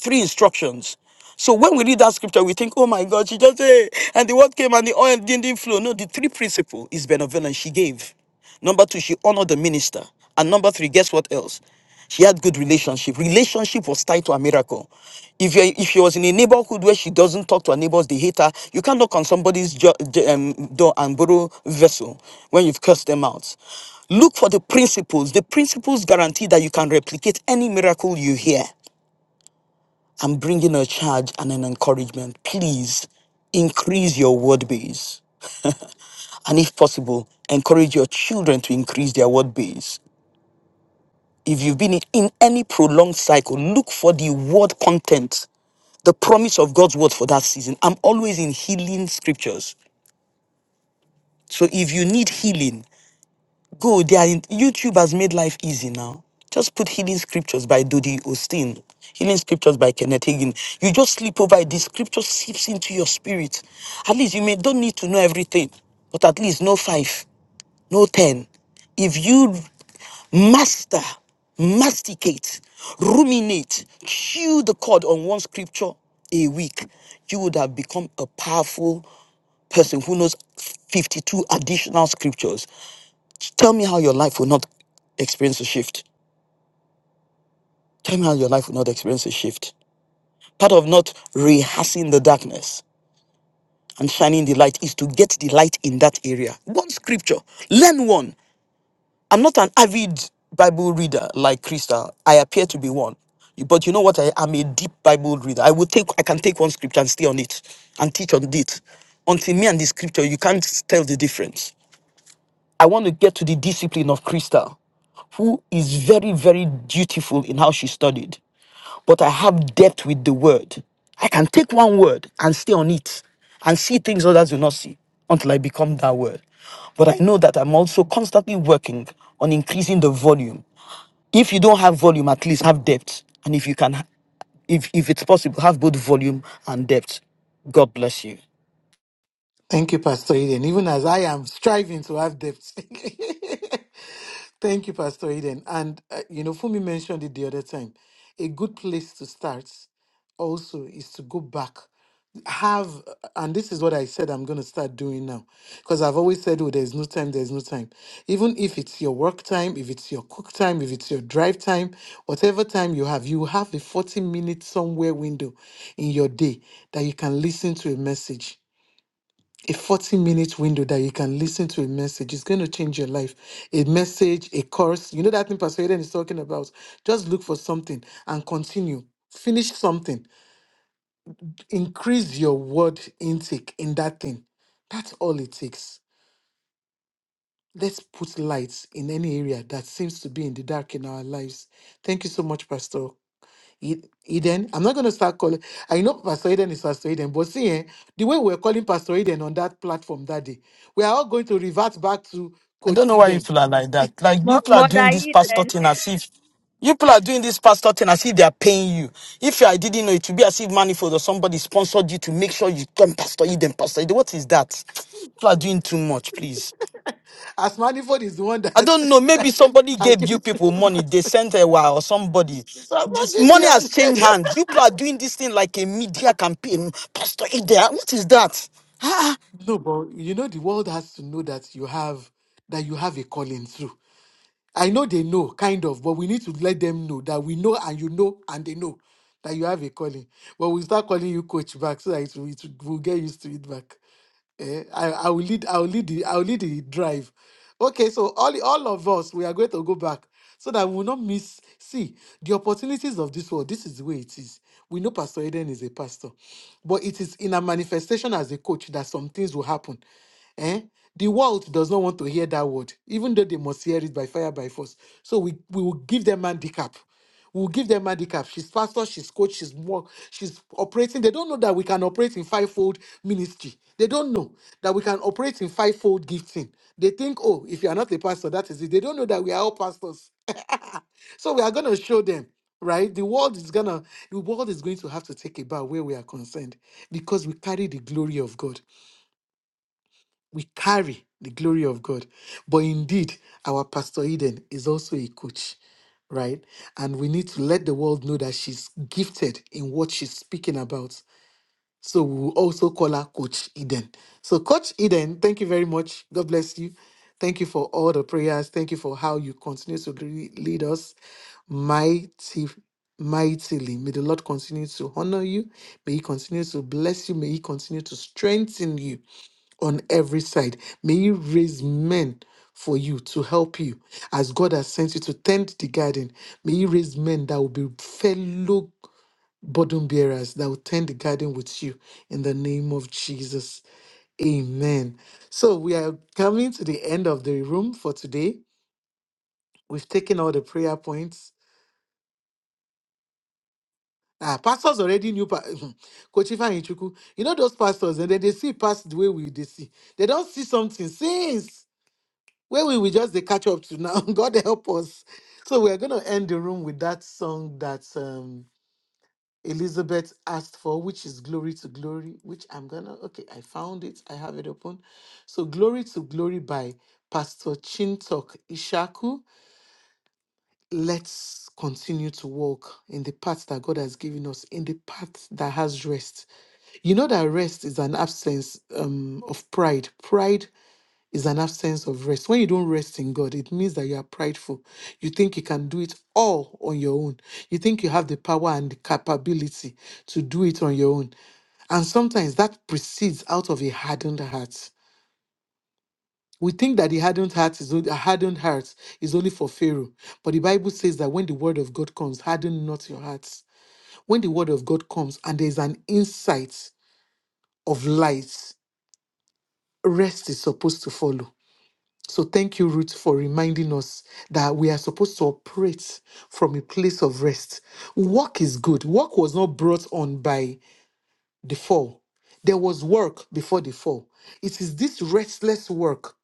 Three instructions. So when we read that scripture, we think, oh my God, she just said, and the word came and the oil didn't, didn't flow. No, the three principle is benevolence she gave. Number two, she honored the minister. And number three, guess what else? She had good relationship. Relationship was tied to a miracle. If you if she was in a neighborhood where she doesn't talk to her neighbors, they hate her. You can't knock on somebody's jo- j- um, door and borrow vessel when you've cursed them out. Look for the principles. The principles guarantee that you can replicate any miracle you hear. I'm bringing a charge and an encouragement. Please increase your word base. And if possible, encourage your children to increase their word base. If you've been in any prolonged cycle, look for the word content the promise of God's word for that season. I'm always in healing scriptures. So if you need healing, Go, they are in, YouTube has made life easy now. Just put Healing Scriptures by Dodi Osteen, Healing Scriptures by Kenneth Hagin. You just sleep over it. The scripture seeps into your spirit. At least you may don't need to know everything, but at least know five, know ten. If you master, masticate, ruminate, chew the cud on one scripture a week, you would have become a powerful person who knows 52 additional scriptures. Tell me how your life will not experience a shift. Tell me how your life will not experience a shift. Part of not rehearsing the darkness and shining the light is to get the light in that area. One scripture, learn one. I'm not an avid Bible reader like Krista. I appear to be one. But you know what? I am a deep Bible reader. I will take I can take one scripture and stay on it and teach on it. Until me and the scripture, you can't tell the difference I want to get to the discipline of Krista, who is very, very dutiful in how she studied. But I have depth with the word. I can take one word and stay on it and see things others do not see until I become that word. But I know that I'm also constantly working on increasing the volume. If you don't have volume, at least have depth. And if you can, if, if it's possible, have both volume and depth. God bless you. Thank you, Pastor Eden. Even as I am striving to have depth. Thank you, Pastor Eden. And, uh, you know, Fumi mentioned it the other time. A good place to start also is to go back. Have, and this is what I said I'm going to start doing now. Because I've always said, oh, there's no time, there's no time. Even if it's your work time, if it's your cook time, if it's your drive time, whatever time you have, you have a 40 minute somewhere window in your day that you can listen to a message a 40 minute window that you can listen to a message. It's going to change your life. A message, a course. You know that thing Pastor Eden is talking about. Just look for something and continue. Finish something. Increase your word intake in that thing. That's all it takes. Let's put lights in any area that seems to be in the dark in our lives. Thank you so much, Pastor Ed- Eden. I'm not going to start calling. I know Pastor Eden is Pastor Eden, but see, eh, the way we're calling Pastor Eden on that platform that day, we are all going to revert back to I Coach don't know why you Eden. people are like that. Like Mo- you people are Mother doing this pastor Eden, thing as if you people are doing this pastor thing as if they are paying you. If I didn't know, it would be as if manifold or somebody sponsored you to make sure you come pastor, you then pastor. What is that? People are doing too much, please. As Manifold is the one that, I don't know. Maybe that, somebody that gave gave you you people the money. verse. They sent a wire or somebody. It's Pastor This money has Gideon. changed hands. You people are doing this thing like a media campaign. Pastor Ida, what is that? Ah, ah, No, but you know the world has to know that you have that you have a calling through. I know they know, kind of, but we need to let them know that we know and you know and they know that you have a calling. But we'll start calling you coach back so that it will, it will get used to it back. Eh, I, I will lead. I will lead the. I will lead the drive. Okay, so all all of us, we are going to go back so that we will not miss. See the opportunities of this world. This is the way it is. We know Pastor Eden is a pastor, but it is in a manifestation as a coach that some things will happen. Eh? The world does not want to hear that word, even though they must hear it by fire by force. So we we will give them handicap. We'll give them handicap. She's pastor, she's coach, she's more. she's operating. They don't know that we can operate in fivefold ministry. They don't know that we can operate in fivefold gifting. They think, oh, if you are not a pastor, that is it. They don't know that we are all pastors. so we are gonna show them, right? The world is gonna, the world is going to have to take a bow where we are concerned because we carry the glory of God we carry the glory of God. But indeed, our Pastor Eden is also a coach, right? And we need to let the world know that she's gifted in what she's speaking about. So we will also call her Coach Eden. So, Coach Eden, thank you very much. God bless you. Thank you for all the prayers. Thank you for how you continue to le- lead us mighty, mightily. May the Lord continue to honor you. May He continue to bless you. May He continue to strengthen you on every side. May you raise men for you to help you as God has sent you to tend the garden. May you raise men that will be fellow burden bearers that will tend the garden with you in the name of Jesus. Amen. So we are coming to the end of the room for today. We've taken all the prayer points. Ah, pastors already knew pa- Coach Ifeanyichukwu. You know those pastors, and then they see past the way we they see. They don't see something since where we will just dey catch up to now. God help us. So we're gonna end the room with that song that um Elizabeth asked for, which is Glory to Glory, which I'm gonna okay, I found it, I have it open. So Glory to Glory by Pastor Chintok Ishaku. Let's continue to walk in the path that God has given us, in the path that has rest. You know that rest is an absence um, of pride. Pride is an absence of rest. When you don't rest in God, it means that you are prideful. You think you can do it all on your own. You think you have the power and the capability to do it on your own. And sometimes that proceeds out of a hardened heart. We think that the hardened heart is only, a hardened heart is only for Pharaoh, but the Bible says that when the word of God comes, harden not your hearts. When the word of God comes and there is an insight of light, rest is supposed to follow. So thank you, Ruth, for reminding us that we are supposed to operate from a place of rest. Work is good. Work was not brought on by the fall. There was work before the fall. It is this restless work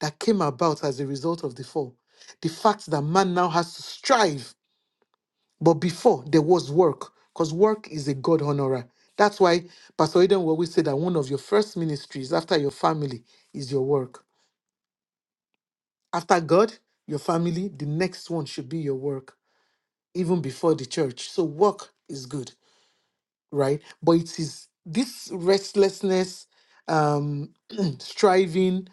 that came about as a result of the fall. The fact that man now has to strive, but before there was work, because work is a God honorer. That's why Pastor Eden will always say that one of your first ministries after your family is your work. After God, your family, the next one should be your work, even before the church. So work is good, right? But it is this restlessness, um, striving,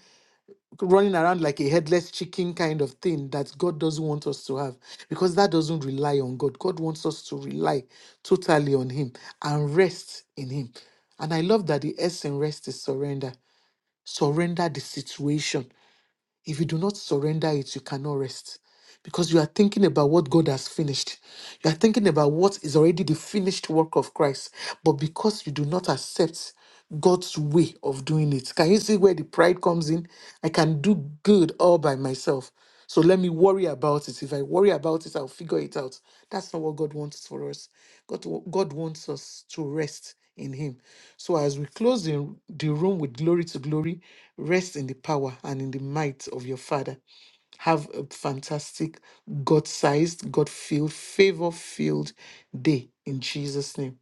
running around like a headless chicken kind of thing that God doesn't want us to have because that doesn't rely on God. God wants us to rely totally on Him and rest in Him. And I love that the S in rest is surrender. Surrender the situation if you do not surrender it, you cannot rest because you are thinking about what God has finished. You are thinking about what is already the finished work of Christ. But because you do not accept God's way of doing it, can you see where the pride comes in? I can do good all by myself. So let me worry about it. If I worry about it, I'll figure it out. That's not what God wants for us. God, wa- God wants us to rest in Him. So as we close the, the room with glory to glory, rest in the power and in the might of your Father. Have a fantastic, God sized, God filled, favor filled day in Jesus' name.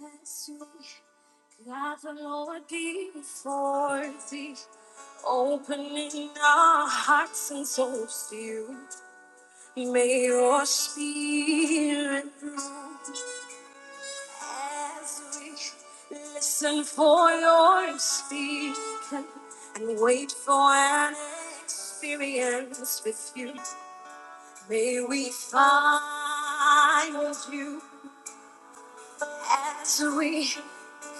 Bless me. God, the Lord be before thee, opening our hearts and souls to you. May your spirit move as we listen for your speaking and wait for an experience with you. May we find you As we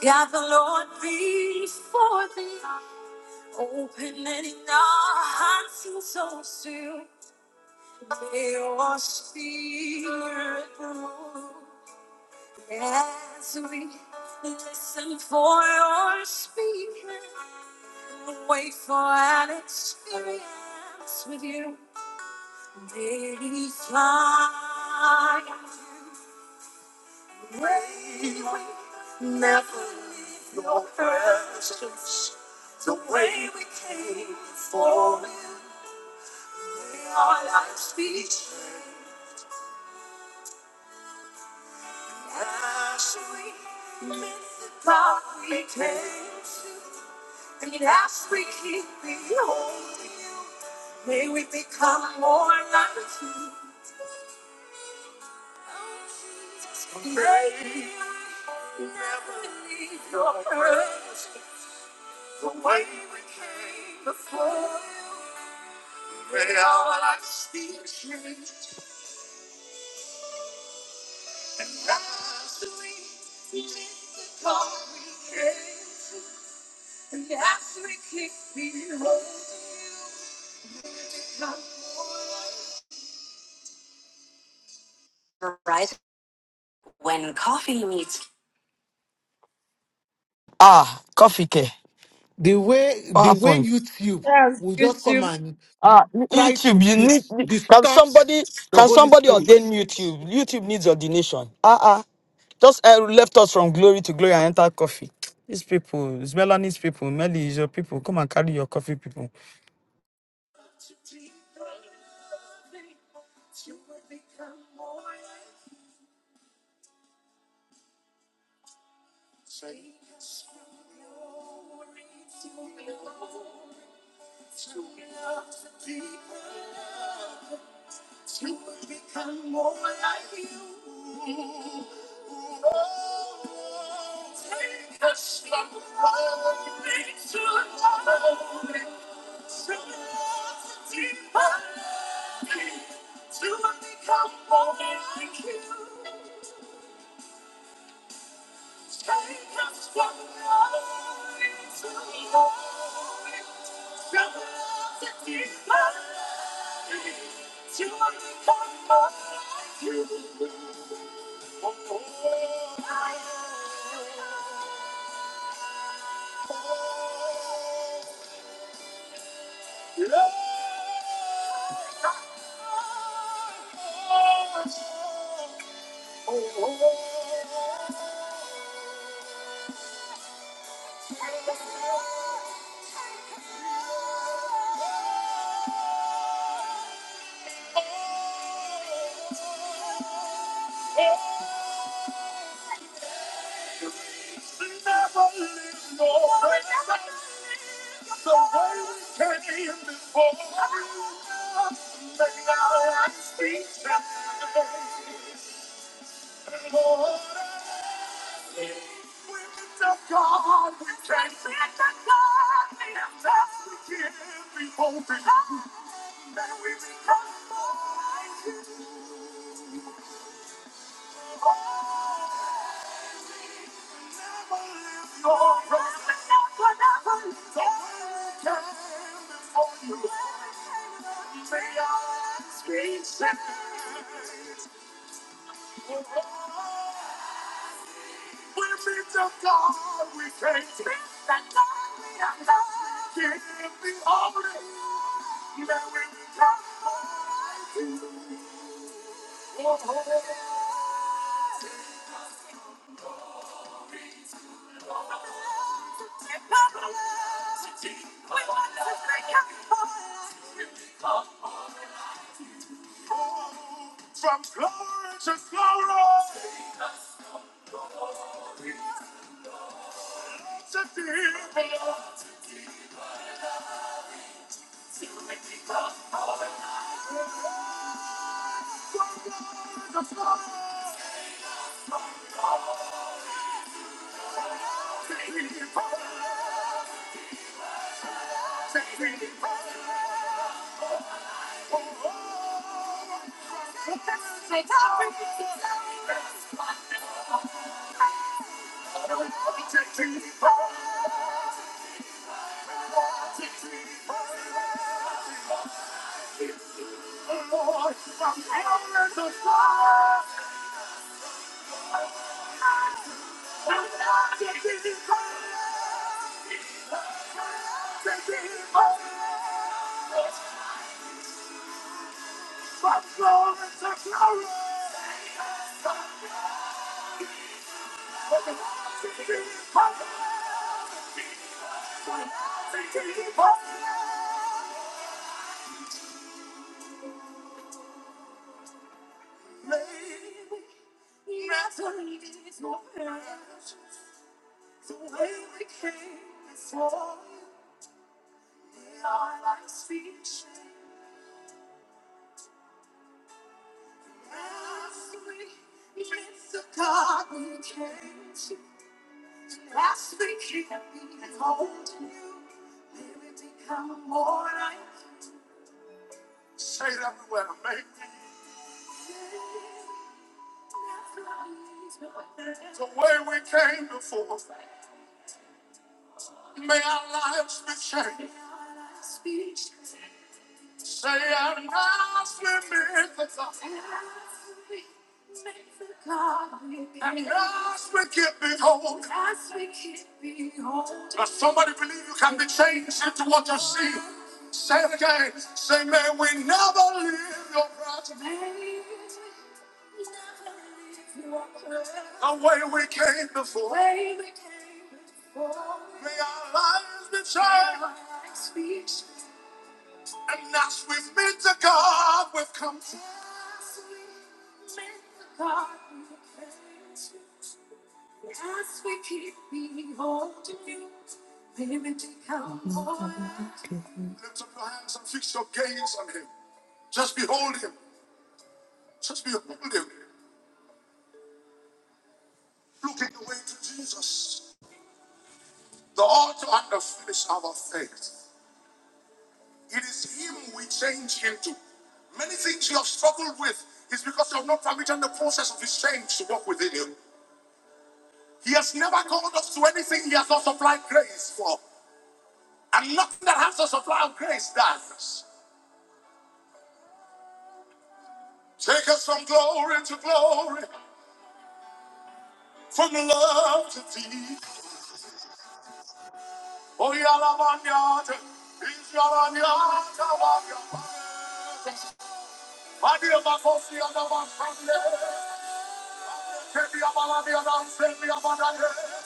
got the Lord before thee, opening our hearts and souls to your spirit. move. As we listen for your speaking, wait for an experience with you. Daily fly. way we never leave your presence. The way we came for in our life speech. As we meet the God we came to, and as we keep beholding you, may we become more like you. May we never leave your presence. The way we came before you, may our lives be changed. And as we leave the dark, we came. and as we keep beholding you, come Right when coffee meets ah, coffee care. The way What the happened? way YouTube Yes. will just come and Ah, try YouTube, to you need dis- can distort somebody the can Holy somebody Spirit. ordain YouTube? YouTube needs ordination. Ah ah. Just uh, left us from glory to glory and enter coffee. These people, it's Melanie's people, Melly is your people. Come and carry your coffee, people. to be loving, you would become more like Take us From glory to glory, to love the people, love, you would become more like you. Oh, take us from glory to glory, to love the people. To become more like you. Take us from glory to glory. From love to divine. To become more like you. Oh, Never live the way we came before. Make our lives be changed. we lift up God, we can't see We have to give, we hope in you. May we be transformed by you. We're made of God. We can't stand that. Give me all of you, and we'll come back to you. From glory to glory to people, to glory to people, to people. Take people, Thank you. The way we came before you, we are like speech As we lift the God we came to, as we keep holding you, may we become more like you. Say it everywhere, baby. the way we came before, may our lives be changed. Say I'm not swimming for God. I'm not get behold. But somebody believe you can be changed into what you see. Say it again. Say, may we never leave your presence the way we came before. May our lives be changed. And as we've met the God we've come to. God. as we keep beholding, you, payment to come for us. Lift up your hands and fix your gaze on Him. Just behold Him. Just behold Him. Looking away to Jesus, the author and the finish of our faith. It is Him we change into. Many things you have struggled with is because you have not permitted the process of His change to work within you. He has never called us to anything He has not supplied grace for. And nothing that has the supply of grace does. Take us from glory to glory, from love to thee. Oh, Yalamanyata, is Yalanyata, Wanya. Madia Bakosi, Yalaman, Sunday. Kedia Baladi, Yalaman, Sunday, Yalaman, Sunday.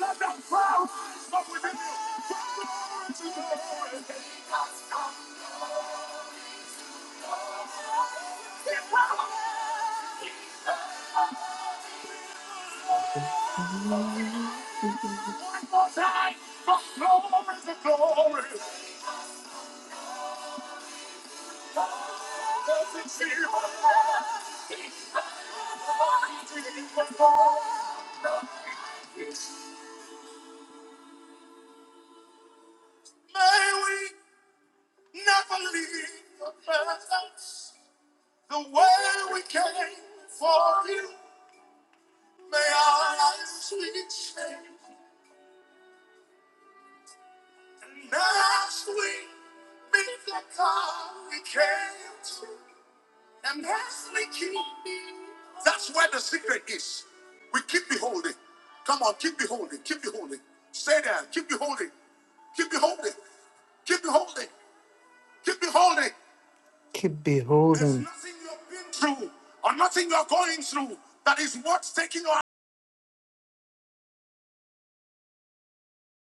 Let that crowd stop within you. From glory to glory. May we never leave the presence the way we came for you. May our lives be changed. And as we meet the God we came to, And lastly, keep. That's where the secret is. We keep beholding. Come on, keep beholding, keep beholding. Stay there, keep beholding, keep beholding, keep beholding, keep beholding. Keep There's beholding. There's nothing you've been through or nothing you're going through that is worth taking your